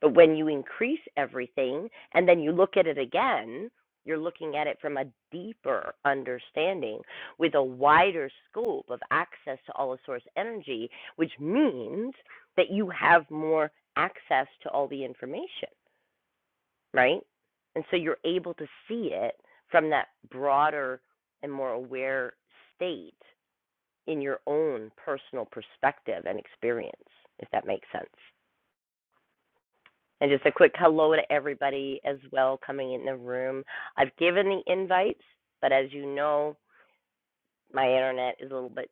A: But when you increase everything and then you look at it again, you're looking at it from a deeper understanding with a wider scope of access to all of source energy, which means that you have more access to all the information right? And so you're able to see it from that broader and more aware state in your own personal perspective and experience, if that makes sense. And just a quick hello to everybody as well coming in the room. I've given the invites, but as you know, my internet is a little bit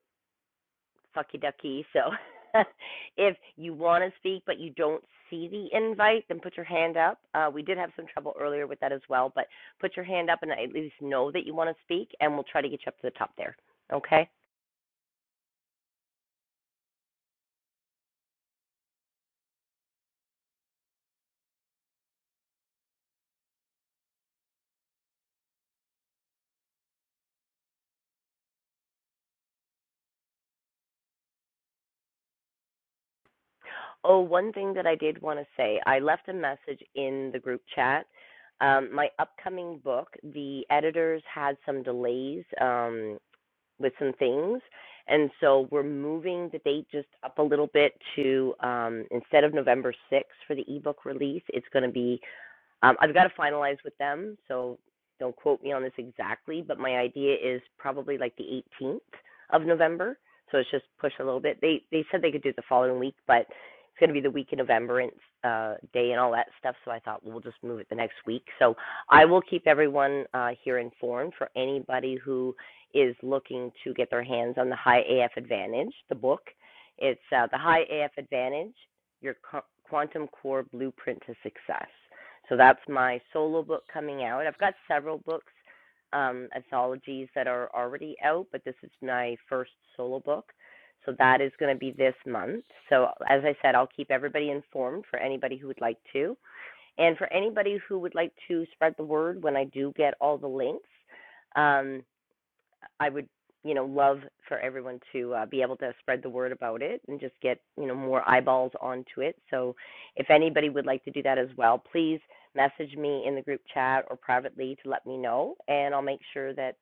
A: fucky ducky. So <laughs> if you want to speak but you don't see the invite, then put your hand up. Uh, we did have some trouble earlier with that as well, but put your hand up and at least know that you want to speak, and we'll try to get you up to the top there. Okay? Oh, one thing that I did want to say I left a message in the group chat. Um, my upcoming book, the editors had some delays. Um, with some things. And so we're moving the date just up a little bit to um, instead of November 6th for the ebook release, it's going to be um, I've got to finalize with them, so don't quote me on this exactly, but my idea is probably like the 18th of November. So it's just pushed a little bit. They they said they could do it the following week, but it's going to be the week in November and uh, day and all that stuff. So I thought we'll just move it the next week. So I will keep everyone uh, here informed for anybody who is looking to get their hands on the High AF Advantage, the book. It's uh, the High AF Advantage, your Qu- quantum core blueprint to success so that's my solo book coming out. I've got several books, um, anthologies that are already out, but this is my first solo book. So that is going to be this month. So as I said, I'll keep everybody informed for anybody who would like to. And for anybody who would like to spread the word when I do get all the links, um, I would, you know, love for everyone to uh, be able to spread the word about it and just get, you know, more eyeballs onto it. So if anybody would like to do that as well, please message me in the group chat or privately to let me know, and I'll make sure that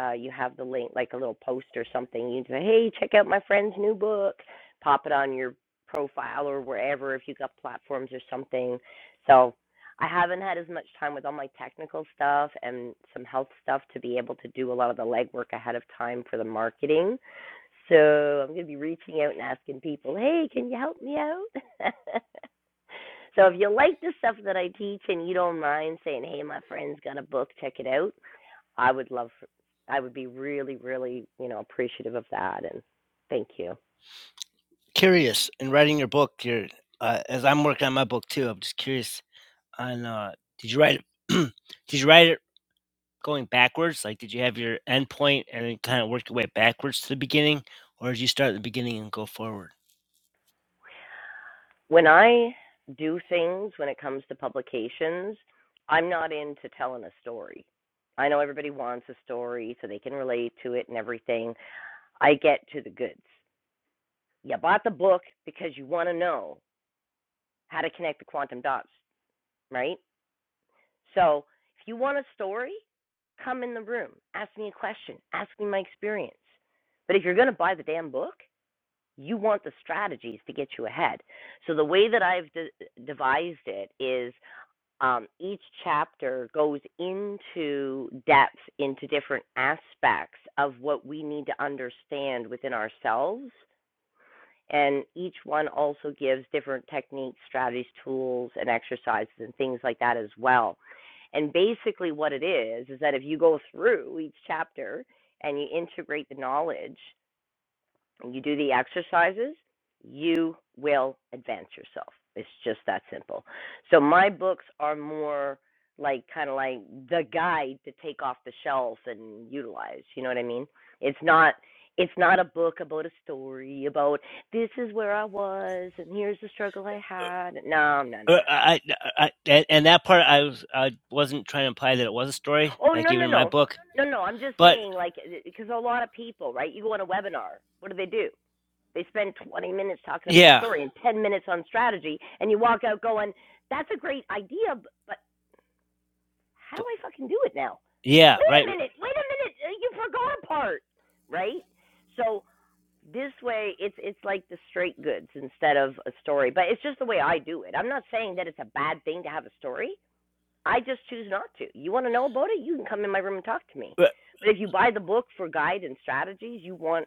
A: uh, you have the link, like a little post or something. You can say, hey, check out my friend's new book. Pop it on your profile or wherever if you've got platforms or something. So I haven't had as much time with all my technical stuff and some health stuff to be able to do a lot of the legwork ahead of time for the marketing. So I'm going to be reaching out and asking people, hey, can you help me out? <laughs> so if you like the stuff that I teach and you don't mind saying, hey, my friend's got a book, check it out, I would love, I would be really, really, you know, appreciative of that. And thank you.
G: Curious in writing your book, your uh, as I'm working on my book too, I'm just curious on uh, did you write it? <clears throat> did you write it going backwards? Like, did you have your end point and then kind of work your way backwards to the beginning, or did you start at the beginning and go forward?
A: when I do things when it comes to publications, I'm not into telling a story. I know everybody wants a story so they can relate to it and everything. I get to the goods. You bought the book because you want to know how to connect the quantum dots, right? So if you want a story, come in the room, ask me a question, ask me my experience. But if you're going to buy the damn book, you want the strategies to get you ahead. So the way that I've de- devised it is um, each chapter goes into depth into different aspects of what we need to understand within ourselves. And each one also gives different techniques, strategies, tools, and exercises, and things like that as well. And basically, what it is is that if you go through each chapter and you integrate the knowledge, and you do the exercises, you will advance yourself. It's just that simple. So my books are more like kind of like the guide to take off the shelf and utilize, you know what I mean? It's not it's not a book about a story about this is where I was and here's the struggle I had. No, no, no, no, no.
G: Uh,
A: no.
G: I, I, I- and that part I was I wasn't trying to imply that it was a story,
A: Oh,
G: like
A: no,
G: even
A: no,
G: in my
A: no.
G: book.
A: No, no, I'm just
G: But
A: saying like because a lot of people, right? You go on a webinar. What do they do? They spend 20 minutes talking about the
G: yeah,
A: story and 10 minutes on strategy, and you walk out going, "That's a great idea, but how do I fucking do it now?"
G: yeah,
A: Wait
G: right.
A: a minute, wait a minute, uh, you forgot a part, right? So this way, it's it's like the straight goods instead of a story, but it's just the way I do it. I'm not saying that it's a bad thing to have a story. I just choose not to. You want to know about it? You can come in my room and talk to me. But if you buy the book for guide and strategies, you want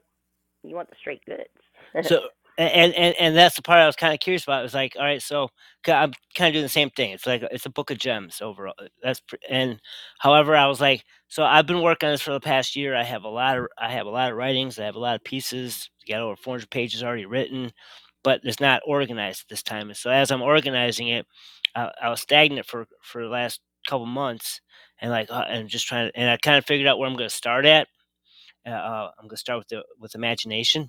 A: you want the straight goods. <laughs>
G: So and and and that's the part I was kind of curious about. It was like, all right, so I'm kind of doing the same thing. It's like it's a book of gems overall. uh, That's pr- and however, I was like, so I've been working on this for the past year. I have a lot of I have a lot of writings. I have a lot of pieces. Got over 400 pages already written, but it's not organized at this time. And so as I'm organizing it, I, I was stagnant for for the last couple months, and like uh, and just trying to, and I kind of figured out where I'm going to start at. Uh, uh, I'm going to start with the with imagination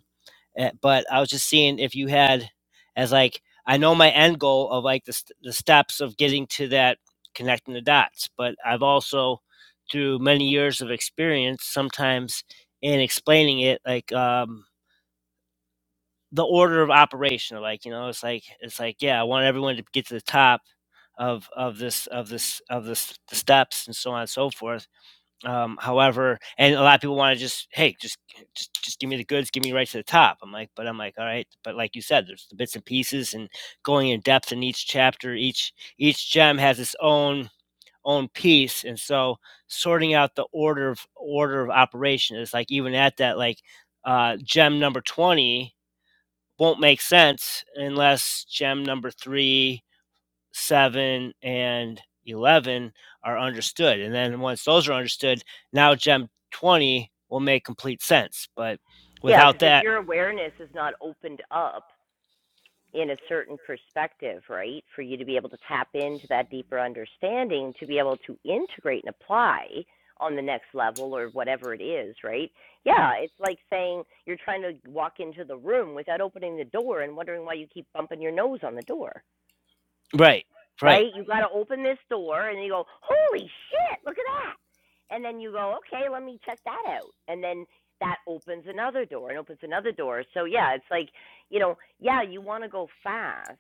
G: Eh, But I was just seeing if you had as like I know my end goal of like the st- the steps of getting to that connecting the dots, but I've also through many years of experience sometimes in explaining it like um the order of operation like you know it's like it's like yeah i want everyone to get to the top of of this of this of this the steps and so on and so forth um, however, and a lot of people want to just, hey, just, just, just give me the goods, give me right to the top. I'm like, but I'm like, all right, but like you said, there's the bits and pieces, and going in depth in each chapter, each each gem has its own own piece, and so sorting out the order of order of operation is like even at that like uh, gem number twenty won't make sense unless gem number three 7 and 11 are understood. And then once those are understood, now gem 20 will make complete sense. But
A: Yeah,
G: without
A: because if
G: that,
A: your awareness is not opened up in a certain perspective, right, for you to be able to tap into that deeper understanding, to be able to integrate and apply on the next level or whatever it is, right? Yeah, it's like saying you're trying to walk into the room without opening the door and wondering why you keep bumping your nose on the door
G: right, right.
A: right? You got to open this door, and you go, holy shit, look at that. And then you go, okay, let me check that out. And then that opens another door and opens another door. So, yeah, it's like, you know, yeah, you want to go fast,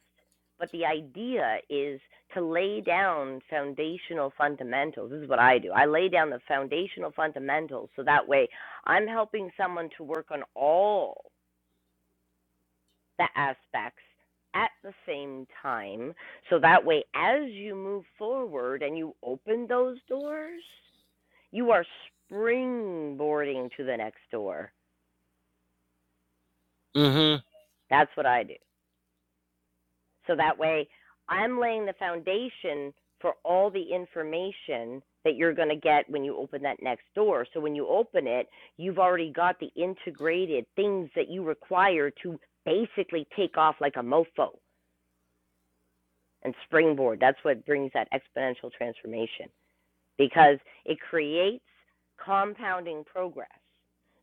A: but the idea is to lay down foundational fundamentals. This is what I do. I lay down the foundational fundamentals so that way I'm helping someone to work on all the aspects at the same time. So that way, as you move forward and you open those doors, you are springboarding to the next door.
G: Mm
A: That's what I do. So that way, I'm laying the foundation for all the information that you're going to get when you open that next door. So when you open it, you've already got the integrated things that you require to basically take off like a mofo. and springboard. That's what brings that exponential transformation because it creates compounding progress.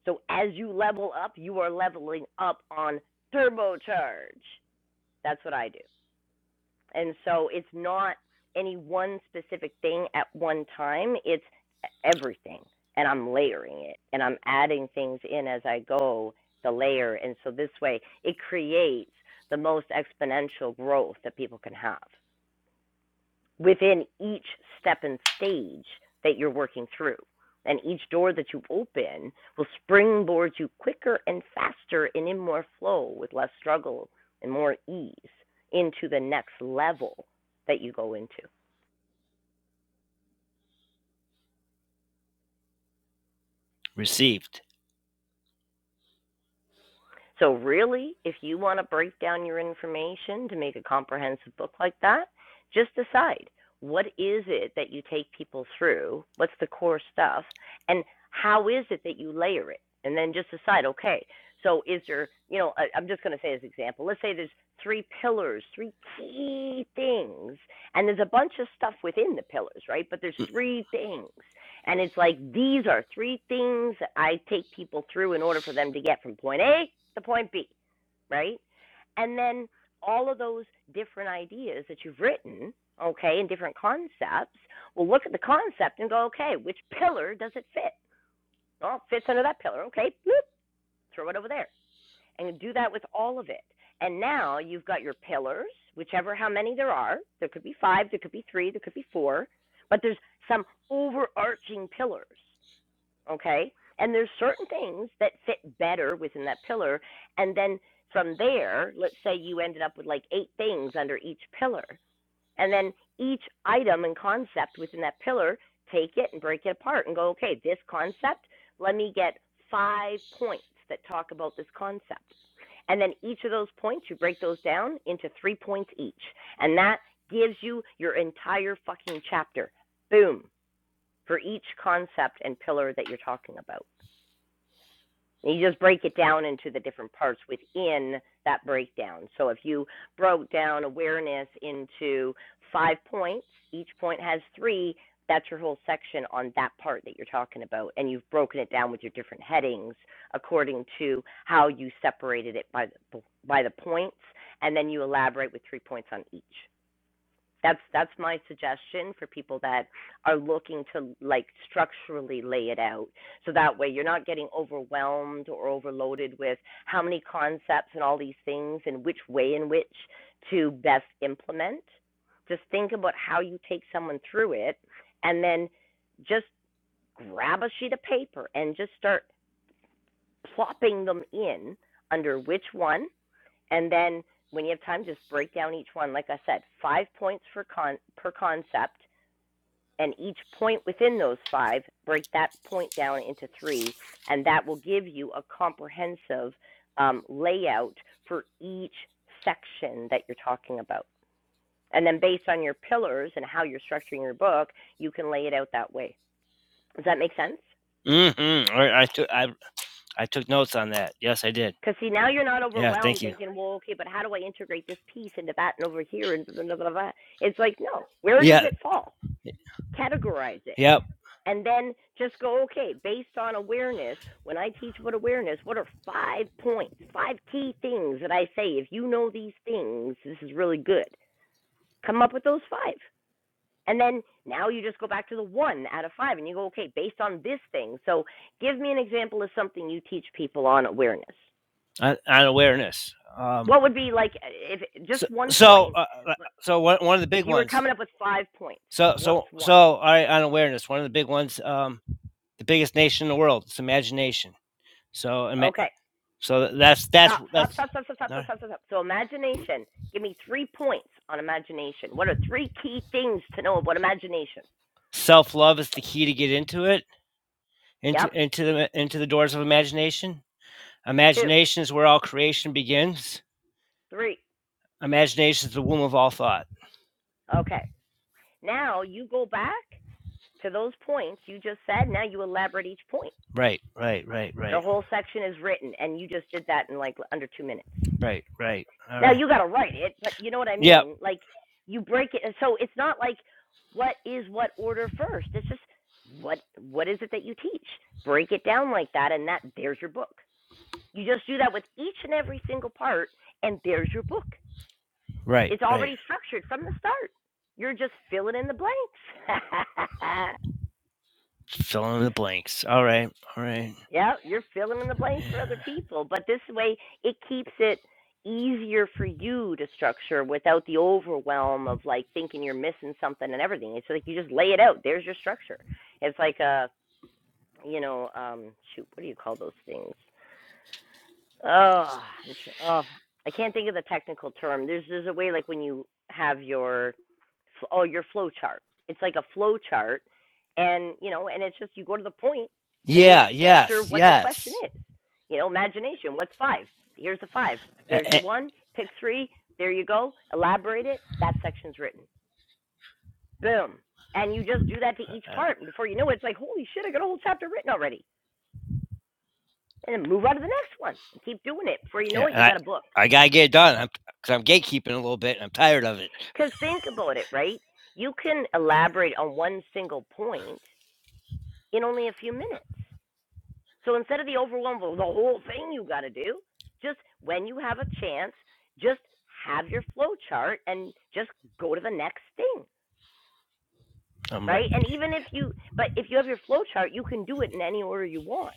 A: So as you level up, you are leveling up on turbocharge. That's what I do. And so it's not any one specific thing at one time, it's e-, everything. And I'm layering it and I'm adding things in as I go, the layer. And so this way, it creates the most exponential growth that people can have within each step and stage that you're working through. And each door that you open will springboard you quicker and faster and in more flow with less struggle and more ease into the next level that you go into.
G: hmm. Received.
A: So, really, if you want to break down your information to make a comprehensive book like that, just decide what is it that you take people through? What's the core stuff? And how is it that you layer it? And then just decide, okay, so is there, you know, I, am just going to say as an example, let's say there's three pillars, three key things, and there's a bunch of stuff within the pillars, right? But there's three things and it's like these are three things that I take people through in order for them to get from point A to point B, right? And then all of those different ideas that you've written, okay, and different concepts, we'll look at the concept and go, okay, which pillar does it fit? Oh, it fits under that pillar. Okay, bloop, throw it over there. And do that with all of it. And now you've got your pillars, whichever how many there are. There could be five, there could be three, there could be four, but there's some overarching pillars okay? And there's certain things that fit better within that pillar. And then from there, let's say you ended up with like eight things under each pillar. And then each item and concept within that pillar, take it and break it apart and go, okay, this concept, let me get five points that talk about this concept. And then each of those points, you break those down into three points each. And that gives you your entire fucking chapter. Boom. For each concept and pillar that you're talking about. And you just break it down into the different parts within that breakdown. So if you broke down awareness into five points, each point has three, that's your whole section on that part that you're talking about. And you've broken it down with your different headings according to how you separated it by the, by the points. And then you elaborate with three points on each. That's that's my suggestion for people that are looking to like structurally lay it out. So that way you're not getting overwhelmed or overloaded with how many concepts and all these things and which way in which to best implement. Just think about how you take someone through it and then just grab a sheet of paper and just start plopping them in under which one and then when you have time, just break down each one. Like I said, five points for con- per concept, and each point within those five, break that point down into three, and that will give you a comprehensive um, layout for each section that you're talking about. And then based on your pillars and how you're structuring your book, you can lay it out that way. Does that make sense?
G: Mm hmm. I, I, took, I, I took notes on that. Yes, I did.
A: Because see, now you're not
G: Yeah, thank
A: overwhelmed
G: you.
A: thinking, well, okay, but how do I integrate this piece into that and over here and blah, blah, blah, blah. It's like, no, where does
G: Yeah,
A: it fall? Categorize it.
G: yep.
A: And then just go, okay, based on awareness, when I teach about awareness, what are five points, five key things that I say? If you know these things, this is really good. Come up with those five. And then now you just go back to the one out of five and you go, okay, based on this thing. So give me an example of something you teach people on awareness.
G: On, on awareness. Um,
A: What would be like if just
G: so,
A: one
G: so,
A: point?
G: uh, uh, so one, one of the
A: If
G: big
A: you were
G: ones
A: coming up with five points,
G: So
A: what's
G: so so
A: one?
G: all right, on awareness, one of the big ones, um, the biggest nation in the world, it's imagination. So ima-
A: Okay,
G: so that's that's
A: stop, stop,
G: that's
A: stop, stop, stop, stop,
G: All
A: stop,
G: right,
A: stop, stop. So imagination. Give me three points on imagination. What are three key things to know about imagination?
G: self love is the key to get into it, into
A: Yep,
G: into the into the doors of imagination.
A: two,
G: Imagination is where all creation begins.
A: three.
G: Imagination is the womb of all thought.
A: Okay. Now you go back to those points you just said. Now you elaborate each point.
G: Right, right, right,
A: Your
G: right,
A: whole section is written, and you just did that in like under two minutes.
G: right, right. All
A: Now
G: right.
A: you got to write it, but you know what I
G: Yep.
A: mean? Like you break it and so it's not like what is what order first. It's just what what is it that you teach? Break it down like that and that there's your book. You just do that with each and every single part and there's your book.
G: Right,
A: It's
G: right.
A: already structured from the start. You're just filling in the blanks. <laughs>
G: Fill in the blanks. All right, all right.
A: Yeah, you're filling in the blanks for
G: Yeah.
A: other people, but this way it keeps it easier for you to structure without the overwhelm of like thinking you're missing something and everything. It's like you just lay it out. There's your structure. It's like a, you know, um shoot, what do you call those things? Oh, oh, I can't think of the technical term. There's there's a way like when you have your oh your flow chart. It's like a flow chart, and you know, and it's just you go to the point and you
G: Yeah.
A: answer
G: Yes.
A: what the question
G: Yes.
A: is. You know, imagination. What's five? Here's the five. There's
G: A-
A: your
G: a-
A: one. Pick three. There you go. Elaborate it. That section's written. Boom. And you just do that to each
G: uh,
A: part, and before you know it, it's like holy shit, I got a whole chapter written already. And then move on to the next one and keep doing it. Before you know
G: Yeah,
A: it,
G: and
A: you
G: I
A: got a book.
G: I gotta get it done. I'm because I'm gatekeeping a little bit. And I'm tired of it.
A: Because think about it, right? You can elaborate on one single point in only a few minutes. So instead of the overwhelm of the whole thing you got to do, just when you have a chance, just have your flow chart and just go to the next thing,
G: I'm right.
A: right?
G: like,
A: And even
G: Yeah,
A: if you, but if you have your flow chart, you can do it in any order you want.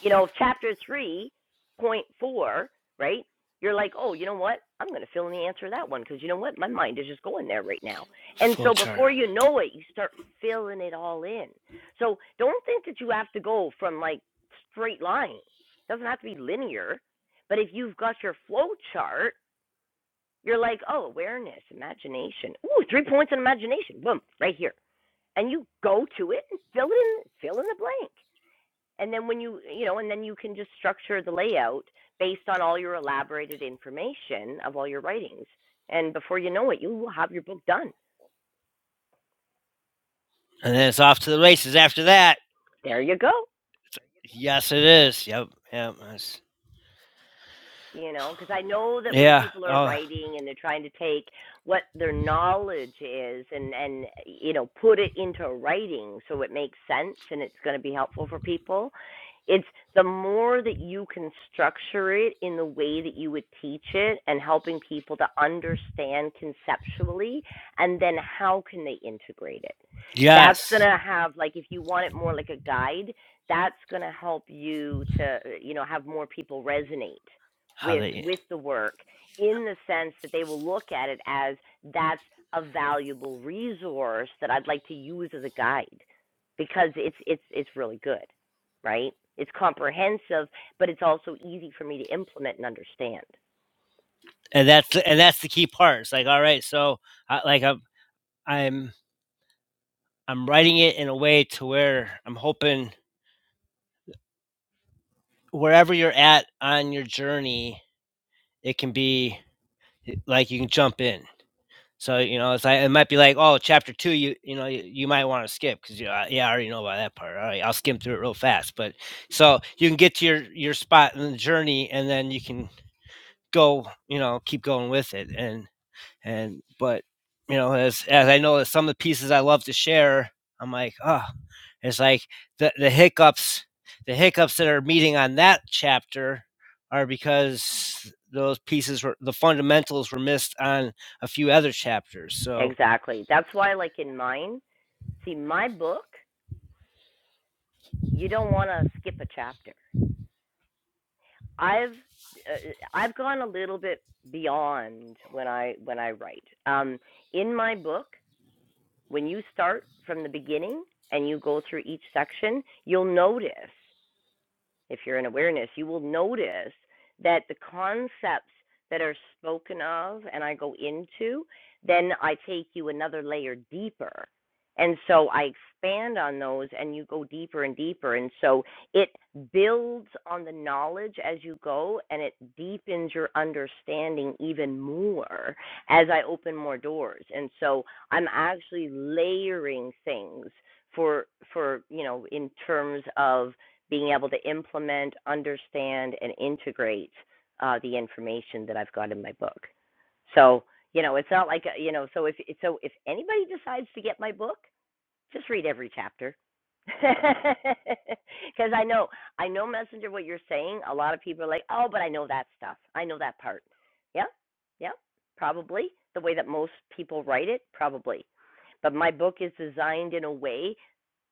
A: You know, chapter 3.4, right? You're like, oh, you know what? I'm going to fill in the answer to that one because you know what? My mind is just going there right now. And
G: flow
A: so
G: chart,
A: before you know it, you start filling it all in. So don't think that you have to go from like straight line. It doesn't have to be linear. But if you've got your flow chart, you're like, oh, awareness, imagination. Ooh, three points in imagination. Boom, right here. And you go to it and fill it in, fill in the blank and then when you you know and then you can just structure the layout based on all your elaborated information of all your writings and before you know it you will have your book done
G: and then it's off to the races after that.
A: there you go
G: Yes, it is. Yep, yep. that's-
A: you know because i know that when
G: yeah.
A: people are
G: Oh,
A: writing and they're trying to take what their knowledge is and and you know put it into writing so it makes sense and it's going to be helpful for people it's the more that you can structure it in the way that you would teach it and helping people to understand conceptually and then how can they integrate it that's going
G: yes.
A: to have like if you want it more like a guide that's going to help you to you know have more people resonate
G: How
A: with
G: they
A: with the work in the sense that they will look at it as that's a valuable resource that I'd like to use as a guide because it's it's it's really good, right? It's comprehensive, but it's also easy for me to implement and understand.
G: and that's and that's the key part. It's like all right, so I, like I'm I'm I'm writing it in a way to where I'm hoping wherever you're at on your journey, it can be like you can jump in So, you know, it's like it might be like, "Oh, chapter 2, you you know, you, you might wanna skip 'cause, you know, I yeah, I already know about that part. Alright, I'll skim through it real fast." But so you can get to your your spot in the journey and then you can go, you know, keep going with it and and but, you know, as as I know that some of the pieces I love to share, I'm like, oh, it's like the the hiccups the hiccups that are meeting on that chapter are because those pieces were the fundamentals were missed on a few other chapters. So
A: Exactly. That's why like in mine, see my book, you don't want to skip a chapter. I've uh, I've gone a little bit beyond when I when I write. Um in my book, When you start from the beginning and you go through each section, you'll notice if you're in awareness, you will notice that the concepts that are spoken of and I go into, then I take you another layer deeper. And so I expand on those and you go deeper and deeper. And so it builds on the knowledge as you go and it deepens your understanding even more as I open more doors. And so I'm actually layering things for for you know in terms of being able to implement, understand, and integrate uh, the information that I've got in my book. So you know, it's not like uh, you know. So if so, if anybody decides to get my book, just read every chapter. Because <laughs> I know, I know, Messenger, what you're saying. A lot of people are like, oh, but I know that stuff. I know that part. Yeah, yeah, probably. The way that most people write it, probably. But my book is designed in a way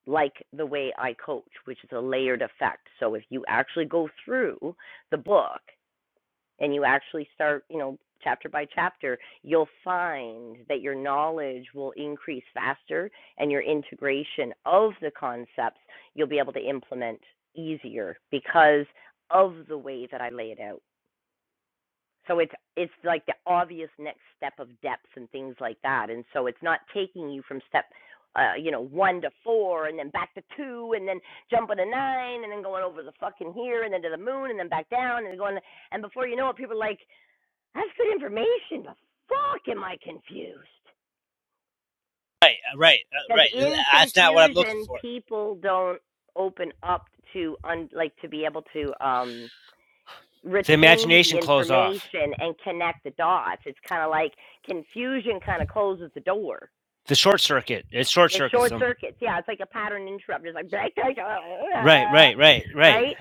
A: like the way I coach, which is a layered effect. So if you actually go through the book and you actually start, you know, chapter by chapter, you'll find that your knowledge will increase faster and your integration of the concepts you'll be able to implement easier because of the way that I lay it out. So it's it's like the obvious next step of depth and things like that. And so it's not taking you from step uh, you know, one to four and then back to two and then jumping to nine and then going over the fucking here and then to the moon and then back down and going and before you know it people are like, That's good information, but fuck am I confused.
G: Right, right, uh,
A: Because
G: right.
A: in
G: That's not what I'm looking
A: confusion
G: for.
A: people don't open up to un- like to be able to um
G: The
A: retain the
G: imagination closed off.
A: information and connect the dots. It's kind of like confusion kind of closes the door.
G: The short circuit. It short
A: The
G: circuits
A: short
G: them.
A: circuits, yeah, it's like a pattern interrupt. It's like, <laughs>
G: Right, right, right, right.
A: right?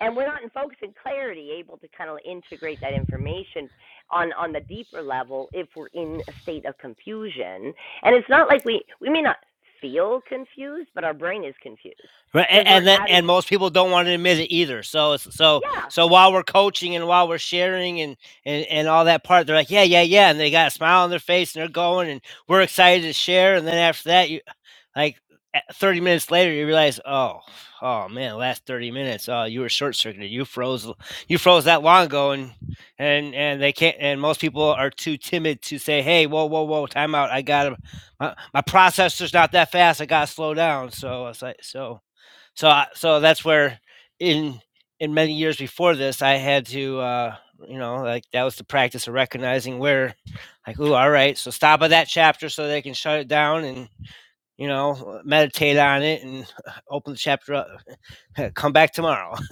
A: And we're not in focus and clarity able to kind of integrate that information on, on the deeper level if we're in a state of confusion. And it's not like we, we may not feel confused, but our brain is confused
G: Right, and
A: because we're
G: and, that, and
A: adding,
G: most people don't want to admit it either. So it's so
A: yeah,
G: so while we're coaching and while we're sharing and and and all that part, they're like, yeah, yeah, yeah, and they got a smile on their face and they're going and we're excited to share. And then after that, you like a- thirty minutes later, you realize, oh, oh man, last thirty minutes, oh, you were short circuited, you froze, l- you froze that long ago, and and and they can't, and most people are too timid to say, hey, whoa, whoa, whoa, timeout, I gotta, my, my processor's not that fast, I gotta slow down. So it's like so. So I, so that's where in in many years before this, I had to uh, you know like that was the practice of recognizing where like oh all right, so stop at that chapter so they can shut it down and you know, meditate on it and <laughs> open the chapter up. <laughs> Come back tomorrow. <laughs>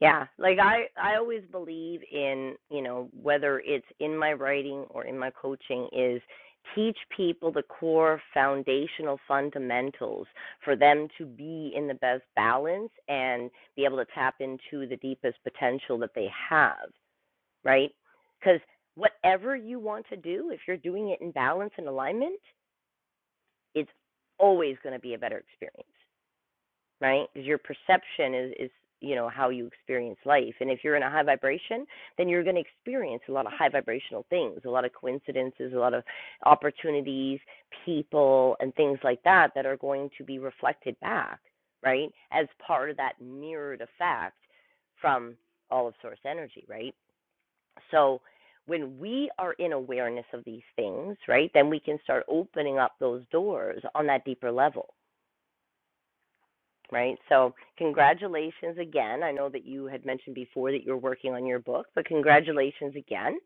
A: Yeah, like I I always believe in, you know, whether it's in my writing or in my coaching is teach people the core foundational fundamentals for them to be in the best balance and be able to tap into the deepest potential that they have, right? Cuz whatever you want to do, if you're doing it in balance and alignment, it's always going to be a better experience right? Because your perception is is you know how you experience life, and if you're in a high vibration, then you're going to experience a lot of high vibrational things, a lot of coincidences, a lot of opportunities, people, and things like that that are going to be reflected back, right? As part of that mirrored effect from all of source energy, right? So when we are in awareness of these things, right, then we can start opening up those doors on that deeper level right? So, congratulations again. I know that you had mentioned before that you're working on your book, but congratulations again.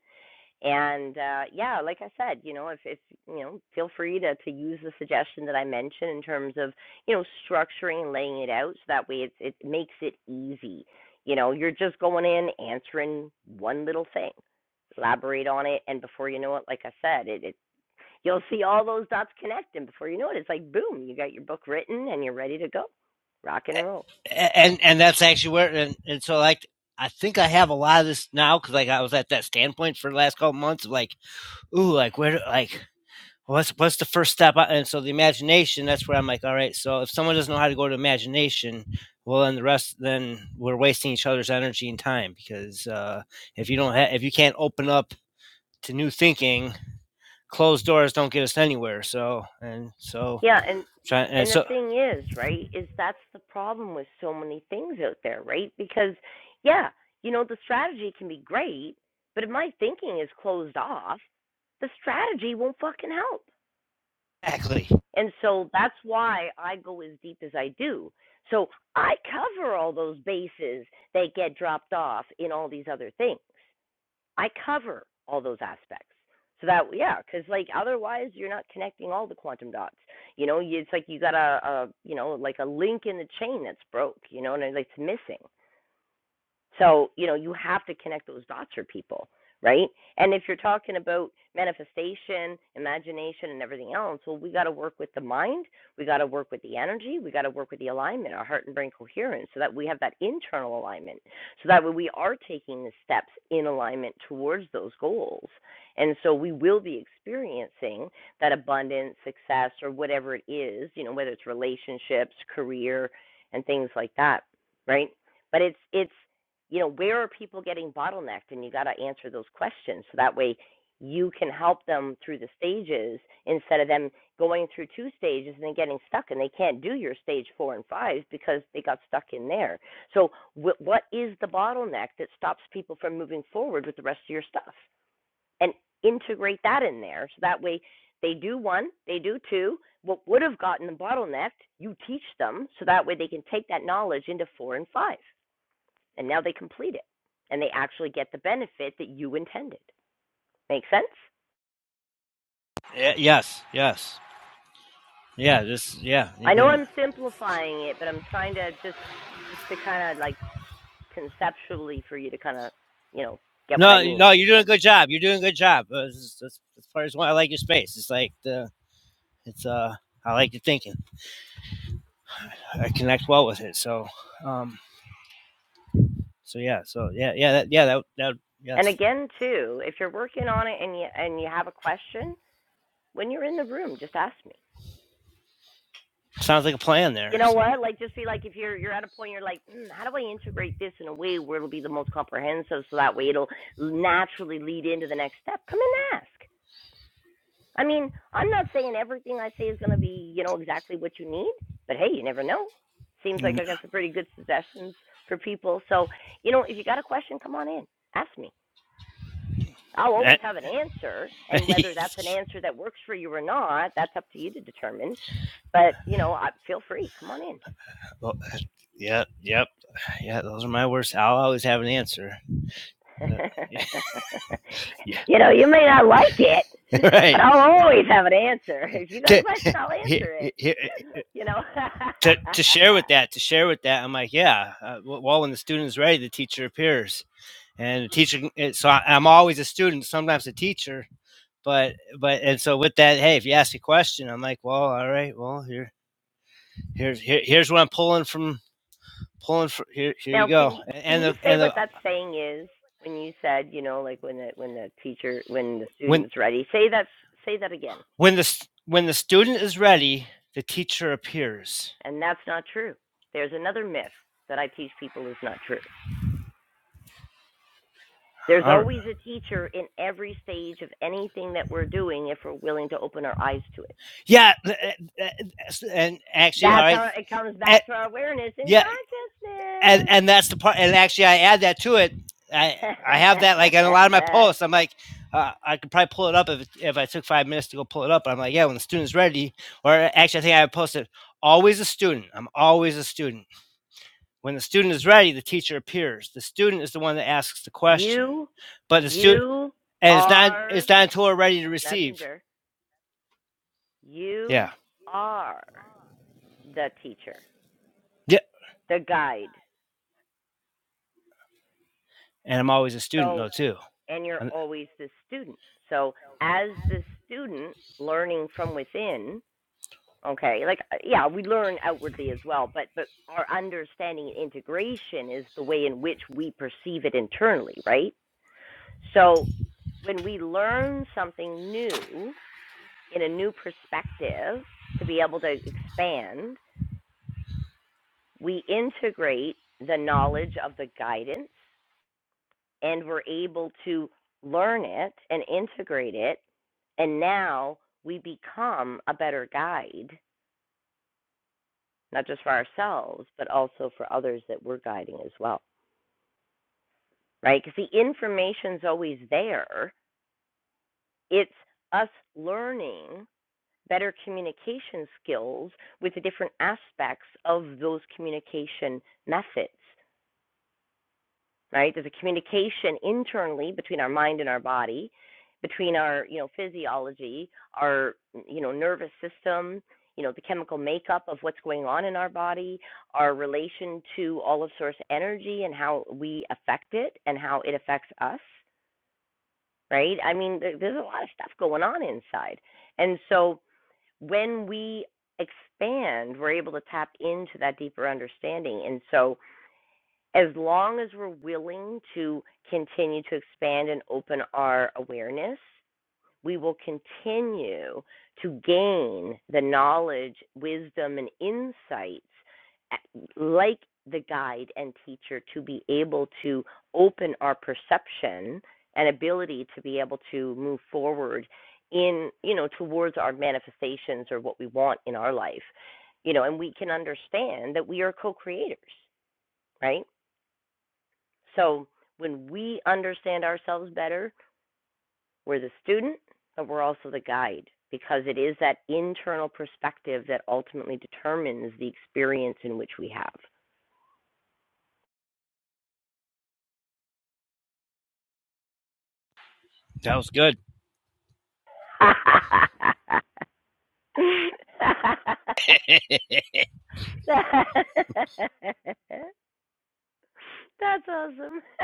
A: And uh, yeah, like I said, you know, if, if you know, feel free to to use the suggestion that I mentioned in terms of you know structuring and laying it out so that way it it makes it easy. You know, you're just going in answering one little thing, elaborate on it, and before you know it, like I said, it, it You'll see all those dots connect, and before you know it, it's like boom, you got your book written and you're ready to go, rock and roll.
G: And and that's actually where and, and so like I think I have a lot of this now because like I was at that standpoint for the last couple months of like ooh, like where, like what's what's the first step? uh, And so the imagination. That's where I'm like, all right. So if someone doesn't know how to go to imagination, well, then the rest, then we're wasting each other's energy and time because uh, if you don't, ha- if you can't open up to new thinking, closed doors don't get us anywhere. So and so
A: Yeah, and
G: trying and
A: and the
G: so
A: thing is, right, is that's the problem with so many things out there, right? Because yeah, you know the strategy can be great, but if my thinking is closed off, the strategy won't fucking help.
G: exactly.
A: And so that's why I go as deep as I do. So I cover all those bases that get dropped off in all these other things. I cover all those aspects. So that yeah, because like otherwise you're not connecting all the quantum dots. You know, it's like you got a, a you know like a link in the chain that's broke. You know, and it's missing. So, you know, you have to connect those dots for people, right? And if you're talking about manifestation, imagination, and everything else, well, we got to work with the mind. We got to work with the energy. We got to work with the alignment, our heart and brain coherence, so that we have that internal alignment. So that way we are taking the steps in alignment towards those goals. And so we will be experiencing that abundance, success, or whatever it is, you know, whether it's relationships, career, and things like that, right? But it's, it's, you know, where are people getting bottlenecked? And you got to answer those questions so that way you can help them through the stages instead of them going through two stages and then getting stuck and they can't do your stage four and five because they got stuck in there. So, wh- what is the bottleneck that stops people from moving forward with the rest of your stuff? And integrate that in there so that way they do one, they do two. What would have gotten them bottlenecked, you teach them so that way they can take that knowledge into four and five and now they complete it and they actually get the benefit that you intended. Make sense?
G: Yeah, yes, yes, yeah. This, yeah.
A: I
G: You've
A: know
G: been
A: I'm simplifying it, but I'm trying to just just to kind of like conceptually for you to kind of, you know, get what I
G: no, no.
A: mean.
G: You're doing a good job. You're doing a good job. Uh, this is- That's, that's part of why I like your space. It's like the, it's uh, I like your thinking. I connect well with it. So, um, so yeah, so yeah, yeah, that, yeah, that, that,
A: And
G: yes,
A: again, too, if you're working on it and you and you have a question, when you're in the room, just ask me.
G: sounds like a plan
A: You
G: there.
A: know
G: So,
A: what? Like, just be like, if you're you're at a point, you're like, mm, how do I integrate this in a way where it'll be the most comprehensive, so that way it'll naturally lead into the next step. Come and ask. I mean, I'm not saying everything I say is going to be, you know, exactly what you need, but hey, you never know. Seems like
G: <laughs>
A: I got some pretty good suggestions for people. So, you know, if you got a question, come on in, ask me. I'll always have an answer, and whether that's an answer that works for you or not, that's up to you to determine. But, you know, feel free, come on in.
G: Well, yeah, yep, yeah, those are my words. I'll always have an answer.
A: <laughs>
G: That- <laughs> Yeah,
A: you know, you may not like it,
G: yeah,
A: but
G: right.
A: I'll always have an answer. If you got a
G: To,
A: question,
G: <laughs>
A: I'll answer it. <laughs> you know.
G: to, to share
A: <laughs>
G: with that, to share with that, I'm like, yeah. Uh, well, when the student's ready, the teacher appears, and the teacher. eh, So I, I'm always a student, sometimes a teacher, but but and so with that hey if you ask a question i'm like well all right well here here's here, here's what i'm pulling from pulling from here here you
A: Now,
G: go
A: can you can
G: and
A: you
G: the
A: say
G: and
A: what
G: the
A: that saying is when you said, you know, like when the when the teacher when the
G: when
A: student's ready? Say that say that again.
G: when the when the student is ready the teacher appears
A: And that's not true. There's another myth that I teach people is not true. There's
G: all right
A: always a teacher in every stage of anything that we're doing if we're willing to open our eyes to it.
G: yeah eh, eh, eh, and actually all
A: That's
G: right
A: how it comes
G: Eh,
A: back to our awareness and
G: yeah and
A: consciousness.
G: and that's the part. And actually, I add that to it. I I have that like in a lot of my posts. I'm like, uh, I could probably pull it up if if I took five minutes to go pull it up. But I'm like, yeah, when the student's ready. Or actually, I think I posted always a student. I'm always a student. When the student is ready, the teacher appears. The student is the one that asks the
A: <laughs>
G: question.
A: you
G: But the student
A: you
G: and it's not
A: are
G: it's not until we're ready to receive.
A: messenger
G: Yeah.
A: You are the teacher,
G: Yeah.
A: the guide.
G: And I'm always a student
A: So,
G: though too.
A: and you're always the student. So, as the student learning from within, okay, like uh, yeah, we learn outwardly as well, but but our understanding and integration is the way in which we perceive it internally, right? So, when we learn something new in a new perspective to be able to expand, we integrate the knowledge of the guidance and we're able to learn it and integrate it. And now we become a better guide, not just for ourselves, but also for others that we're guiding as well, right? Because the information's always there. It's us learning better communication skills with the different aspects of those communication methods right? There's a communication internally between our mind and our body, between our, you know, physiology, our, you know, nervous system, you know, the chemical makeup of what's going on in our body, our relation to all of source energy and how we affect it and how it affects us, right? I mean, there's a lot of stuff going on inside. And so when we expand, we're able to tap into that deeper understanding. And so as long as we're willing to continue to expand and open our awareness, we will continue to gain the knowledge, wisdom, and insights like the guide and teacher to be able to open our perception and ability to be able to move forward in, you know, towards our manifestations or what we want in our life. You know, and we can understand that we are co creators, right? So when we understand ourselves better, we're the student, but we're also the guide because it is that internal perspective that ultimately determines the experience in which we have.
G: that was good.
A: <laughs> That's awesome. <laughs>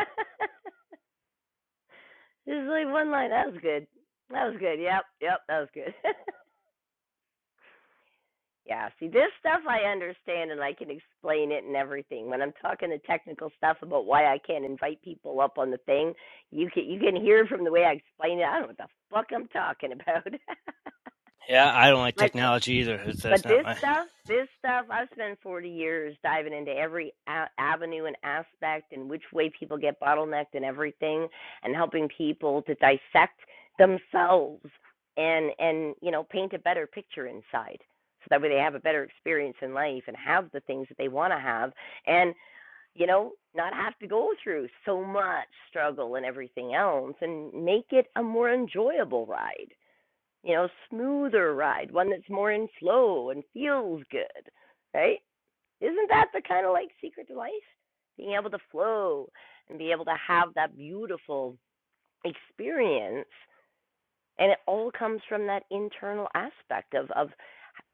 A: This is like one line. That was good. That was good. Yep, yep, that was good. <laughs> Yeah, see, this stuff I understand and I can explain it and everything. When I'm talking the technical stuff about why I can't invite people up on the thing, you can you can hear from the way I explain it. I don't know what the fuck I'm talking about. <laughs>
G: Yeah, I don't like
A: but
G: technology either. That's
A: but
G: not
A: this
G: my.
A: stuff, this stuff, I've spent 40 years diving into every a- avenue and aspect and which way people get bottlenecked and everything and helping people to dissect themselves and and you know paint a better picture inside so that way they have a better experience in life and have the things that they want to have and you know not have to go through so much struggle and everything else and make it a more enjoyable ride you know, smoother ride, one that's more in flow and feels good, right? Isn't that the kind of like secret to life? Being able to flow and be able to have that beautiful experience. And it all comes from that internal aspect of, of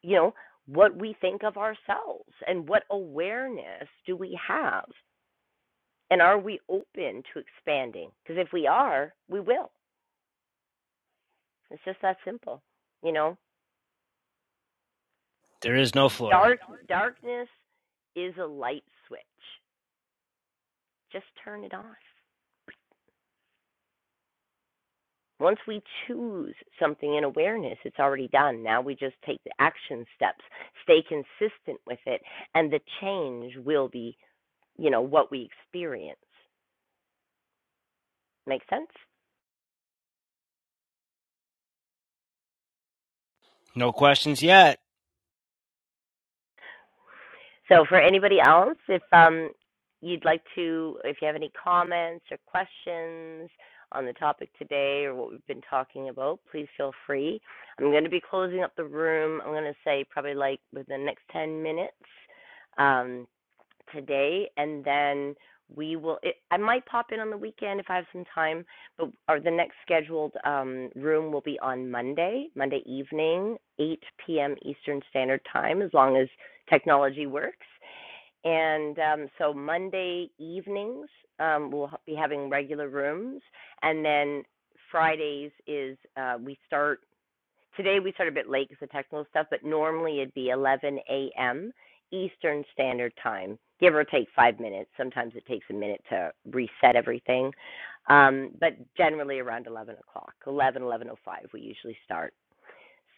A: you know, what we think of ourselves and what awareness do we have? And are we open to expanding? Because if we are, we will. It's just that simple, you know?
G: There is no floor.
A: Dark darkness is a light switch. Just turn it off. Once we choose something in awareness, it's already done. Now we just take the action steps, stay consistent with it, and the change will be, you know, what we experience. Make sense?
G: No questions yet.
A: So for anybody else, if um, you'd like to, if you have any comments or questions on the topic today or what we've been talking about, please feel free. I'm going to be closing up the room. I'm going to say probably like within the next 10 minutes um, today, and then we will. It, I might pop in on the weekend if I have some time, but our the next scheduled um, room will be on Monday, Monday evening, 8 p.m. Eastern Standard Time, as long as technology works. And um, so Monday evenings, um, we'll be having regular rooms. And then Fridays is uh, we start, today we start a bit late because of technical stuff, but normally it'd be 11 a.m. Eastern Standard Time, give or take five minutes. Sometimes it takes a minute to reset everything. Um, but generally around 11 o'clock, 11, 11.05, we usually start.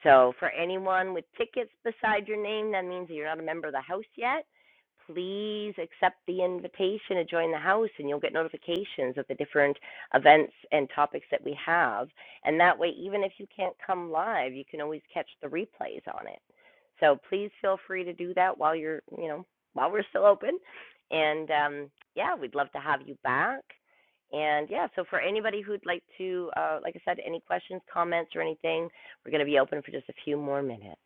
A: So, for anyone with tickets beside your name, that means that you're not a member of the house yet. Please accept the invitation to join the house, and you'll get notifications of the different events and topics that we have. And that way, even if you can't come live, you can always catch the replays on it. So please feel free to do that while you're, you know, while we're still open. And um, yeah, we'd love to have you back. And yeah, so for anybody who'd like to, uh, like I said, any questions, comments, or anything, we're going to be open for just a few more minutes.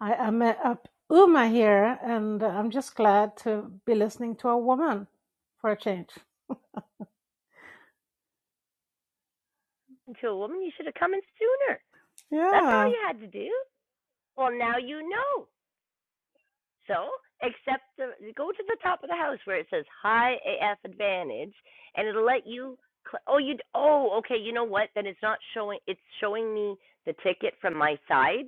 I: I am uh, up Uma here, and I'm just glad to be listening to a woman for a change.
A: And to a woman, you should have come in sooner. That's all
I: Yeah.
A: you had to do. Well, now you know. So, except the, go to the top of the house where it says High AF Advantage, and it'll let you. Cl- oh, you. Oh, okay. You know what? Then it's not showing. It's showing me the ticket from my side,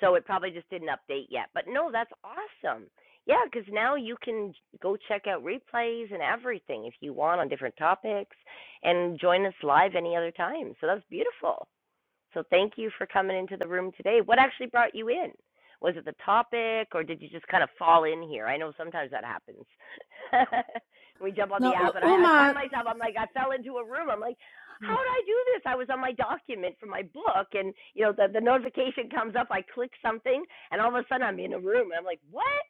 A: so it probably just didn't update yet. But no, that's awesome. Yeah, because now you can go check out replays and everything if you want on different topics, and join us live any other time. So that's beautiful. So thank you for coming into the room today. What actually brought you in? Was it the topic or did you just kind of fall in here? I know sometimes that happens. <laughs> we jump on the
I: No,
A: app and
I: U-
A: I, I find
I: Uma.
A: myself I'm like I fell into a room. I'm like, how did I do this? I was on my document for my book and you know the, the notification comes up, I click something and all of a sudden I'm in a room and I'm like, What?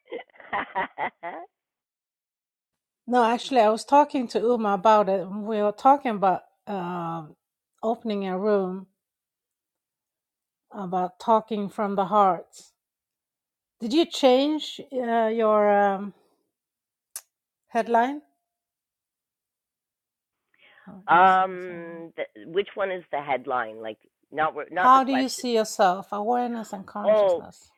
I: No, actually, I was talking to Uma about it. We were talking about um opening a room about talking from the heart. Did you change uh, your um, headline? How
A: <laughs>
I: do you see yourself?
A: um th- which one is the headline? Like not not the
I: How do you
A: question.
I: see yourself? Awareness and
A: Oh,
I: consciousness.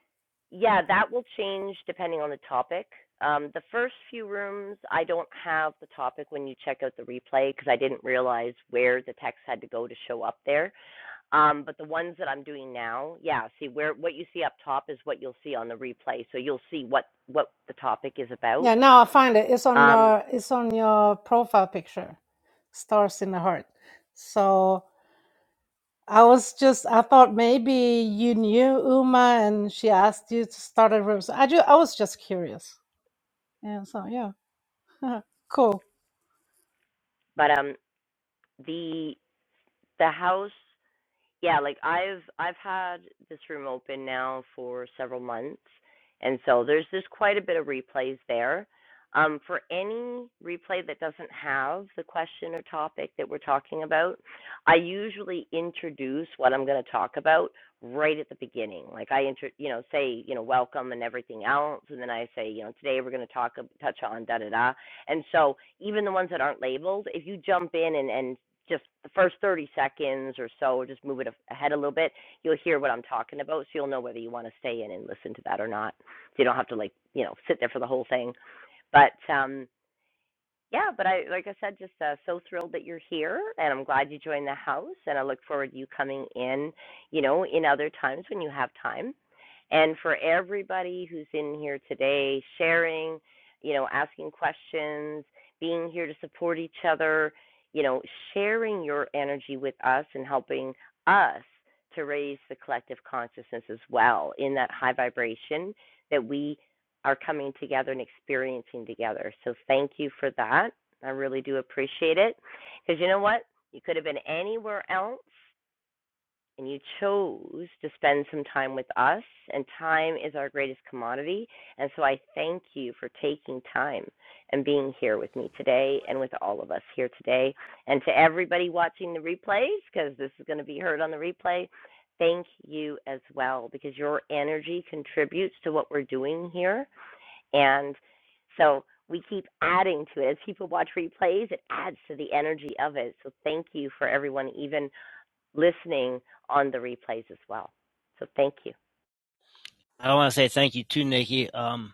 A: Yeah, that will change depending on the topic. Um, the first few rooms, I don't have the topic when you check out the replay because I didn't realize where the text had to go to show up there. Um, but the ones that I'm doing now, yeah, see where what you see up top is what you'll see on the replay. So you'll see what what the topic is about.
I: Yeah, now I find it. It's on
A: Um,
I: your it's on your profile picture. Stars in the heart. So I was just I thought maybe you knew Uma and she asked you to start a room. So I ju- I was just curious. And so yeah. <laughs> cool.
A: but um, the the house yeah, like I've I've had this room open now for several months, and so there's there's quite a bit of replays there. Um, for any replay that doesn't have the question or topic that we're talking about, I usually introduce what I'm going to talk about right at the beginning. Like I inter, you know, say you know welcome and everything else, and then I say you know today we're going to talk touch on da da da. And so even the ones that aren't labeled, if you jump in and and just the first 30 seconds or so, just move it ahead a little bit. You'll hear what I'm talking about, so you'll know whether you want to stay in and listen to that or not. So you don't have to like, you know, sit there for the whole thing. But um, yeah, but I, like I said, just uh, so thrilled that you're here, and I'm glad you joined the house, and I look forward to you coming in, you know, in other times when you have time. And for everybody who's in here today, sharing, you know, asking questions, being here to support each other, you know, sharing your energy with us and helping us to raise the collective consciousness as well in that high vibration that we are coming together and experiencing together. So thank you for that. I really do appreciate it. Because you know what? You could have been anywhere else and you chose to spend some time with us, and time is our greatest commodity. And so I thank you for taking time and being here with me today and with all of us here today. And to everybody watching the replays, because this is going to be heard on the replay, thank you as well, because your energy contributes to what we're doing here. And so we keep adding to it. As people watch replays, it adds to the energy of it. So thank you for everyone even listening on the replays as well. So thank you.
G: I want to say thank you to Nikki. Um,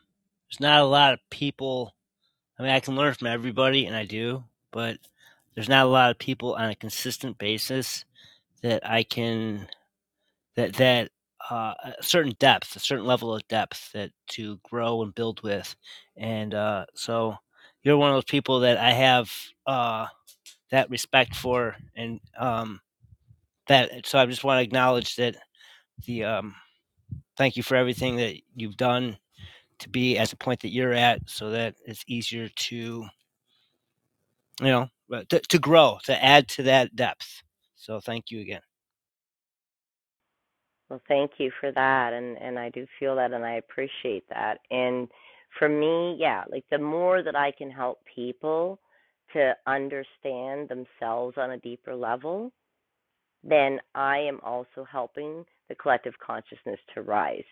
G: there's not a lot of people. I mean, I can learn from everybody, and I do, but there's not a lot of people on a consistent basis that I can that that uh, a certain depth, a certain level of depth that to grow and build with, and uh, so you're one of those people that I have uh, that respect for, and um, that. So I just want to acknowledge that the um, thank you for everything that you've done to be at the point that you're at so that it's easier to you know uh, to, to grow to add to that depth so thank you again
A: Well, thank you for that. And, and I do feel that and I appreciate that. And for me, yeah, like the more that I can help people to understand themselves on a deeper level, then I am also helping the collective consciousness to rise,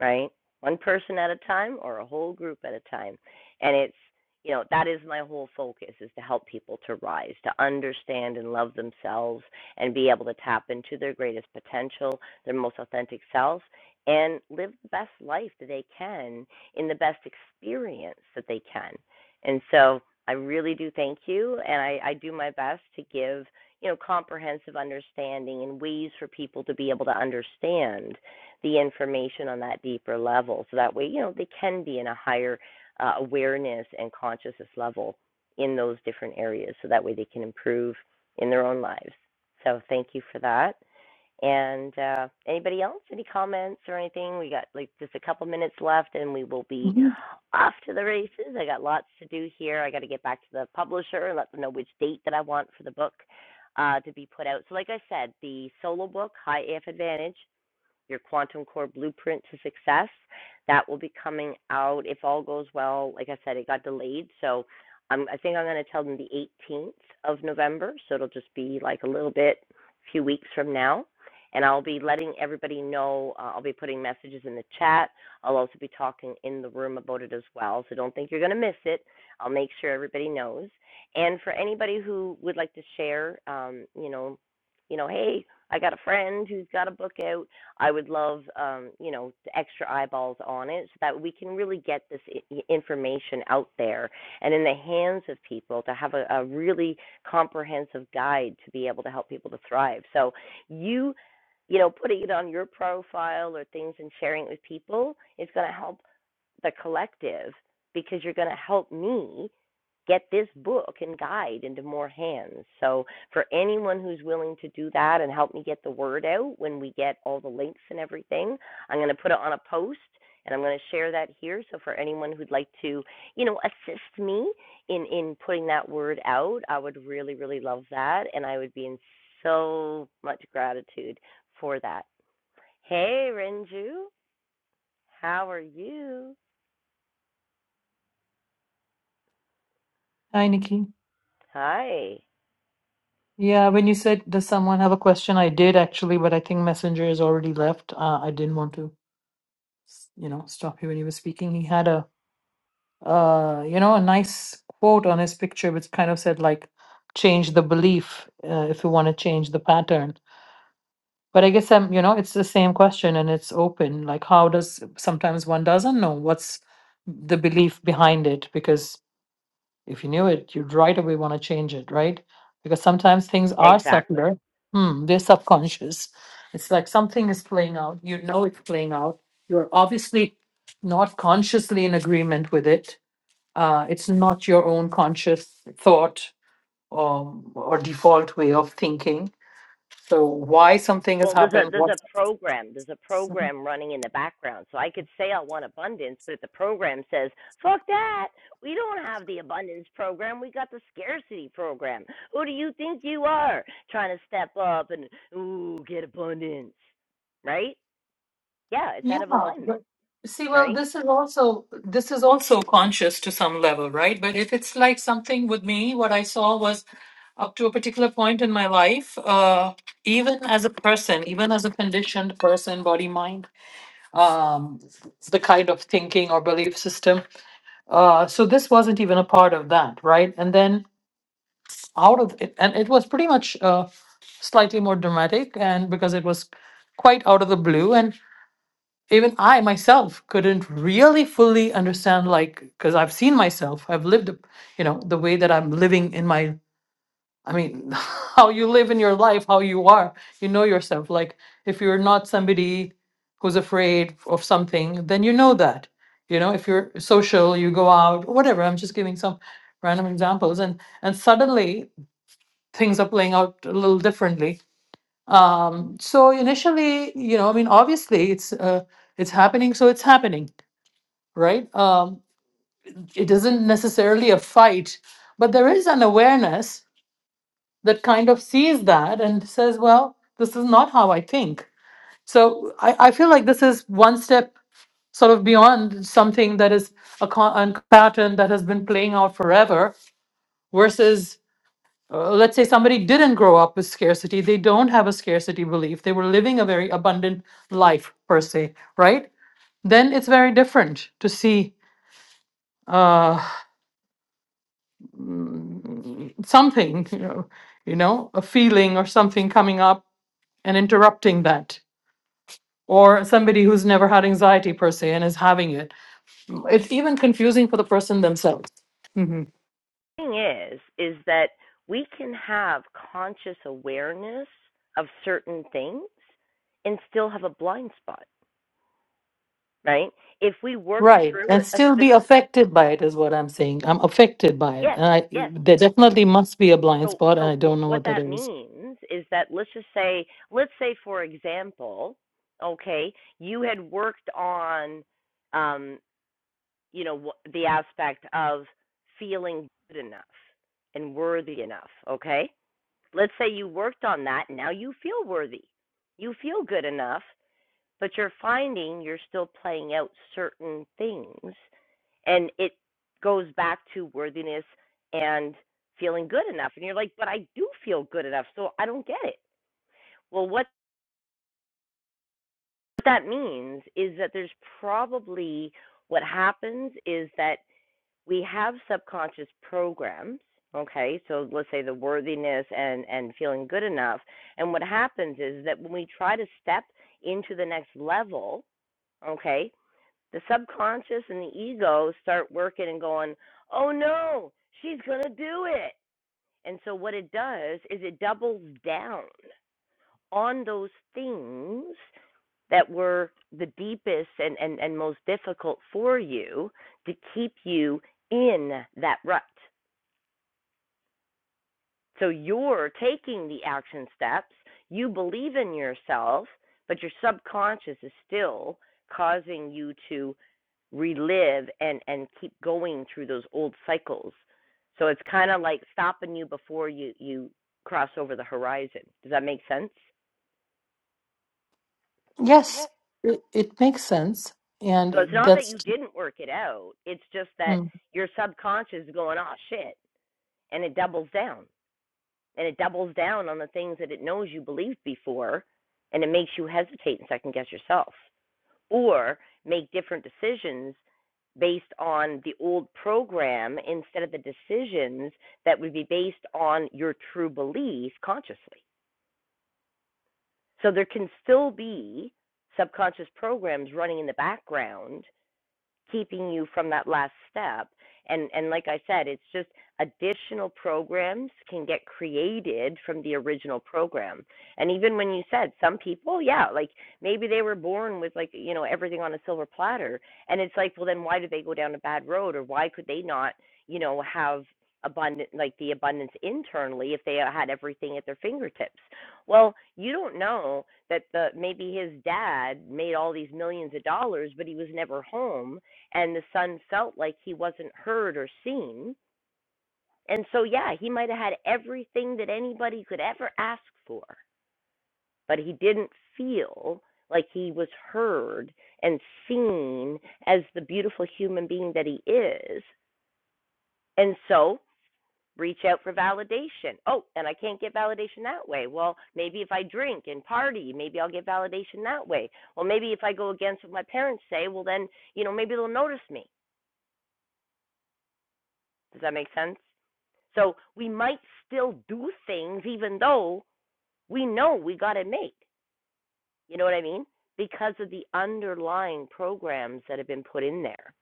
A: right? One person at a time or a whole group at a time. And it's, you know, that is my whole focus is to help people to rise, to understand and love themselves and be able to tap into their greatest potential, their most authentic self, and live the best life that they can in the best experience that they can. And so I really do thank you, and I, I do my best to give you know, comprehensive understanding and ways for people to be able to understand the information on that deeper level. So that way, you know, they can be in a higher uh, awareness and consciousness level in those different areas. So that way they can improve in their own lives. So thank you for that. And uh, anybody else? Any comments or anything? We got like just a couple minutes left, and we will be
J: Mhm.
A: off to the races. I got lots to do here. I got to get back to the publisher and let them know which date that I want for the book uh, to be put out. So, like I said, the solo book, High AF Advantage your quantum core blueprint to success. That will be coming out if all goes well. Like I said, it got delayed, so um, I think I'm going to tell them the 18th of November. So it'll just be like a little bit, a few weeks from now. And I'll be letting everybody know. Uh, I'll be putting messages in the chat. I'll also be talking in the room about it as well. So don't think you're going to miss it. I'll make sure everybody knows. And for anybody who would like to share, um, you know, you know, hey, I got a friend who's got a book out I would love, um, you know, extra eyeballs on it so that we can really get this I- information out there and in the hands of people to have a, a really comprehensive guide to be able to help people to thrive. So you, you know, putting it on your profile or things and sharing it with people is going to help the collective because you're going to help me get this book and guide into more hands. So, for anyone who's willing to do that and help me get the word out when we get all the links and everything, I'm going to put it on a post and I'm going to share that here. So, for anyone who'd like to, you know, assist me in in putting that word out, I would really really love that, and I would be in so much gratitude for that. Hey, Renju, how are you?
J: Hi, Nikki.
A: Hi.
J: Yeah, when you said, does someone have a question? I did actually, but I think Messenger has already left. Uh, I didn't want to, you know, stop you when you were speaking. He had a, uh, you know, a nice quote on his picture, which kind of said like, change the belief uh, if you want to change the pattern. But I guess I'm, you know, it's the same question and it's open. Like, how does sometimes one doesn't know what's the belief behind it because If you knew it, you'd right away want to change it, right? Because sometimes things are
A: Exactly.
J: subtler. Hmm, they're subconscious. It's like something is playing out. You know it's playing out. You're obviously not consciously in agreement with it. Uh, it's not your own conscious thought or, or default way of thinking. So why something has
A: Well, there's a
J: happened?
A: there's
J: What?
A: a program there's a program running in the background, so I could say I want abundance, but if the program says fuck that, we don't have the abundance program, we got the scarcity program. Who do you think you are trying to step up and ooh get abundance, right? Yeah, it's
J: Yeah,
A: out of alignment,
J: but see, well,
A: right?
J: this is also this is also conscious to some level, right? But if it's like something with me, what I saw was up to a particular point in my life, uh, even as a person, even as a conditioned person, body, mind, um, the kind of thinking or belief system. Uh, so this wasn't even a part of that, right? And then out of it, and it was pretty much uh, slightly more dramatic, and because it was quite out of the blue, and even I myself couldn't really fully understand, like, because I've seen myself, I've lived, you know, the way that I'm living in my, I mean, <laughs> how you live in your life, how you are, you know yourself. Like, if you're not somebody who's afraid of something, then you know that. You know, if you're social, you go out, whatever. I'm just giving some random examples, and and suddenly things are playing out a little differently. Um, so initially, you know, I mean, obviously, it's uh, it's happening, so it's happening right? Um, it isn't necessarily a fight, but there is an awareness that kind of sees that and says, well, this is not how I think. So I, I feel like this is one step sort of beyond something that is a, con- a pattern that has been playing out forever versus uh, let's say somebody didn't grow up with scarcity they don't have a scarcity belief they were living a very abundant life per se right then it's very different to see Uh, something, <laughs> you know, you know, a feeling or something coming up and interrupting that. Or somebody who's never had anxiety per se and is having it. It's even confusing for the person themselves. hmm
A: The Thing is, is that we can have conscious awareness of certain things and still have a blind spot, right? If we worked
J: Right.
A: through
J: And
A: a a
J: still be
A: specific
J: affected by it is what I'm saying. I'm affected by it.
A: Yes,
J: And I,
A: yes.
J: there definitely must be a blind
A: So,
J: spot, and
A: so
J: I don't
A: wh-
J: know
A: what
J: what that
A: that
J: is.
A: means is that let's just say, let's say for example, okay, you had worked on, um, you know, wh- the aspect of feeling good enough and worthy enough. Okay, let's say you worked on that. Now you feel worthy. You feel good enough but you're finding you're still playing out certain things and it goes back to worthiness and feeling good enough and you're like but i do feel good enough so i don't get it well what that means is that there's probably what happens is that we have subconscious programs okay so let's say the worthiness and and feeling good enough and what happens is that when we try to step into the next level okay the subconscious and the ego start working and going, oh no, she's going to do it. And so what it does is it doubles down on those things that were the deepest and, and, and most difficult for you to keep you in that rut. So you're taking the action steps, you believe in yourself, but your subconscious is still causing you to relive and and keep going through those old cycles. So it's kind of like stopping you before you you cross over the horizon. Does that make sense?
J: Yes, it, it makes sense.
A: So it's
J: And
A: not that
J: that's,
A: you didn't work it out. It's just that
J: mm.
A: your subconscious is going, "Oh shit," and it doubles down. and it doubles down on the things that it knows you believed before and it makes you hesitate and second guess yourself or make different decisions based on the old program instead of the decisions that would be based on your true beliefs consciously so there can still be subconscious programs running in the background keeping you from that last step and and like i said it's just additional programs can get created from the original program and even when you said some people yeah like maybe they were born with like you know everything on a silver platter and it's like well then why did they go down a bad road or why could they not you know have abundant like the abundance internally if they had everything at their fingertips well you don't know that the maybe his dad made all these millions of dollars but he was never home and the son felt like he wasn't heard or seen. And so, yeah, he might have had everything that anybody could ever ask for, but he didn't feel like he was heard and seen as the beautiful human being that he is. And so, reach out for validation. Oh, and I can't get validation that way. Well, maybe if I drink and party, maybe I'll get validation that way. Well, maybe if I go against what my parents say, well, then, you know, maybe they'll notice me. Does that make sense? So we might still do things even though we know we got it made. You know what I mean? Because of the underlying programs that have been put in there.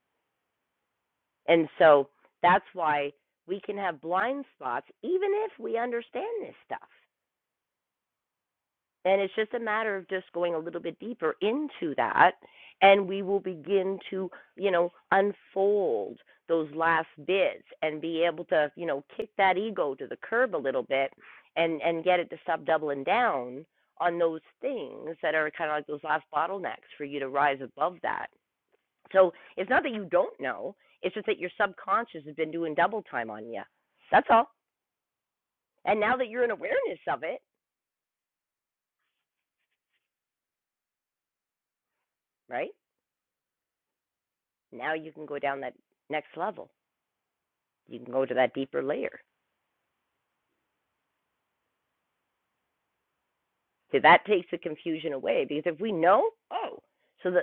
A: And so that's why we can have blind spots even if we understand this stuff. And it's just a matter of just going a little bit deeper into that, and we will begin to, you know, unfold those last bits and be able to, you know, kick that ego to the curb a little bit and and get it to stop doubling down on those things that are kind of like those last bottlenecks for you to rise above that. So it's not that you don't know, it's just that your subconscious has been doing double time on you. That's all. And now that you're in awareness of it, right? Now you can go down that next level. you can go to that deeper layer. So that takes the confusion away because if we know, oh, so the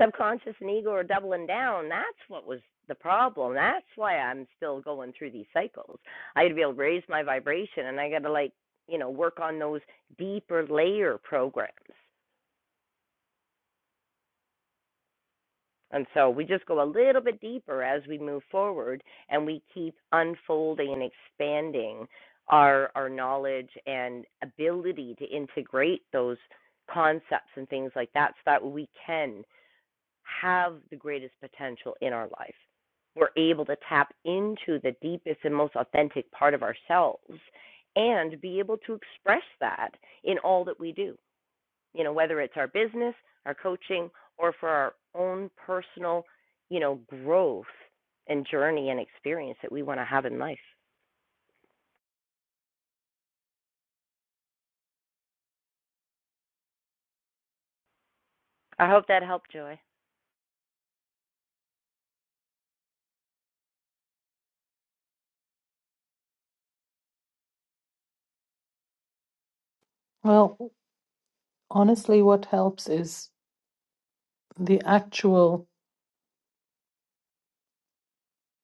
A: subconscious and ego are doubling down, that's what was the problem. That's why I'm still going through these cycles. I got to be able to raise my vibration and I got to like, you know, work on those deeper layer programs And so we just go a little bit deeper as we move forward and we keep unfolding and expanding our our knowledge and ability to integrate those concepts and things like that so that we can have the greatest potential in our life. We're able to tap into the deepest and most authentic part of ourselves and be able to express that in all that we do you know, whether it's our business, our coaching, or for our own personal, you know, growth and journey and experience that we want to have in life. I hope that helped, Joy.
J: well, honestly, what helps is the actual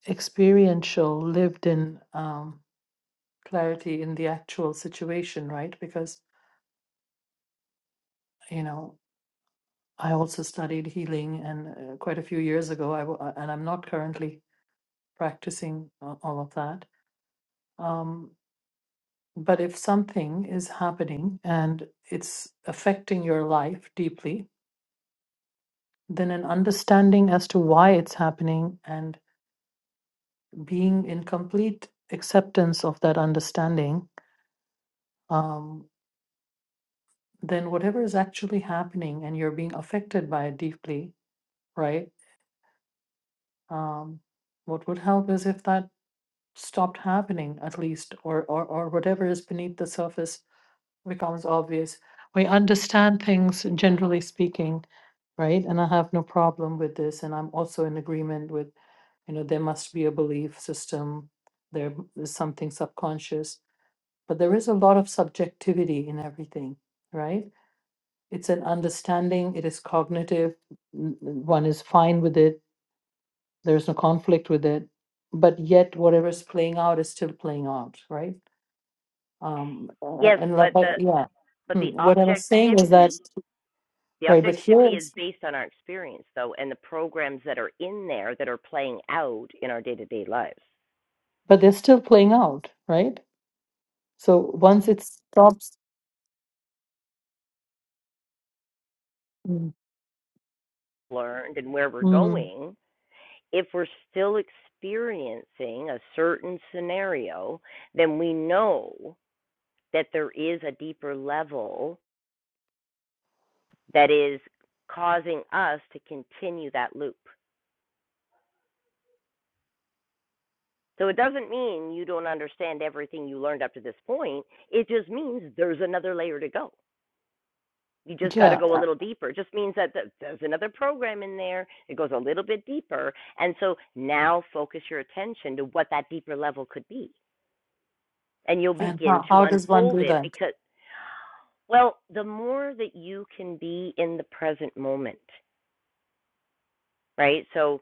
J: experiential, lived in um, clarity in the actual situation, right? Because, you know, I also studied healing and uh, quite a few years ago, I w- uh, and I'm not currently practicing a- all of that. Um, but if something is happening and it's affecting your life deeply, then an understanding as to why it's happening and being in complete acceptance of that understanding um, then whatever is actually happening and you're being affected by it deeply, right? Um, what would help is if that stopped happening at least, or, or, or whatever is beneath the surface becomes obvious. We understand things generally speaking, right? And I have no problem with this. And I'm also in agreement with, you know, there must be a belief system, there is something subconscious, but there is a lot of subjectivity in everything, right? it's an understanding it is cognitive n- n- one is fine with it there's no conflict with it but yet whatever's playing out is still playing out right um uh,
A: Yes,
J: and like
A: but
J: like-
A: the
J: yeah
A: but
J: Hmm,
A: the
J: what i was saying is that
A: objectivity the
J: right but here
A: objectivity is
J: it's
A: based on our experience though and the programs that are in there that are playing out in our day-to-day lives
J: but they're still playing out right so once it stops mm,
A: learned and where we're
J: mm,
A: going if we're still experiencing a certain scenario then we know that there is a deeper level that is causing us to continue that loop. So it doesn't mean you don't understand everything you learned up to this point. It just means there's another layer to go. You just got to
J: yeah
A: go a
J: uh,
A: little deeper. It just means that there's another program in there. It goes a little bit deeper. And so now focus your attention to what that deeper level could be. And you'll
J: and
A: begin
J: how,
A: to
J: how does one
A: unfold
J: do
A: it
J: that
A: because, well, the more that you can be in the present moment, right? So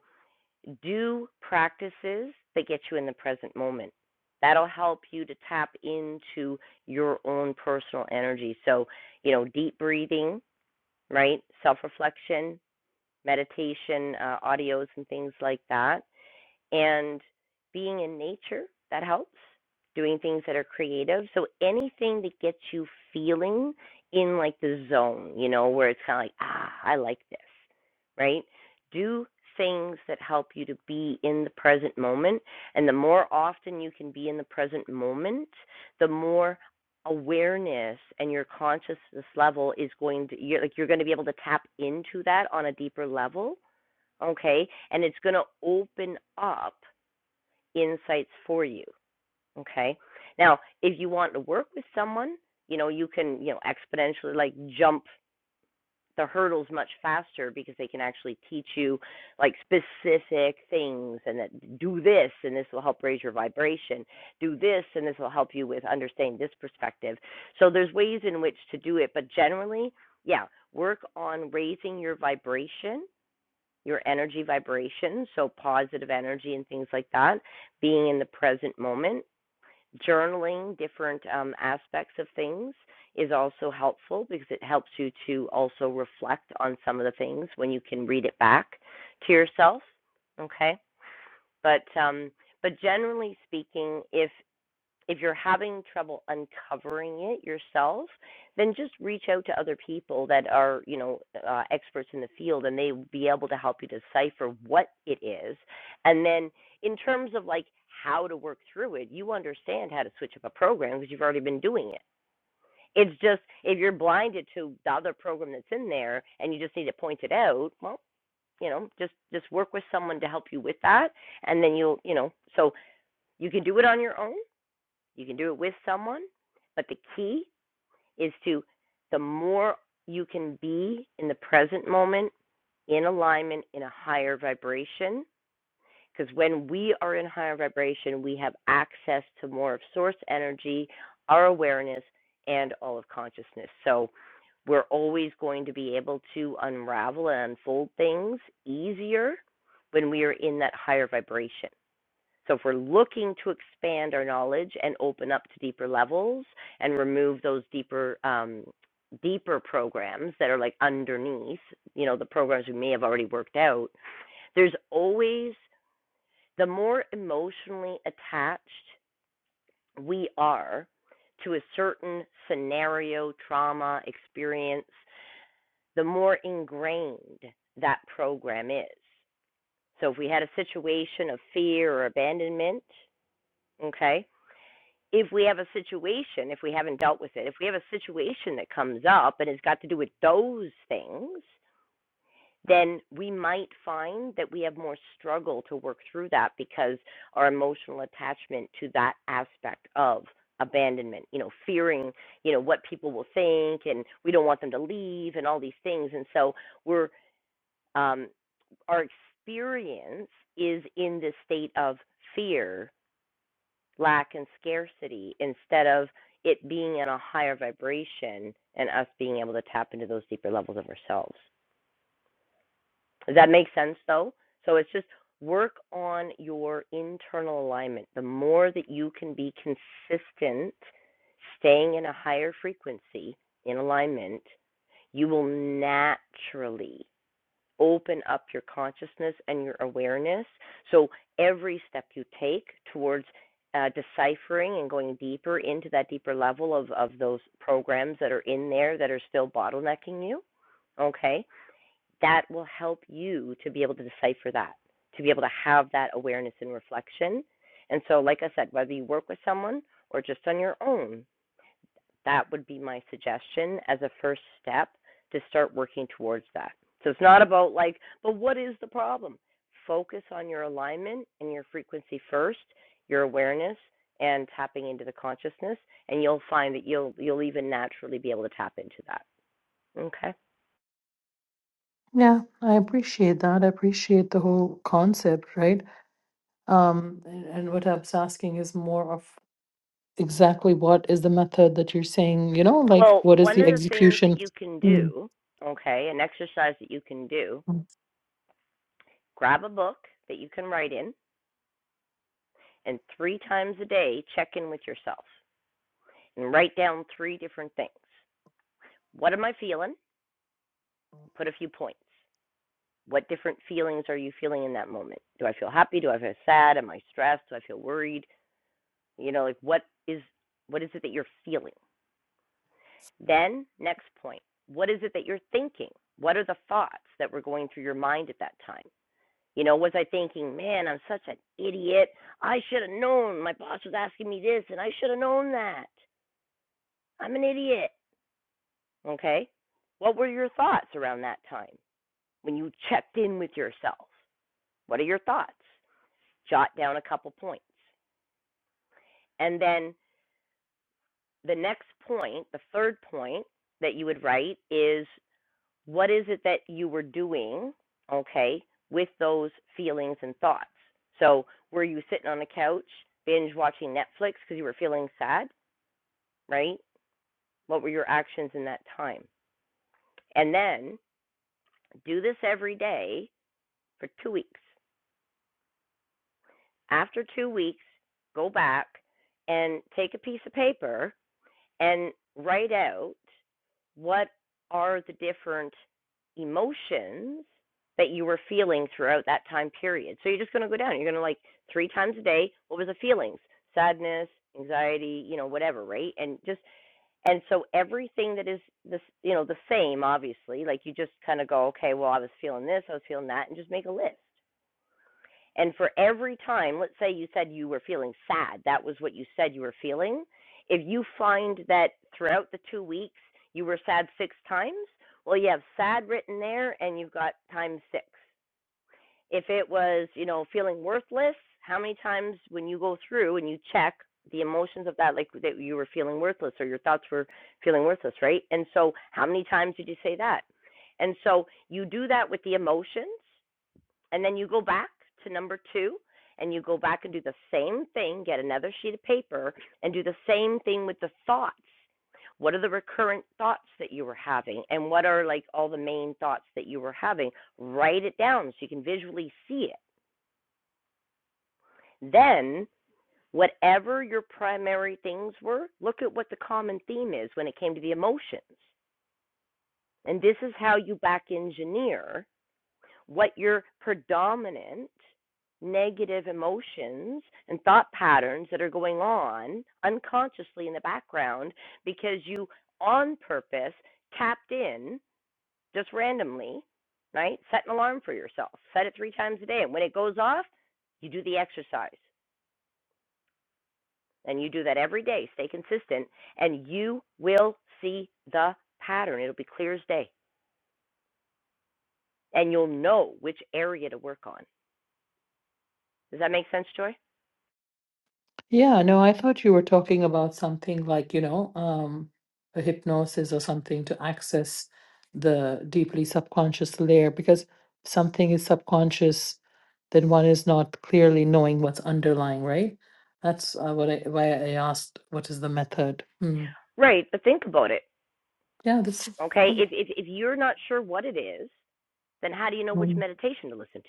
A: do practices that get you in the present moment. That'll help you to tap into your own personal energy. So, you know, deep breathing, right? Self reflection, meditation, uh, audios, and things like that and being in nature that helps doing things that are creative so anything that gets you feeling in like the zone you know where it's kind of like ah i like this right do things that help you to be in the present moment and the more often you can be in the present moment the more awareness and your consciousness level is going to you're like you're going to be able to tap into that on a deeper level okay and it's going to open up insights for you. Okay. Now, if you want to work with someone, you know, you can, you know, exponentially like jump the hurdles much faster because they can actually teach you like specific things and that do this and this will help raise your vibration do this and this will help you with understanding this perspective so there's ways in which to do it but generally yeah work on raising your vibration your energy vibration, so positive energy and things like that, being in the present moment. Journaling different um, aspects of things is also helpful because it helps you to also reflect on some of the things when you can read it back to yourself. Okay, but um, but generally speaking, if if you're having trouble uncovering it yourself, then just reach out to other people that are, you know, uh, experts in the field, and they will be able to help you decipher what it is. And then, in terms of like how to work through it, you understand how to switch up a program because you've already been doing it. It's just if you're blinded to the other program that's in there and you just need it pointed out, well, you know, just just work with someone to help you with that, and then you'll, you know, so you can do it on your own you can do it with someone, but the key is to the more you can be in the present moment, in alignment, in a higher vibration, because when we are in higher vibration, we have access to more of source energy, our awareness, and all of consciousness. So we're always going to be able to unravel and unfold things easier when we are in that higher vibration. So if we're looking to expand our knowledge and open up to deeper levels and remove those deeper um, deeper programs that are like underneath, you know, the programs we may have already worked out, there's always the more emotionally attached we are to a certain scenario, trauma, experience, the more ingrained that program is. So if we had a situation of fear or abandonment, okay, if we have a situation, if we haven't dealt with it, if we have a situation that comes up and has got to do with those things, then we might find that we have more struggle to work through that because our emotional attachment to that aspect of abandonment, you know, fearing, you know, what people will think and we don't want them to leave and all these things. And so we're, um, our experience is in this state of fear lack and scarcity instead of it being in a higher vibration and us being able to tap into those deeper levels of ourselves. Does that make sense though? So it's just work on your internal alignment. The more that you can be consistent, staying in a higher frequency in alignment, you will naturally open up your consciousness and your awareness. So every step you take towards uh, deciphering and going deeper into that deeper level of, of those programs that are in there that are still bottlenecking you, okay, that will help you to be able to decipher that, to be able to have that awareness and reflection. And so, like I said, whether you work with someone or just on your own, that would be my suggestion as a first step to start working towards that. So it's not about like, but what is the problem? Focus on your alignment and your frequency first, your awareness and tapping into the consciousness and you'll find that you'll you'll even naturally be able to tap into that. Okay?
J: yeah i appreciate that i appreciate the whole concept right um, and, and what I was asking is more of exactly what is the method that you're saying, you know, like
A: Well,
J: what is
A: one
J: the
A: of the things that
J: execution?
A: you can
J: Mm.
A: do, okay, an exercise that you can do,
J: Mm.
A: grab a book that you can write in and 3 times a day check in with yourself and write down 3 different things. What am I feeling? Put a few points. What different feelings are you feeling in that moment? Do I feel happy? Do I feel sad? Am I stressed? Do I feel worried? You know, like what is what is it that you're feeling? Then next point, what is it that you're thinking? What are the thoughts that were going through your mind at that time? You know, was I thinking, man, I'm such an idiot. I should have known. My boss was asking me this, and I should have known that. I'm an idiot. Okay. What were your thoughts around that time when you checked in with yourself? What are your thoughts? Jot down a couple points. And then the next point, the third point that you would write is what is it that you were doing, okay, with those feelings and thoughts? So, were you sitting on the couch binge watching Netflix because you were feeling sad, right? What were your actions in that time? And then do this every day for two weeks. After two weeks, go back and take a piece of paper and write out what are the different emotions that you were feeling throughout that time period. So you're just going to go down. You're going to like three times a day. What was the feelings? Sadness, anxiety, you know, whatever, right? And just and so everything that is this, you know, the same, obviously. Like you just kind of go, okay, well, I was feeling this, I was feeling that, and just make a list. And for every time, let's say you said you were feeling sad, that was what you said you were feeling. If you find that throughout the two weeks you were sad six times, well, you have sad written there and you've got times six. If it was, you know, feeling worthless, how many times when you go through and you check the emotions of that, like that you were feeling worthless or your thoughts were feeling worthless, right? And so, how many times did you say that? And so, you do that with the emotions and then you go back to number two and you go back and do the same thing, get another sheet of paper and do the same thing with the thoughts. What are the recurrent thoughts that you were having? And what are like all the main thoughts that you were having? Write it down so you can visually see it. Then, whatever your primary things were, look at what the common theme is when it came to the emotions. And this is how you back engineer what your predominant negative emotions and thought patterns that are going on unconsciously in the background because you on purpose tapped in just randomly, right? Set an alarm for yourself. Set it three times a day. And when it goes off, you do the exercise. And you do that every day. Stay consistent. And you will see the pattern. It'll be clear as day. And you'll know which area to work on. Does that make sense, Joy?
J: Yeah, no, I thought you were talking about something like, you know, um, a hypnosis or something to access the deeply subconscious layer because if something is subconscious, then one is not clearly knowing what's underlying, right? That's uh, what I why I asked what is the method. Mm.
A: Right. But think about it
J: Yeah, this. is
A: Okay, if
J: cool.
A: if if you're not sure what it is, then how do you know which meditation to listen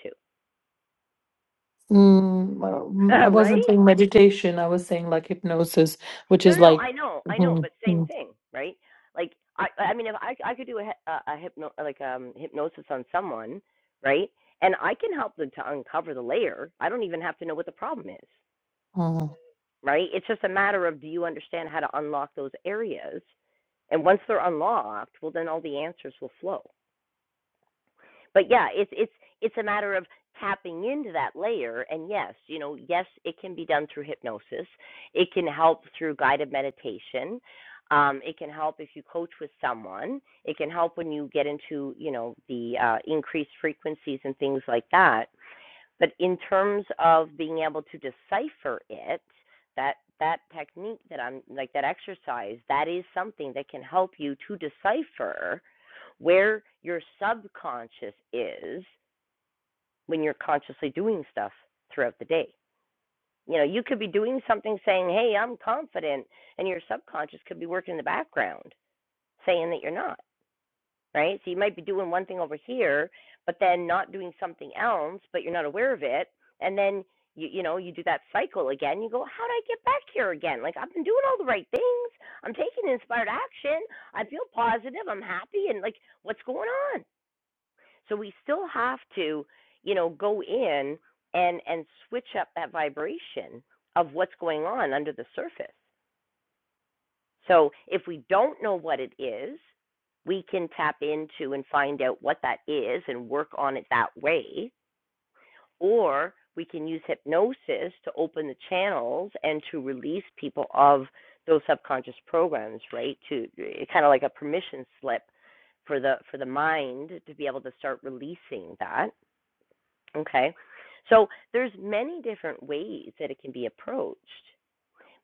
J: Mm, well, mm,
A: to?
J: I
A: <laughs> right?
J: wasn't saying meditation. I was saying like hypnosis, which
A: No,
J: is
A: no, no.
J: like,
A: I know, I know,
J: mm,
A: but same
J: mm,
A: thing, right? Like I, I mean, if I I could do a a, a hypno like um hypnosis on someone, right? And I can help them to uncover the layer. I don't even have to know what the problem is,
J: mm.
A: right? It's just a matter of do you understand how to unlock those areas, and once they're unlocked, well, then all the answers will flow. but yeah, it's it's it's a matter of tapping into that layer and yes, you know, yes, it can be done through hypnosis. It can help through guided meditation. Um, it can help if you coach with someone. It can help when you get into, you know, the uh, increased frequencies and things like that. But in terms of being able to decipher it, that that technique that I'm like that exercise, that is something that can help you to decipher where your subconscious is when you're consciously doing stuff throughout the day. You know, you could be doing something saying, "Hey, I'm confident," and your subconscious could be working in the background saying that you're not right? So you might be doing one thing over here, but then not doing something else, but you're not aware of it. And then you you know, you do that cycle again. You go, How do I get back here again? Like I've been doing all the right things. I'm taking inspired action. I feel positive. I'm happy and like what's going on? So we still have to, you know, go in and and switch up that vibration of what's going on under the surface. So if we don't know what it is, we can tap into and find out what that is and work on it that way. Or we can use hypnosis to open the channels and to release people of those subconscious programs, right? To kind of like a permission slip for the for the mind to be able to start releasing that. Okay. So there's many different ways that it can be approached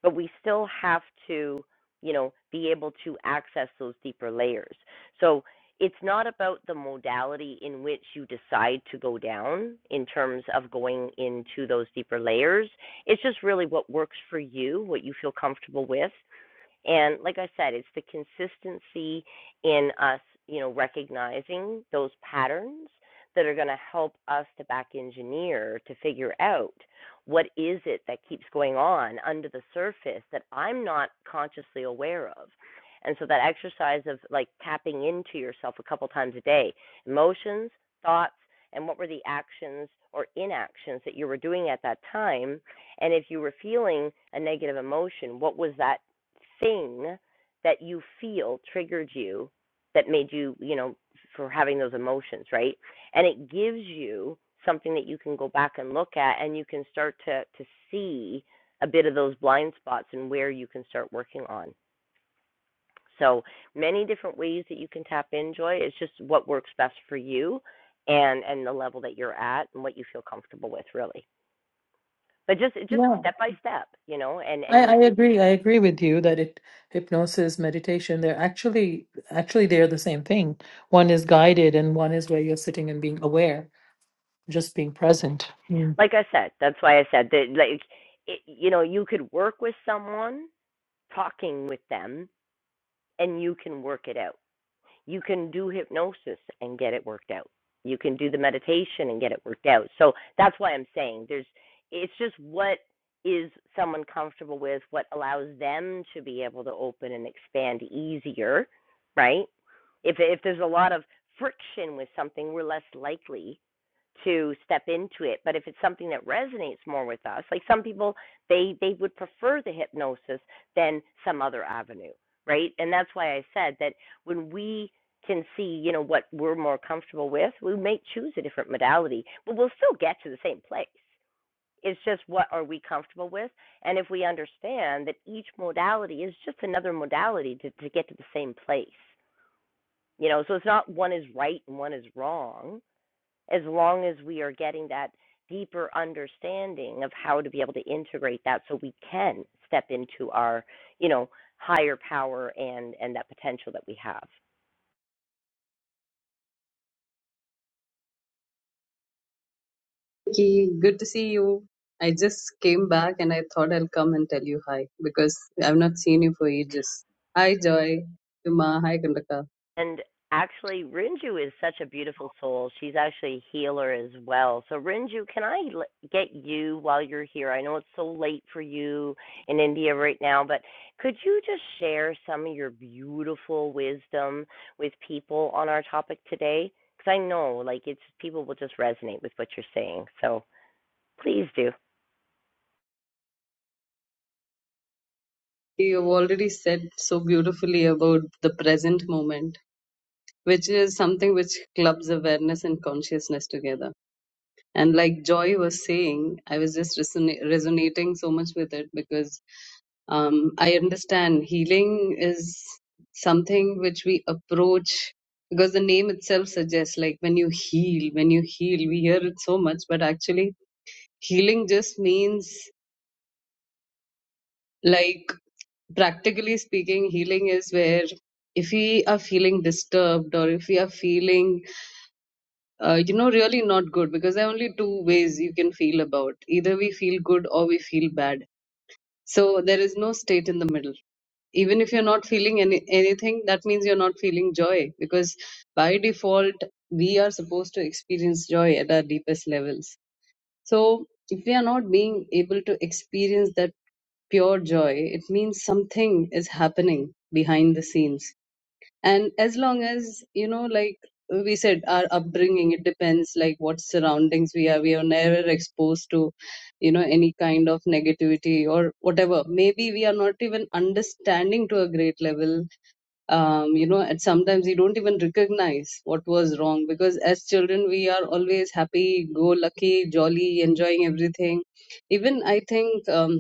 A: but we still have to, you know, be able to access those deeper layers. So it's not about the modality in which you decide to go down in terms of going into those deeper layers. It's just really what works for you, what you feel comfortable with, and like I said, it's the consistency in us, you know, recognizing those patterns that are going to help us to back engineer to figure out what is it that keeps going on under the surface that I'm not consciously aware of. And so that exercise of like tapping into yourself a couple times a day, emotions, thoughts, and what were the actions or inactions that you were doing at that time? And if you were feeling a negative emotion, what was that thing that you feel triggered you that made you, you know, for having those emotions, right? And it gives you something that you can go back and look at and you can start to to see a bit of those blind spots and where you can start working on. So, many different ways that you can tap in joy. It's just what works best for you and and the level that you're at and what you feel comfortable with really. But just just
J: Yeah,
A: step by step, you know, and and
J: I, I
A: you'll keep
J: agree. I agree with you that it hypnosis, meditation, they're actually actually they're the same thing. One is guided and one is where you're sitting and being aware, just being present. Mm.
A: like I said, that's why I said that, like, it, you know, you could work with someone talking with them and you can work it out. You can do hypnosis and get it worked out. You can do the meditation and get it worked out. So that's why I'm saying there's, it's just what is someone comfortable with, what allows them to be able to open and expand easier, right? If, if there's a lot of friction with something, we're less likely to step into it but if it's something that resonates more with us like some people they they would prefer the hypnosis than some other avenue right and that's why i said that when we can see you know what we're more comfortable with we may choose a different modality but we'll still get to the same place it's just what are we comfortable with and if we understand that each modality is just another modality to, to get to the same place you know so it's not one is right and one is wrong as long as we are getting that deeper understanding of how to be able to integrate that so we can step into our you know higher power and and that potential that we have
K: Ki, good to see you. I just came back and I thought I'll come and tell you hi because I've not seen you for ages. Hi, Joy. Uma, hi, Kandaka.
A: And actually, Rinju is such a beautiful soul. She's actually a healer as well. So, Rinju, can I get you while you're here? I know it's so late for you in India right now, but could you just share some of your beautiful wisdom with people on our topic today? Because I know, like, it's people will just resonate with what you're saying. So, please do.
K: You've already said so beautifully about the present moment, which is something which clubs awareness and consciousness together. And like Joy was saying, I was just reson- resonating so much with it because Um, I understand healing is something which we approach because the name itself suggests, like when you heal, when you heal, we hear it so much, but actually, healing just means, like, practically speaking, healing is where if we are feeling disturbed or if we are feeling, uh, you know, really not good, because there are only two ways you can feel about either we feel good or we feel bad. So there is no state in the middle even if you're not feeling any anything that means you're not feeling joy because by default we are supposed to experience joy at our deepest levels so if we are not being able to experience that pure joy it means something is happening behind the scenes and as long as you know like we said our upbringing it depends like what surroundings we are we are never exposed to you know any kind of negativity or whatever maybe we are not even understanding to a great level um, you know and sometimes we don't even recognize what was wrong because as children we are always happy go lucky jolly enjoying everything even i think um,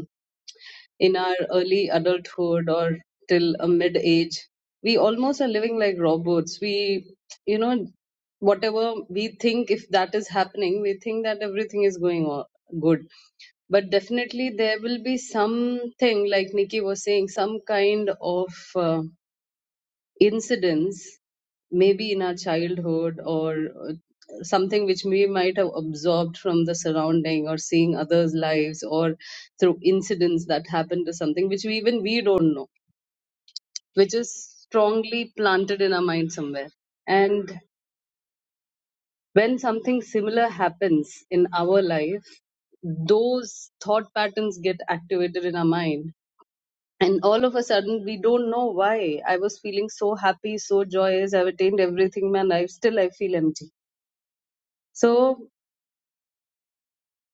K: in our early adulthood or till a mid age we almost are living like robots we you know whatever we think if that is happening we think that everything is going on good but definitely there will be something like nikki was saying some kind of uh, incidents maybe in our childhood or uh, something which we might have absorbed from the surrounding or seeing others lives or through incidents that happened to something which we even we don't know which is strongly planted in our mind somewhere and when something similar happens in our life those thought patterns get activated in our mind and all of a sudden we don't know why i was feeling so happy so joyous i've attained everything in my life still i feel empty so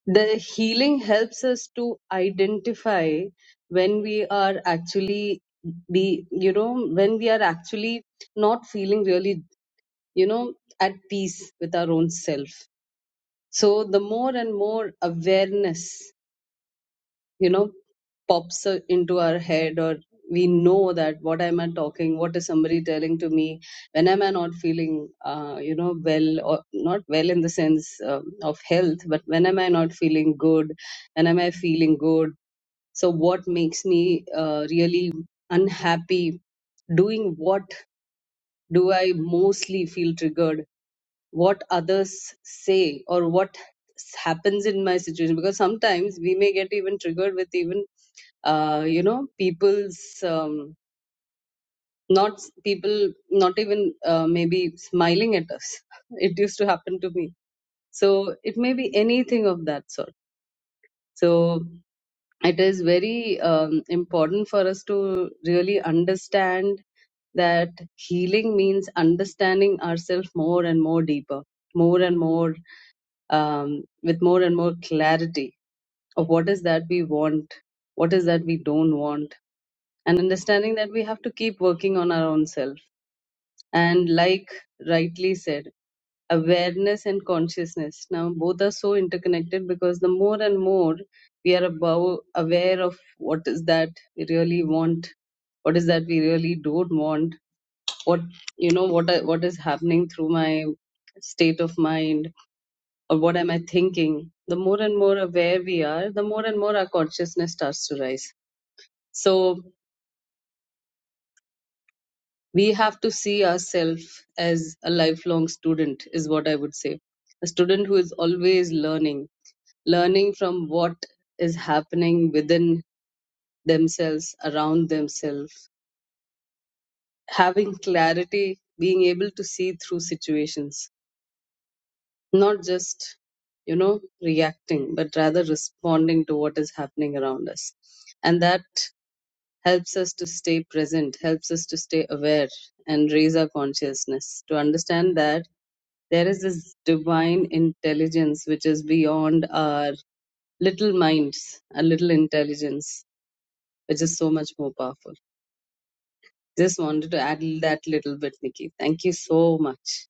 K: the healing helps us to identify when we are actually be you know when we are actually not feeling really you know at peace with our own self so the more and more awareness you know pops uh, into our head or we know that what am i talking what is somebody telling to me when am i not feeling uh, you know well or not well in the sense um, of health but when am i not feeling good when am i feeling good so what makes me uh, really unhappy doing what do i mostly feel triggered what others say or what happens in my situation because sometimes we may get even triggered with even uh, you know people's um, not people not even uh, maybe smiling at us <laughs> it used to happen to me so it may be anything of that sort so it is very um, important for us to really understand that healing means understanding ourselves more and more deeper more and more um, with more and more clarity of what is that we want, what is that we don't want, and understanding that we have to keep working on our own self. And like rightly said, awareness and consciousness now both are so interconnected because the more and more we are above aware of what is that we really want what is that we really don't want what you know what I- what is happening through my state of mind or what am I thinking? The more and more aware we are, the more and more our consciousness starts to rise. So we have to see ourselves as a lifelong student, is what I would say. A student who is always learning, learning from what is happening within themselves, around themselves, having clarity, being able to see through situations, not just, you know, reacting, but rather responding to what is happening around us. And that helps us to stay present, helps us to stay aware and raise our consciousness to understand that there is this divine intelligence which is beyond our little minds, our little intelligence, which is so much more powerful. Just wanted to add that little bit, Nikki. Thank you so much.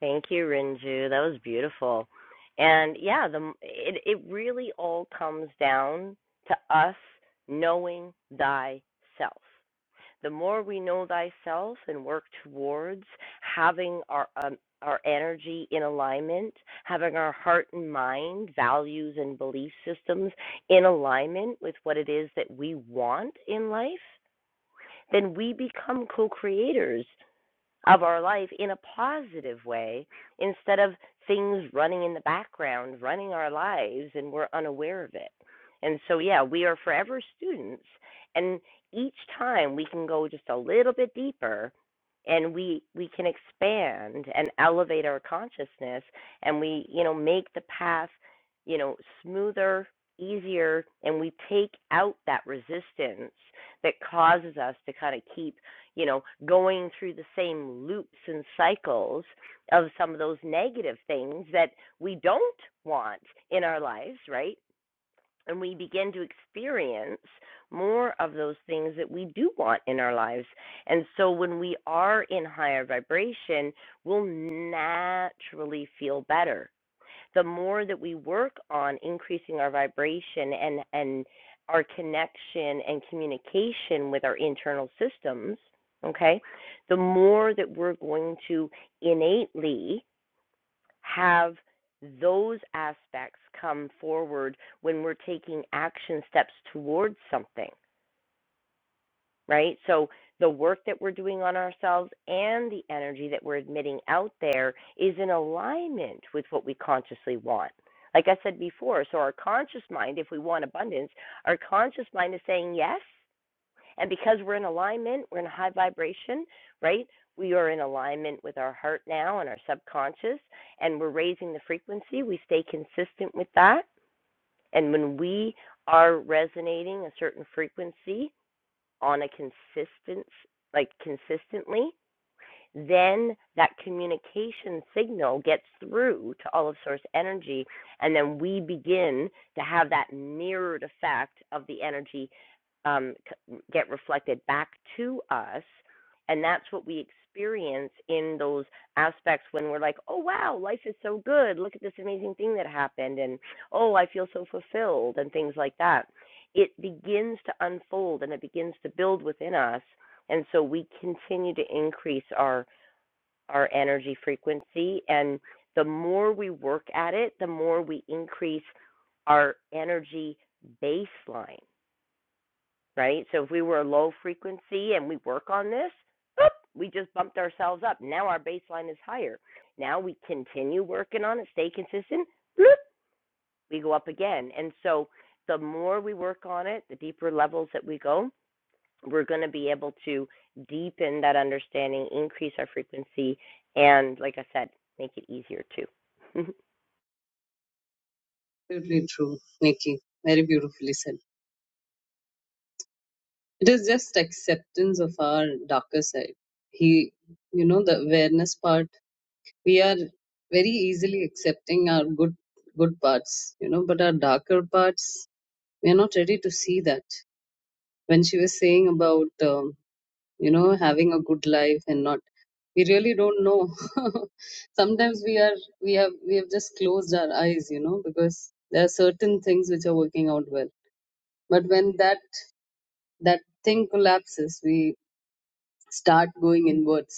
A: Thank you, Rinju. That was beautiful. And yeah, the it it really all comes down to us knowing thyself. The more we know thyself and work towards having our um, our energy in alignment, having our heart and mind, values and belief systems in alignment with what it is that we want in life, then we become co-creators of our life in a positive way instead of things running in the background, running our lives, and we're unaware of it. And so, yeah, we are forever students. And each time we can go just a little bit deeper and we we can expand and elevate our consciousness and we you know make the path you know smoother easier and we take out that resistance that causes us to kind of keep you know, going through the same loops and cycles of some of those negative things that we don't want in our lives, right? And we begin to experience more of those things that we do want in our lives. And so when we are in higher vibration, we'll naturally feel better the more that we work on increasing our vibration and and our connection and communication with our internal systems, okay, the more that we're going to innately have those aspects come forward when we're taking action steps towards something right? So the work that we're doing on ourselves and the energy that we're admitting out there is in alignment with what we consciously want. Like I said before, so our conscious mind, if we want abundance, our conscious mind is saying yes. And because we're in alignment, we're in a high vibration, right? We are in alignment with our heart now and our subconscious, and we're raising the frequency. We stay consistent with that. And when we are resonating a certain frequency, on a consistent like consistently then that communication signal gets through to all of source energy, and then we begin to have that mirrored effect of the energy um, get reflected back to us. And that's what we experience in those aspects when we're like, oh, wow, life is so good. Look at this amazing thing that happened. And oh, I feel so fulfilled, and things like that. It begins to unfold and it begins to build within us and so we continue to increase our our energy frequency and the more we work at it, the more we increase our energy baseline, right? So if we were low frequency and we work on this, we just bumped ourselves up. Now our baseline is higher. Now we continue working on it, stay consistent, bloop, we go up again. And so the more we work on it, the deeper levels that we go, we're going to be able to deepen that understanding, increase our frequency, and like I said, make it easier too.
K: Absolutely true, Nikki. Very beautifully said. It is just acceptance of our darker side. He, you know, the awareness part we are very easily accepting our good good parts you know but our darker parts we are not ready to see that when she was saying about um, you know having a good life and not we really don't know <laughs> sometimes we are we have we have just closed our eyes you know because there are certain things which are working out well but when that that thing collapses we start going inwards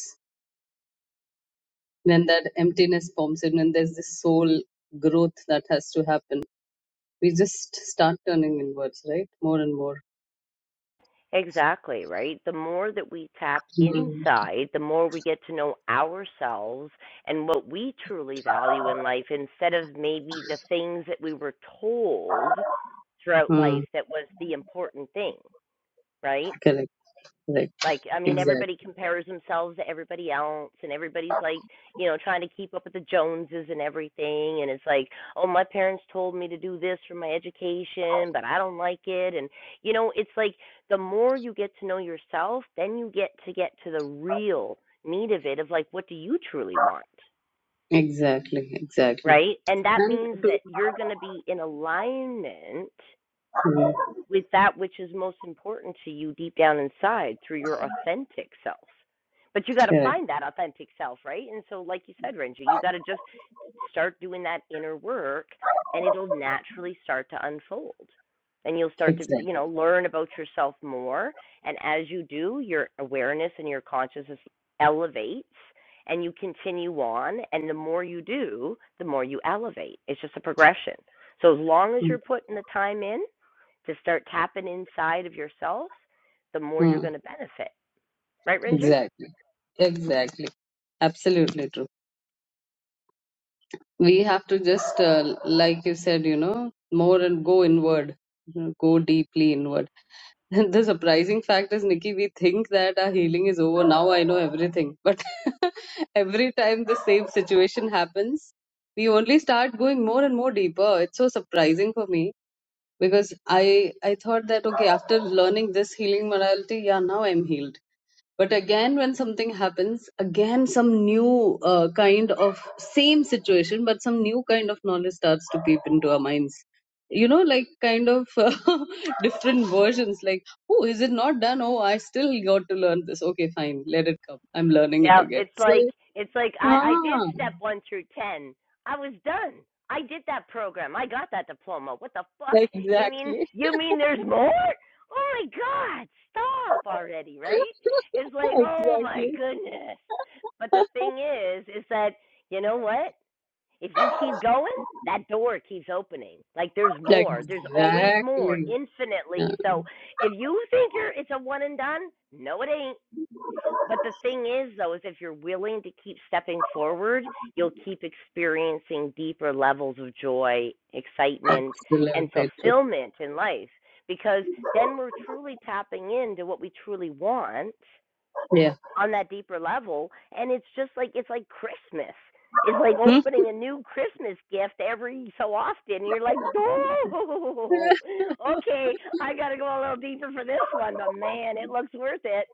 K: then that emptiness forms in and there's this soul growth that has to happen we just start turning inwards, right? More and more.
A: <laughs> exactly, right? The more that we tap
K: Mm.
A: inside, the more we get to know ourselves and what we truly value in life instead of maybe the things that we were told throughout
K: Mm.
A: life that was the important thing, right?
K: Correct. Correct.
A: Like, I mean,
K: Exactly.
A: everybody compares themselves to everybody else, and everybody's like, you know, trying to keep up with the Joneses and everything. And it's like, oh, my parents told me to do this for my education, but I don't like it. And, you know, it's like the more you get to know yourself, then you get to get to the real need of it of like, what do you truly want?
K: Exactly. Exactly.
A: Right. And that
K: And
A: means that
K: to-
A: you're going to be in alignment
K: Mm.
A: with that which is most important to you deep down inside through your authentic self. But you got to
K: correct.
A: find that authentic self, right? And so, like you said, Renji, you got to just start doing that inner work and it'll naturally start to unfold. And you'll start to, you
K: Exactly.
A: know, learn about yourself more. And as you do, your awareness and your consciousness elevates and you continue on. And the more you do, the more you elevate. It's just a progression. So as long as
K: Mm.
A: you're putting the time in, to start tapping inside of yourself, the more you're
K: Mm.
A: going to benefit. Right, Renju?
K: Exactly. Exactly. Absolutely true. we have to just uh, like you said you know more and go inward you know, go deeply inward <laughs> the surprising fact is nikki we think that our healing is over now i know everything but <laughs> every time the same situation happens we only start going more and more deeper it's so surprising for me because i i thought that okay after learning this healing morality yeah now i'm healed but again when something happens again some new uh, kind of same situation but some new kind of knowledge starts to peep into our minds you know like kind of <laughs> different versions like oh is it not done oh i still got to learn this okay fine let it come i'm learning it
A: Yeah,
K: again
A: it's
K: so
A: like it's like I, I did
K: ah,
A: step one through ten. I was done. I did that program. I got that diploma. What the fuck?
K: like
A: You mean
K: exactly
A: you mean there's more? Oh my god, stop already, right? It's
K: <laughs>
A: like, oh my
K: exactly
A: goodness. But the thing
K: <laughs>
A: is, is that you know what? If you keep going, that door keeps opening. Like there's more. There's always more,
K: exactly
A: infinitely.
K: Yeah,
A: So if you think you're it's a one and done, no it ain't. But the thing is though is if you're willing to keep stepping forward, you'll keep experiencing deeper levels of joy, excitement, and
K: absolutely true
A: fulfillment in life because then we're truly tapping into what we truly want
K: yeah
A: on that deeper level and it's just like it's like christmas it's like
K: Hmm?
A: opening a new christmas gift every so often and you're like oh <laughs>
K: <laughs>
A: okay i gotta go a little deeper for this one but man it looks worth it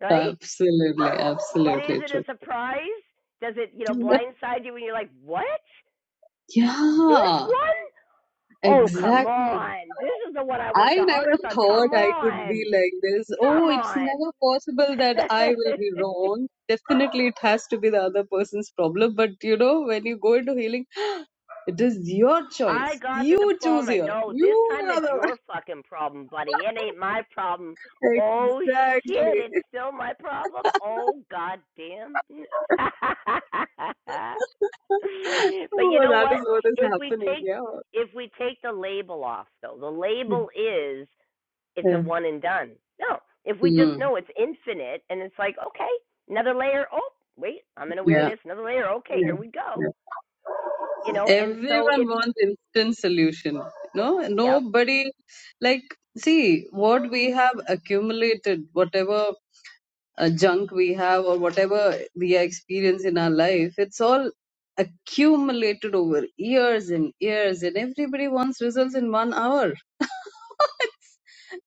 A: right
K: Absolutely,
A: but is
K: absolutely
A: it
K: true.
A: a surprise does it you know
K: <laughs>
A: blindside you when you're like what this
K: Yeah,
A: one? Oh, come
K: exactly.
A: on. This is the one I worked
K: I
A: the
K: never
A: hardest on.
K: thought
A: Come
K: I could be
A: on.
K: like this.
A: Come
K: Oh, it's
A: on.
K: never possible that I will be
A: <laughs>
K: wrong. Definitely, it has to be the other person's problem. But you know, when you go into healing, it is your
A: I
K: choice.
A: got the
K: You choose
A: diploma.
K: here.
A: No,
K: You
A: this time
K: are
A: it's
K: the
A: your fucking problem, buddy. It ain't my problem.
K: one.
A: Oh
K: <laughs>
A: shit,
K: Exactly.
A: it's still my problem. Oh goddamn. <laughs>
K: <laughs>
A: but you
K: Oh,
A: know
K: that is
A: what?
K: what is
A: If we
K: happening.
A: take
K: Yeah.
A: if we take the label off though, the label is it's a
K: <laughs> Yeah.
A: one and done. No, if we just
K: Mm.
A: know it's infinite and it's like, okay, another layer. Oh, wait, I'm in
K: Yeah.
A: awareness, another layer. Okay, here we
K: Yeah.
A: go. You know, and so
K: everyone
A: it's
K: wants instant solution no
A: yep
K: nobody like see what we have accumulated whatever uh, junk we have or whatever we experience in our life it's all accumulated over years and years and everybody wants results in one hour <laughs> it's,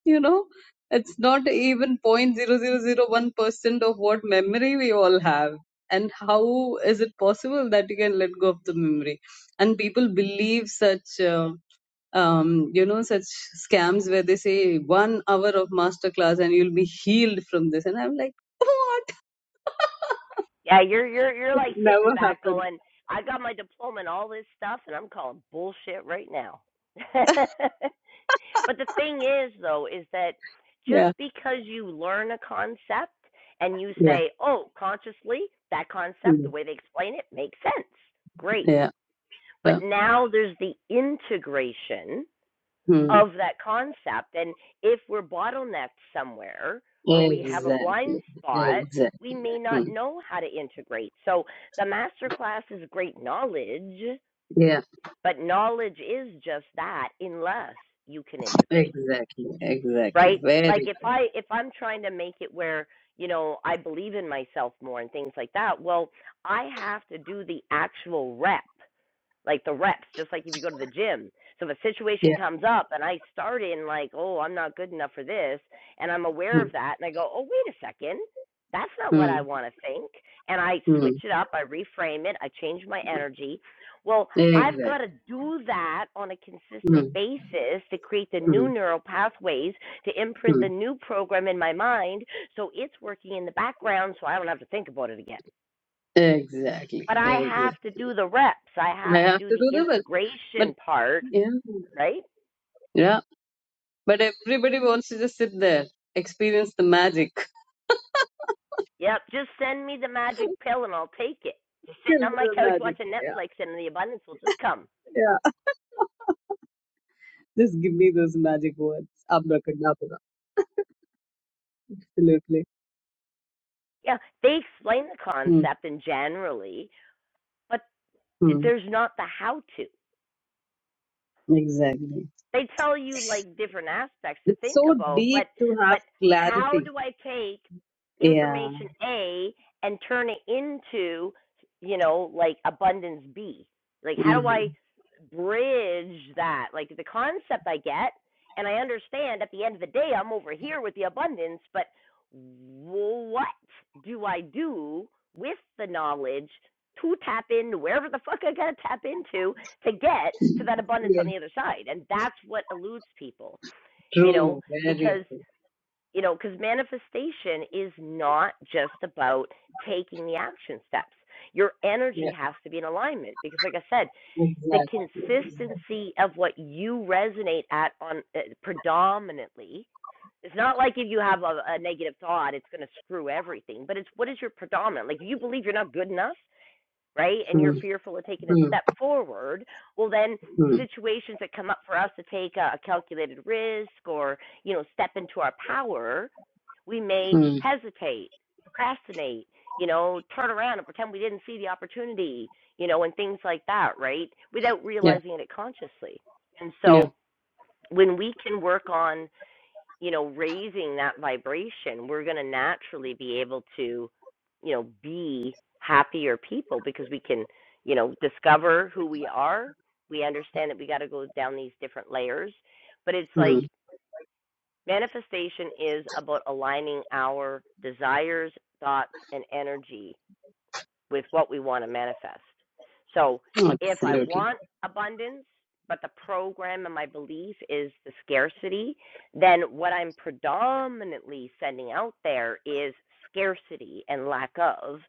K: you know it's not even point zero zero zero one percent of what memory we all have and how is it possible that you can let go of the memory and people believe such Uh, um, you know such scams where they say one hour of masterclass and you'll be healed from this and i'm like what <laughs>
A: Yeah, you're you're you're
K: it
A: like
K: never
A: sitting back
K: happened
A: going, I got my diploma and all this stuff and I'm calling bullshit right now. <laughs> but the
K: <laughs>
A: thing is though is that just
K: yeah
A: because you learn a concept and you
K: yeah
A: say, "Oh, consciously, that concept,
K: Hmm.
A: the way they explain it makes sense." Great.
K: yeah
A: But
K: yeah.
A: now there's the integration
K: Hmm.
A: of that concept. And if we're bottlenecked somewhere or we have a
K: Exactly.
A: blind spot,
K: Exactly.
A: we may
K: Hmm.
A: not know how to integrate. So the master class is great knowledge,
K: Yeah.
A: but knowledge is just that unless you can integrate,
K: Exactly. Exactly.
A: right?
K: Very.
A: Like
K: good.
A: if I if I'm trying to make it where you know I believe in myself more and things like that, well, I have to do the actual rep like the reps, just like if you go to the gym. So if a situation
K: Yeah.
A: comes up and I start in like, oh, I'm not good enough for this, and I'm
K: Hmm.
A: aware of that, and I go, oh, wait a second, that's not what
K: Hmm.
A: I want to think, and I
K: Hmm.
A: switch it up, I reframe it, I change my energy. Well, I've
K: Exactly.
A: got to do that on a
K: Hmm.
A: consistent basis to create the
K: Hmm.
A: new neural pathways to imprint
K: Hmm.
A: the new program in my mind so it's working in the background so I don't have to think about it again but
K: Exactly.
A: I
K: Exactly.
A: have to do the reps. I
K: I
A: have to
K: have
A: do
K: to
A: the
K: do the work, but
A: integration part,
K: yeah.
A: right?
K: yeah. But everybody wants to just sit there, experience the magic. <laughs>
A: Yep. Just send me the magic pill and I'll take it. Just sitting
K: Tell me
A: on my
K: the
A: couch
K: magic.
A: watching
K: Yeah,
A: Netflix and the abundance will just come.
K: yeah. <laughs> Just give me those magic words. Abracadabra. Absolutely.
A: Yeah, they explain the
K: Hmm.
A: concept and generally, but
K: hmm.
A: there's not the how to.
K: Exactly.
A: they tell you like different aspects to
K: It's
A: think
K: so
A: about but
K: deep to
A: but
K: have
A: how
K: clarity.
A: do i take
K: Yeah.
A: information a and turn it into you know like abundance b like how
K: Hmm.
A: do i bridge that like the concept i get and i understand at the end of the day i'm over here with the abundance but what do i do with the knowledge to tap into wherever the fuck i gotta tap into to get to that abundance on
K: Yes.
A: the other side. And that's what eludes people, you know,
K: True. Very
A: because,
K: true.
A: you know, because manifestation is not just about taking the action steps. Your energy
K: Yeah.
A: has to be in alignment because, like I said, the
K: Exactly.
A: consistency of what you resonate at on uh, predominantly. It's not like if you have a, a negative thought, it's going to screw everything. But it's what is your predominant? Like, if you believe you're not good enough, right? And
K: Hmm.
A: you're fearful of taking a
K: Hmm.
A: step forward. Well, then
K: Hmm.
A: situations that come up for us to take a, a calculated risk or, you know, step into our power, we may
K: Hmm.
A: hesitate, procrastinate, you know, turn around and pretend we didn't see the opportunity, you know, and things like that, right? Without
K: Yeah.
A: realizing it consciously. And
K: Yeah.
A: so when we can work on you know, raising that vibration, we're going to naturally be able to, you know, be happier people because we can, you know, discover who we are. We understand that we got to go down these different layers, but it's
K: Hmm.
A: like manifestation is about aligning our desires, thoughts, and energy with what we want to manifest. So if I
K: Absolutely.
A: want abundance, but the program and my belief is the scarcity, then what I'm predominantly sending out there is scarcity and lack of,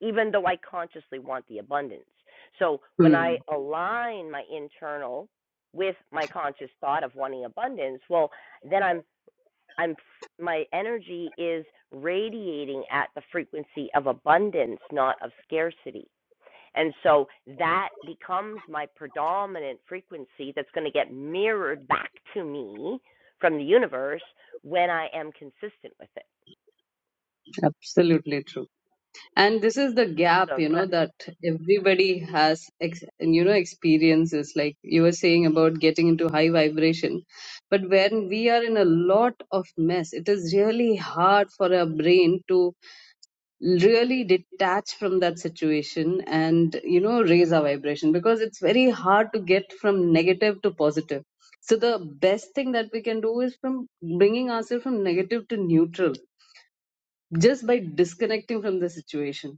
A: even though I consciously want the abundance. So when
K: Hmm.
A: I align my internal with my conscious thought of wanting abundance, well, then I'm I'm my energy is radiating at the frequency of abundance, not of scarcity. And so that becomes my predominant frequency that's going to get mirrored back to me from the universe when I am consistent with it.
K: Absolutely true. and this is the gap
A: So
K: you know that everybody has ex- you know experiences like you were saying about getting into high vibration but when we are in a lot of mess it is really hard for our brain to really detach from that situation and you know raise our vibration because it's very hard to get from negative to positive so the best thing that we can do is from bringing ourselves from negative to neutral just by disconnecting from the situation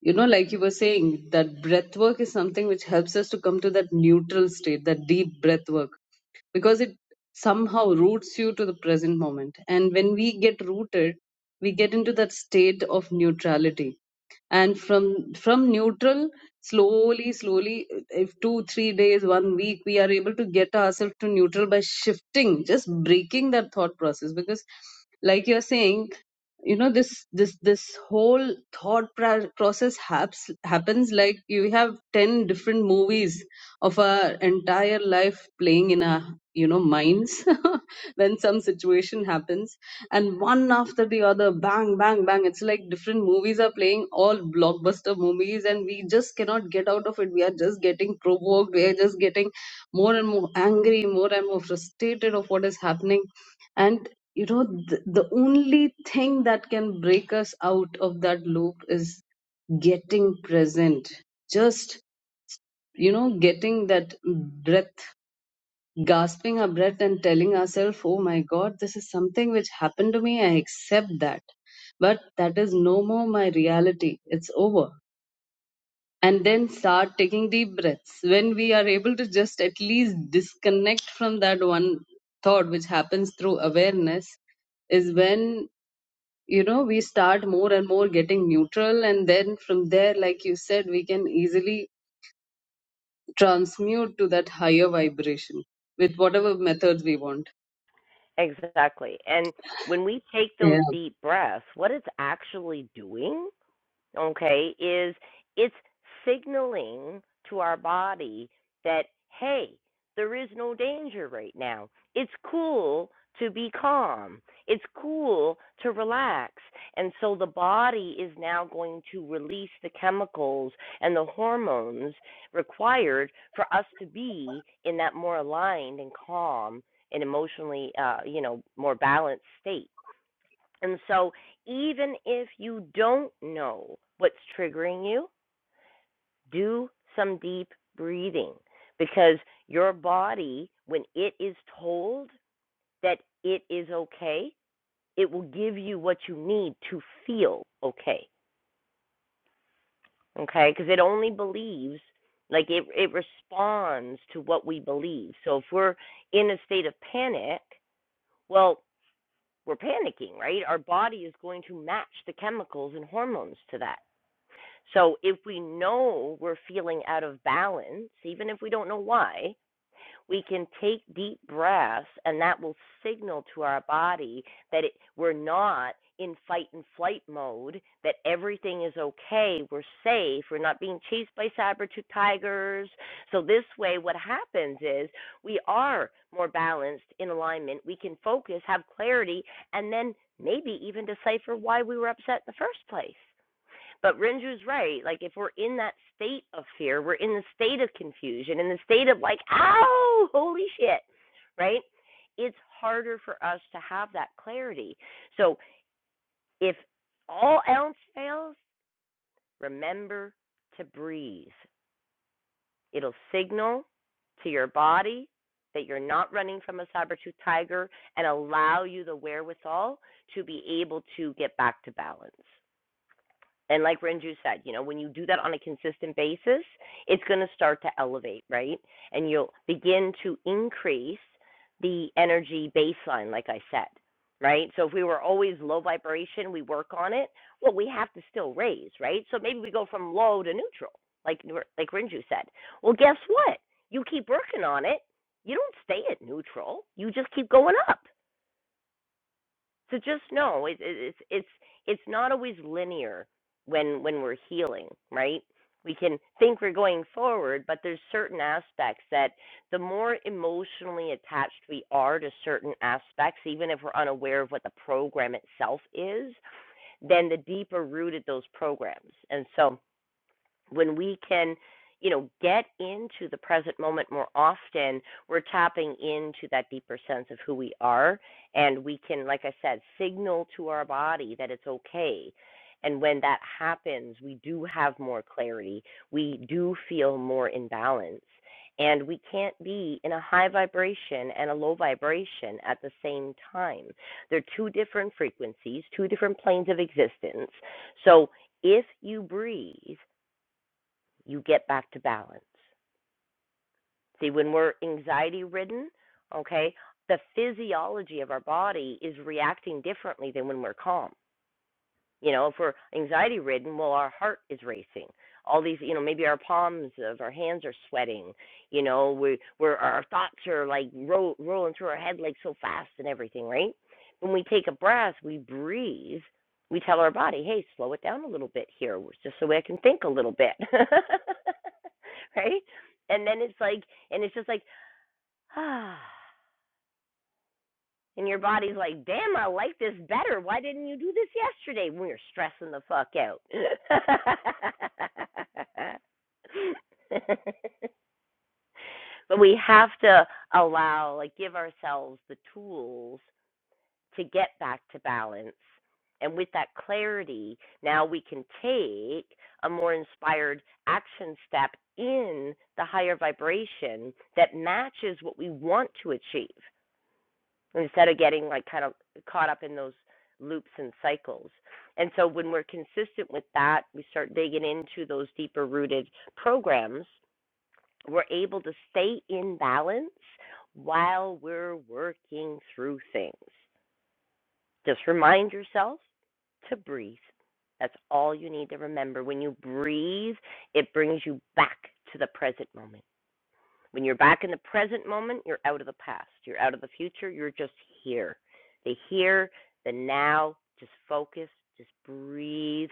K: you know like you were saying that breath work is something which helps us to come to that neutral state that deep breath work because it somehow roots you to the present moment and when we get rooted we get into that state of neutrality and from from neutral slowly slowly if two three days one week we are able to get ourselves to neutral by shifting just breaking that thought process because like you're saying you know this this this whole thought pra- process haps, happens like you have 10 different movies of our entire life playing in our you know minds <laughs> when some situation happens and one after the other bang bang bang it's like different movies are playing all blockbuster movies and we just cannot get out of it we are just getting provoked we are just getting more and more angry more and more frustrated of what is happening and you know th- the only thing that can break us out of that loop is getting present just you know getting that breath gasping our breath and telling ourselves oh my god this is something which happened to me i accept that but that is no more my reality it's over and then start taking deep breaths when we are able to just at least disconnect from that one thought which happens through awareness is when you know we start more and more getting neutral and then from there like you said we can easily transmute to that higher vibration with whatever methods we want
A: exactly. And when we take those
K: yeah
A: deep breaths, what it's actually doing okay, is it's signaling to our body that, hey, there is no danger right now. It's cool to be calm, it's cool to relax. And so the body is now going to release the chemicals and the hormones required for us to be in that more aligned and calm and emotionally, uh, you know, more balanced state. And so, even if you don't know what's triggering you, do some deep breathing because your body, when it is told that it is okay, it will give you what you need to feel okay. Okay? Because it only believes, like it, it responds to what we believe. So, if we're in a state of panic, well, we're panicking, right? Our body is going to match the chemicals and hormones to that. So if we know we're feeling out of balance, even if we don't know why, we can take deep breaths and that will signal to our body that it, we're not in fight and flight mode, that everything is okay, we're safe, we're not being chased by saber-tooth tigers. So this way what happens is we are more balanced in alignment, we can focus, have clarity and then maybe even decipher why we were upset in the first place. But Renju's right. Like if we're in that state of fear, we're in the state of confusion, in the state of like, ow, holy shit, right? It's harder for us to have that clarity. So if all else fails, remember to breathe. It'll signal to your body that you're not running from a saber tooth tiger and allow you the wherewithal to be able to get back to balance. And like Renju said, you know, when you do that on a consistent basis, it's going to start to elevate, right? And you'll begin to increase the energy baseline, like I said, right? So if we were always low vibration, we work on it. Well, we have to still raise, right? So maybe we go from low to neutral, like like Renju said. Well, guess what? You keep working on it. You don't stay at neutral. You just keep going up. So just know it, it, it's it's it's not always linear when when we're healing, right? We can think we're going forward, but there's certain aspects that the more emotionally attached we are to certain aspects, even if we're unaware of what the program itself is, then the deeper rooted those programs. And so when we can you know get into the present moment more often we're tapping into that deeper sense of who we are and we can like i said signal to our body that it's okay and when that happens we do have more clarity we do feel more in balance and we can't be in a high vibration and a low vibration at the same time they're two different frequencies two different planes of existence so if you breathe you get back to balance. See, when we're anxiety ridden, okay, the physiology of our body is reacting differently than when we're calm. You know, if we're anxiety ridden, well, our heart is racing. All these, you know, maybe our palms of our hands are sweating. You know, we we're our thoughts are like ro- rolling through our head like so fast and everything, right? When we take a breath, we breathe. We tell our body, hey, slow it down a little bit here, just so I can think a little bit, <laughs> right? And then it's like, and it's just like, <sighs> ah. And your body's like, damn, I like this better. Why didn't you do this yesterday when you're stressing the fuck out? <laughs> but we have to allow, like, give ourselves the tools to get back to balance. And with that clarity, now we can take a more inspired action step in the higher vibration that matches what we want to achieve instead of getting like kind of caught up in those loops and cycles. And so when we're consistent with that, we start digging into those deeper rooted programs, we're able to stay in balance while we're working through things. Just remind yourself to breathe. That's all you need to remember. When you breathe, it brings you back to the present moment. When you're back in the present moment, you're out of the past, you're out of the future, you're just here. The here, the now, just focus, just breathe,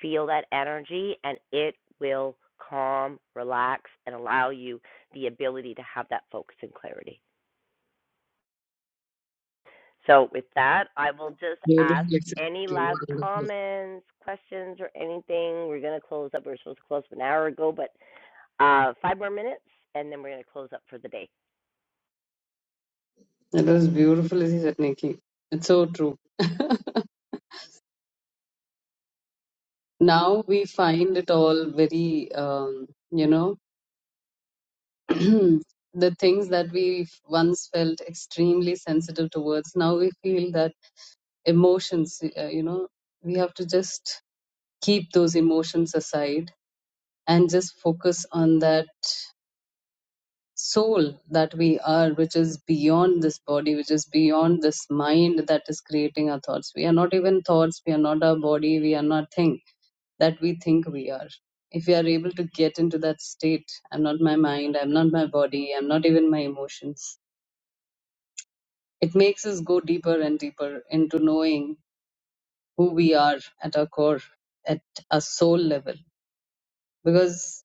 A: feel that energy, and it will calm, relax, and allow you the ability to have that focus and clarity. So, with that, I will just ask
K: beautiful
A: any last
K: wonderful
A: comments, questions, or anything. We're going to close up. We were supposed to close up an hour ago, but uh, five more minutes, and then we're going to close up for the day.
K: that was beautiful as you said nikki it's so true <laughs> now we find it all very um, you know <clears throat> the things that we once felt extremely sensitive towards now we feel that emotions uh, you know we have to just keep those emotions aside and just focus on that soul that we are, which is beyond this body, which is beyond this mind that is creating our thoughts. We are not even thoughts, we are not our body, we are nothing that we think we are. If we are able to get into that state, I'm not my mind, I'm not my body, I'm not even my emotions, it makes us go deeper and deeper into knowing who we are at our core, at a soul level. Because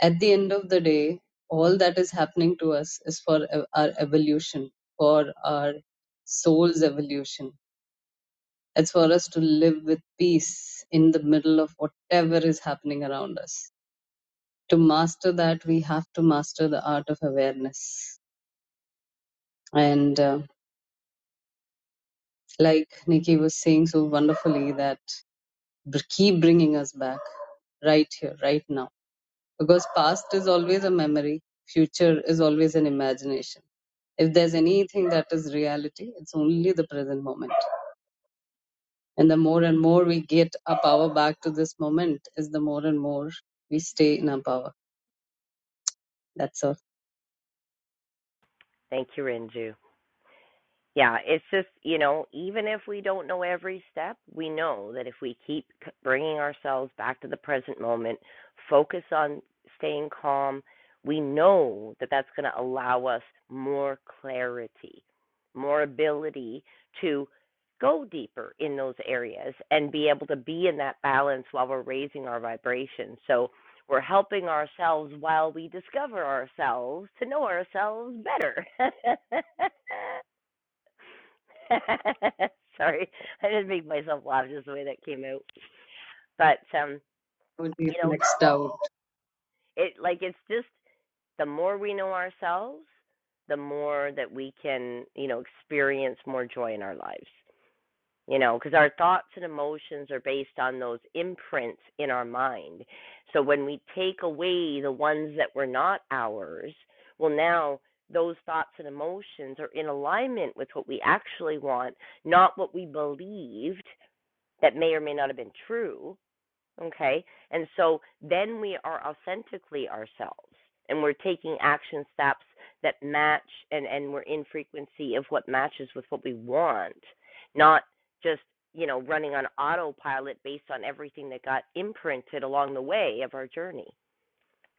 K: At the end of the day, all that is happening to us is for ev- our evolution, for our soul's evolution. It's for us to live with peace in the middle of whatever is happening around us. To master that, we have to master the art of awareness. And uh, like Nikki was saying so wonderfully, that br- keep bringing us back right here, right now Because past is always a memory, future is always an imagination. If there's anything that is reality, it's only the present moment. And the more and more we get our power back to this moment, is the more and more we stay in our power. That's all.
A: Thank you, Renju. Yeah, it's just, you know, even if we don't know every step, we know that if we keep c- bringing ourselves back to the present moment, focus on staying calm, we know that that's going to allow us more clarity, more ability to go deeper in those areas and be able to be in that balance while we're raising our vibration. So we're helping ourselves while we discover ourselves to know ourselves better. <laughs> <laughs> Sorry, I didn't make myself laugh just the way that came out. But um,
K: What do you
A: you know,
K: maxed out,
A: it like it's just the more we know ourselves, the more that we can, you know, experience more joy in our lives. You know, because our thoughts and emotions are based on those imprints in our mind. So when we take away the ones that were not ours, well, now those thoughts and emotions are in alignment with what we actually want, not what we believed that may or may not have been true. Okay. And so then we are authentically ourselves and we're taking action steps that match and, and we're in frequency of what matches with what we want, not just, you know, running on autopilot based on everything that got imprinted along the way of our journey.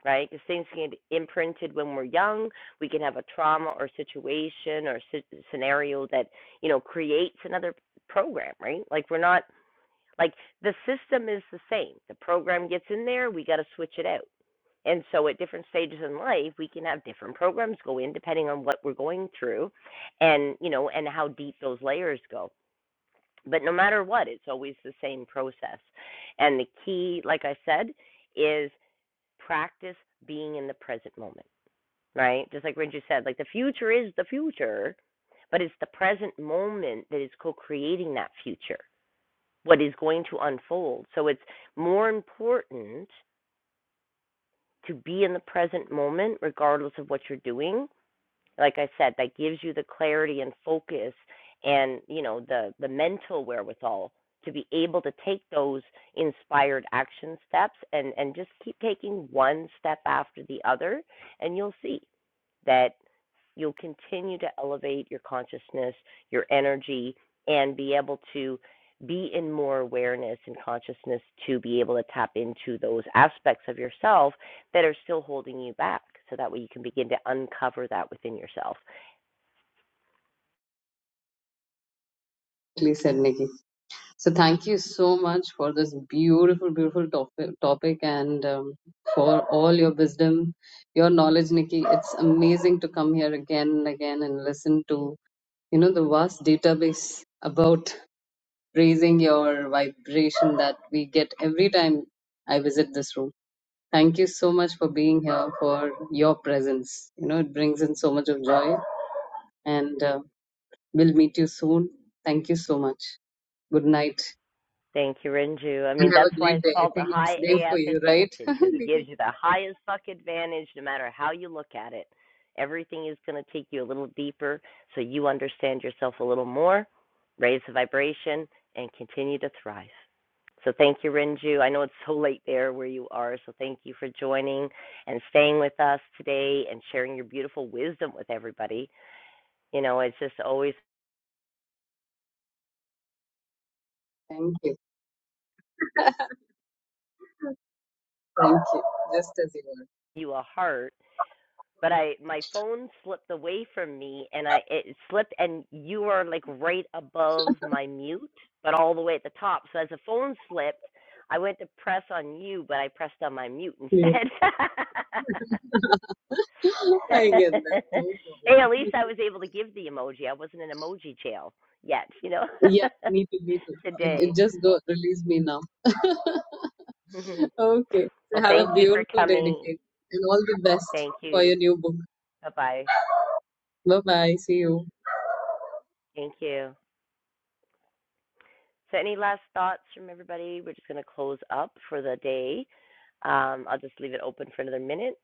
A: Right, because things can get imprinted when we're young. We can have a trauma or situation or si- scenario that you know creates another program. Right, like we're not like the system is the same. The program gets in there, we got to switch it out. And so at different stages in life, we can have different programs go in depending on what we're going through and, you know, and how deep those layers go. But no matter what, it's always the same process. And the key, like I said, is practice being in the present moment, right? Just like Renju said, like the future is the future, but it's the present moment that is co creating that future what is going to unfold. So it's more important to be in the present moment, regardless of what you're doing. Like I said, that gives you the clarity and focus and, you know, the, the mental wherewithal to be able to take those inspired action steps and, and just keep taking one step after the other and you'll see that you'll continue to elevate your consciousness, your energy, and be able to be in more awareness and consciousness to be able to tap into those aspects of yourself that are still holding you back so that way you can begin to uncover that within yourself.
K: Please said Nikki. So thank you so much for this beautiful, beautiful topic, topic and um, for all your wisdom, your knowledge, Nikki. It's amazing to come here again and again and listen to you know the vast database about raising your vibration that we get every time I visit this room. Thank you so much for being here for your presence. You know it brings in so much of joy, and uh, we'll meet you soon. Thank you so much. Good night.
A: Thank you, Renju. I mean,
K: and have
A: that's
K: a
A: why
K: great
A: it's
K: day. I
A: called the
K: think
A: high
K: it's day for
A: AF
K: you,
A: advantage
K: right? <laughs>
A: because it
K: Nikki?
A: gives you the highest fuck advantage no matter how you look at it. Everything is going to take you a little deeper so you understand yourself a little more, raise the vibration, and continue to thrive. So thank you, Renju. I know it's so late there where you are, so thank you for joining and staying with us today and sharing your beautiful wisdom with everybody. You know, it's just always
K: Thank you. <laughs> Thank you. Just as you are.
A: you a heart but I my phone slipped away from me and I it slipped and you were like right above my mute, but all the way at the top. So as the phone slipped, I went to press on you, but I pressed on my mute
K: Yeah.
A: instead.
K: <laughs> I get
A: <laughs>
K: that. No problem.
A: hey, at least I was able to give the emoji. I wasn't in emoji jail yet, you know.
K: Yeah, me too, me too.
A: <laughs>
K: It,
A: Today.
K: it just go release me now.
A: <laughs>
K: <laughs>
A: well,
K: Okay. So have a
A: thank you for
K: beautiful day,
A: coming.
K: Nikki. And all the best
A: Thank
K: for
A: you.
K: your new book.
A: Bye-bye.
K: Bye bye. See you.
A: Thank you. So, any last thoughts from everybody? We're just going to close up for the day. Um, I'll just leave it open for another minute.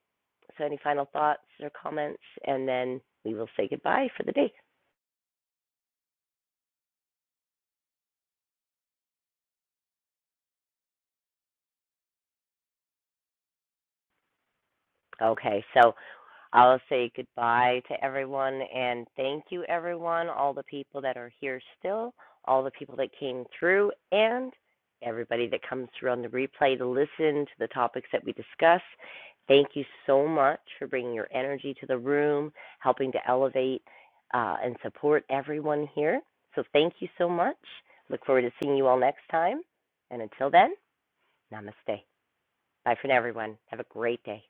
A: So, any final thoughts or comments, and then we will say goodbye for the day. Okay, so I'll say goodbye to everyone and thank you, everyone, all the people that are here still, all the people that came through, and everybody that comes through on the replay to listen to the topics that we discuss. Thank you so much for bringing your energy to the room, helping to elevate uh, and support everyone here. So, thank you so much. Look forward to seeing you all next time. And until then, namaste. Bye for now, everyone. Have a great day.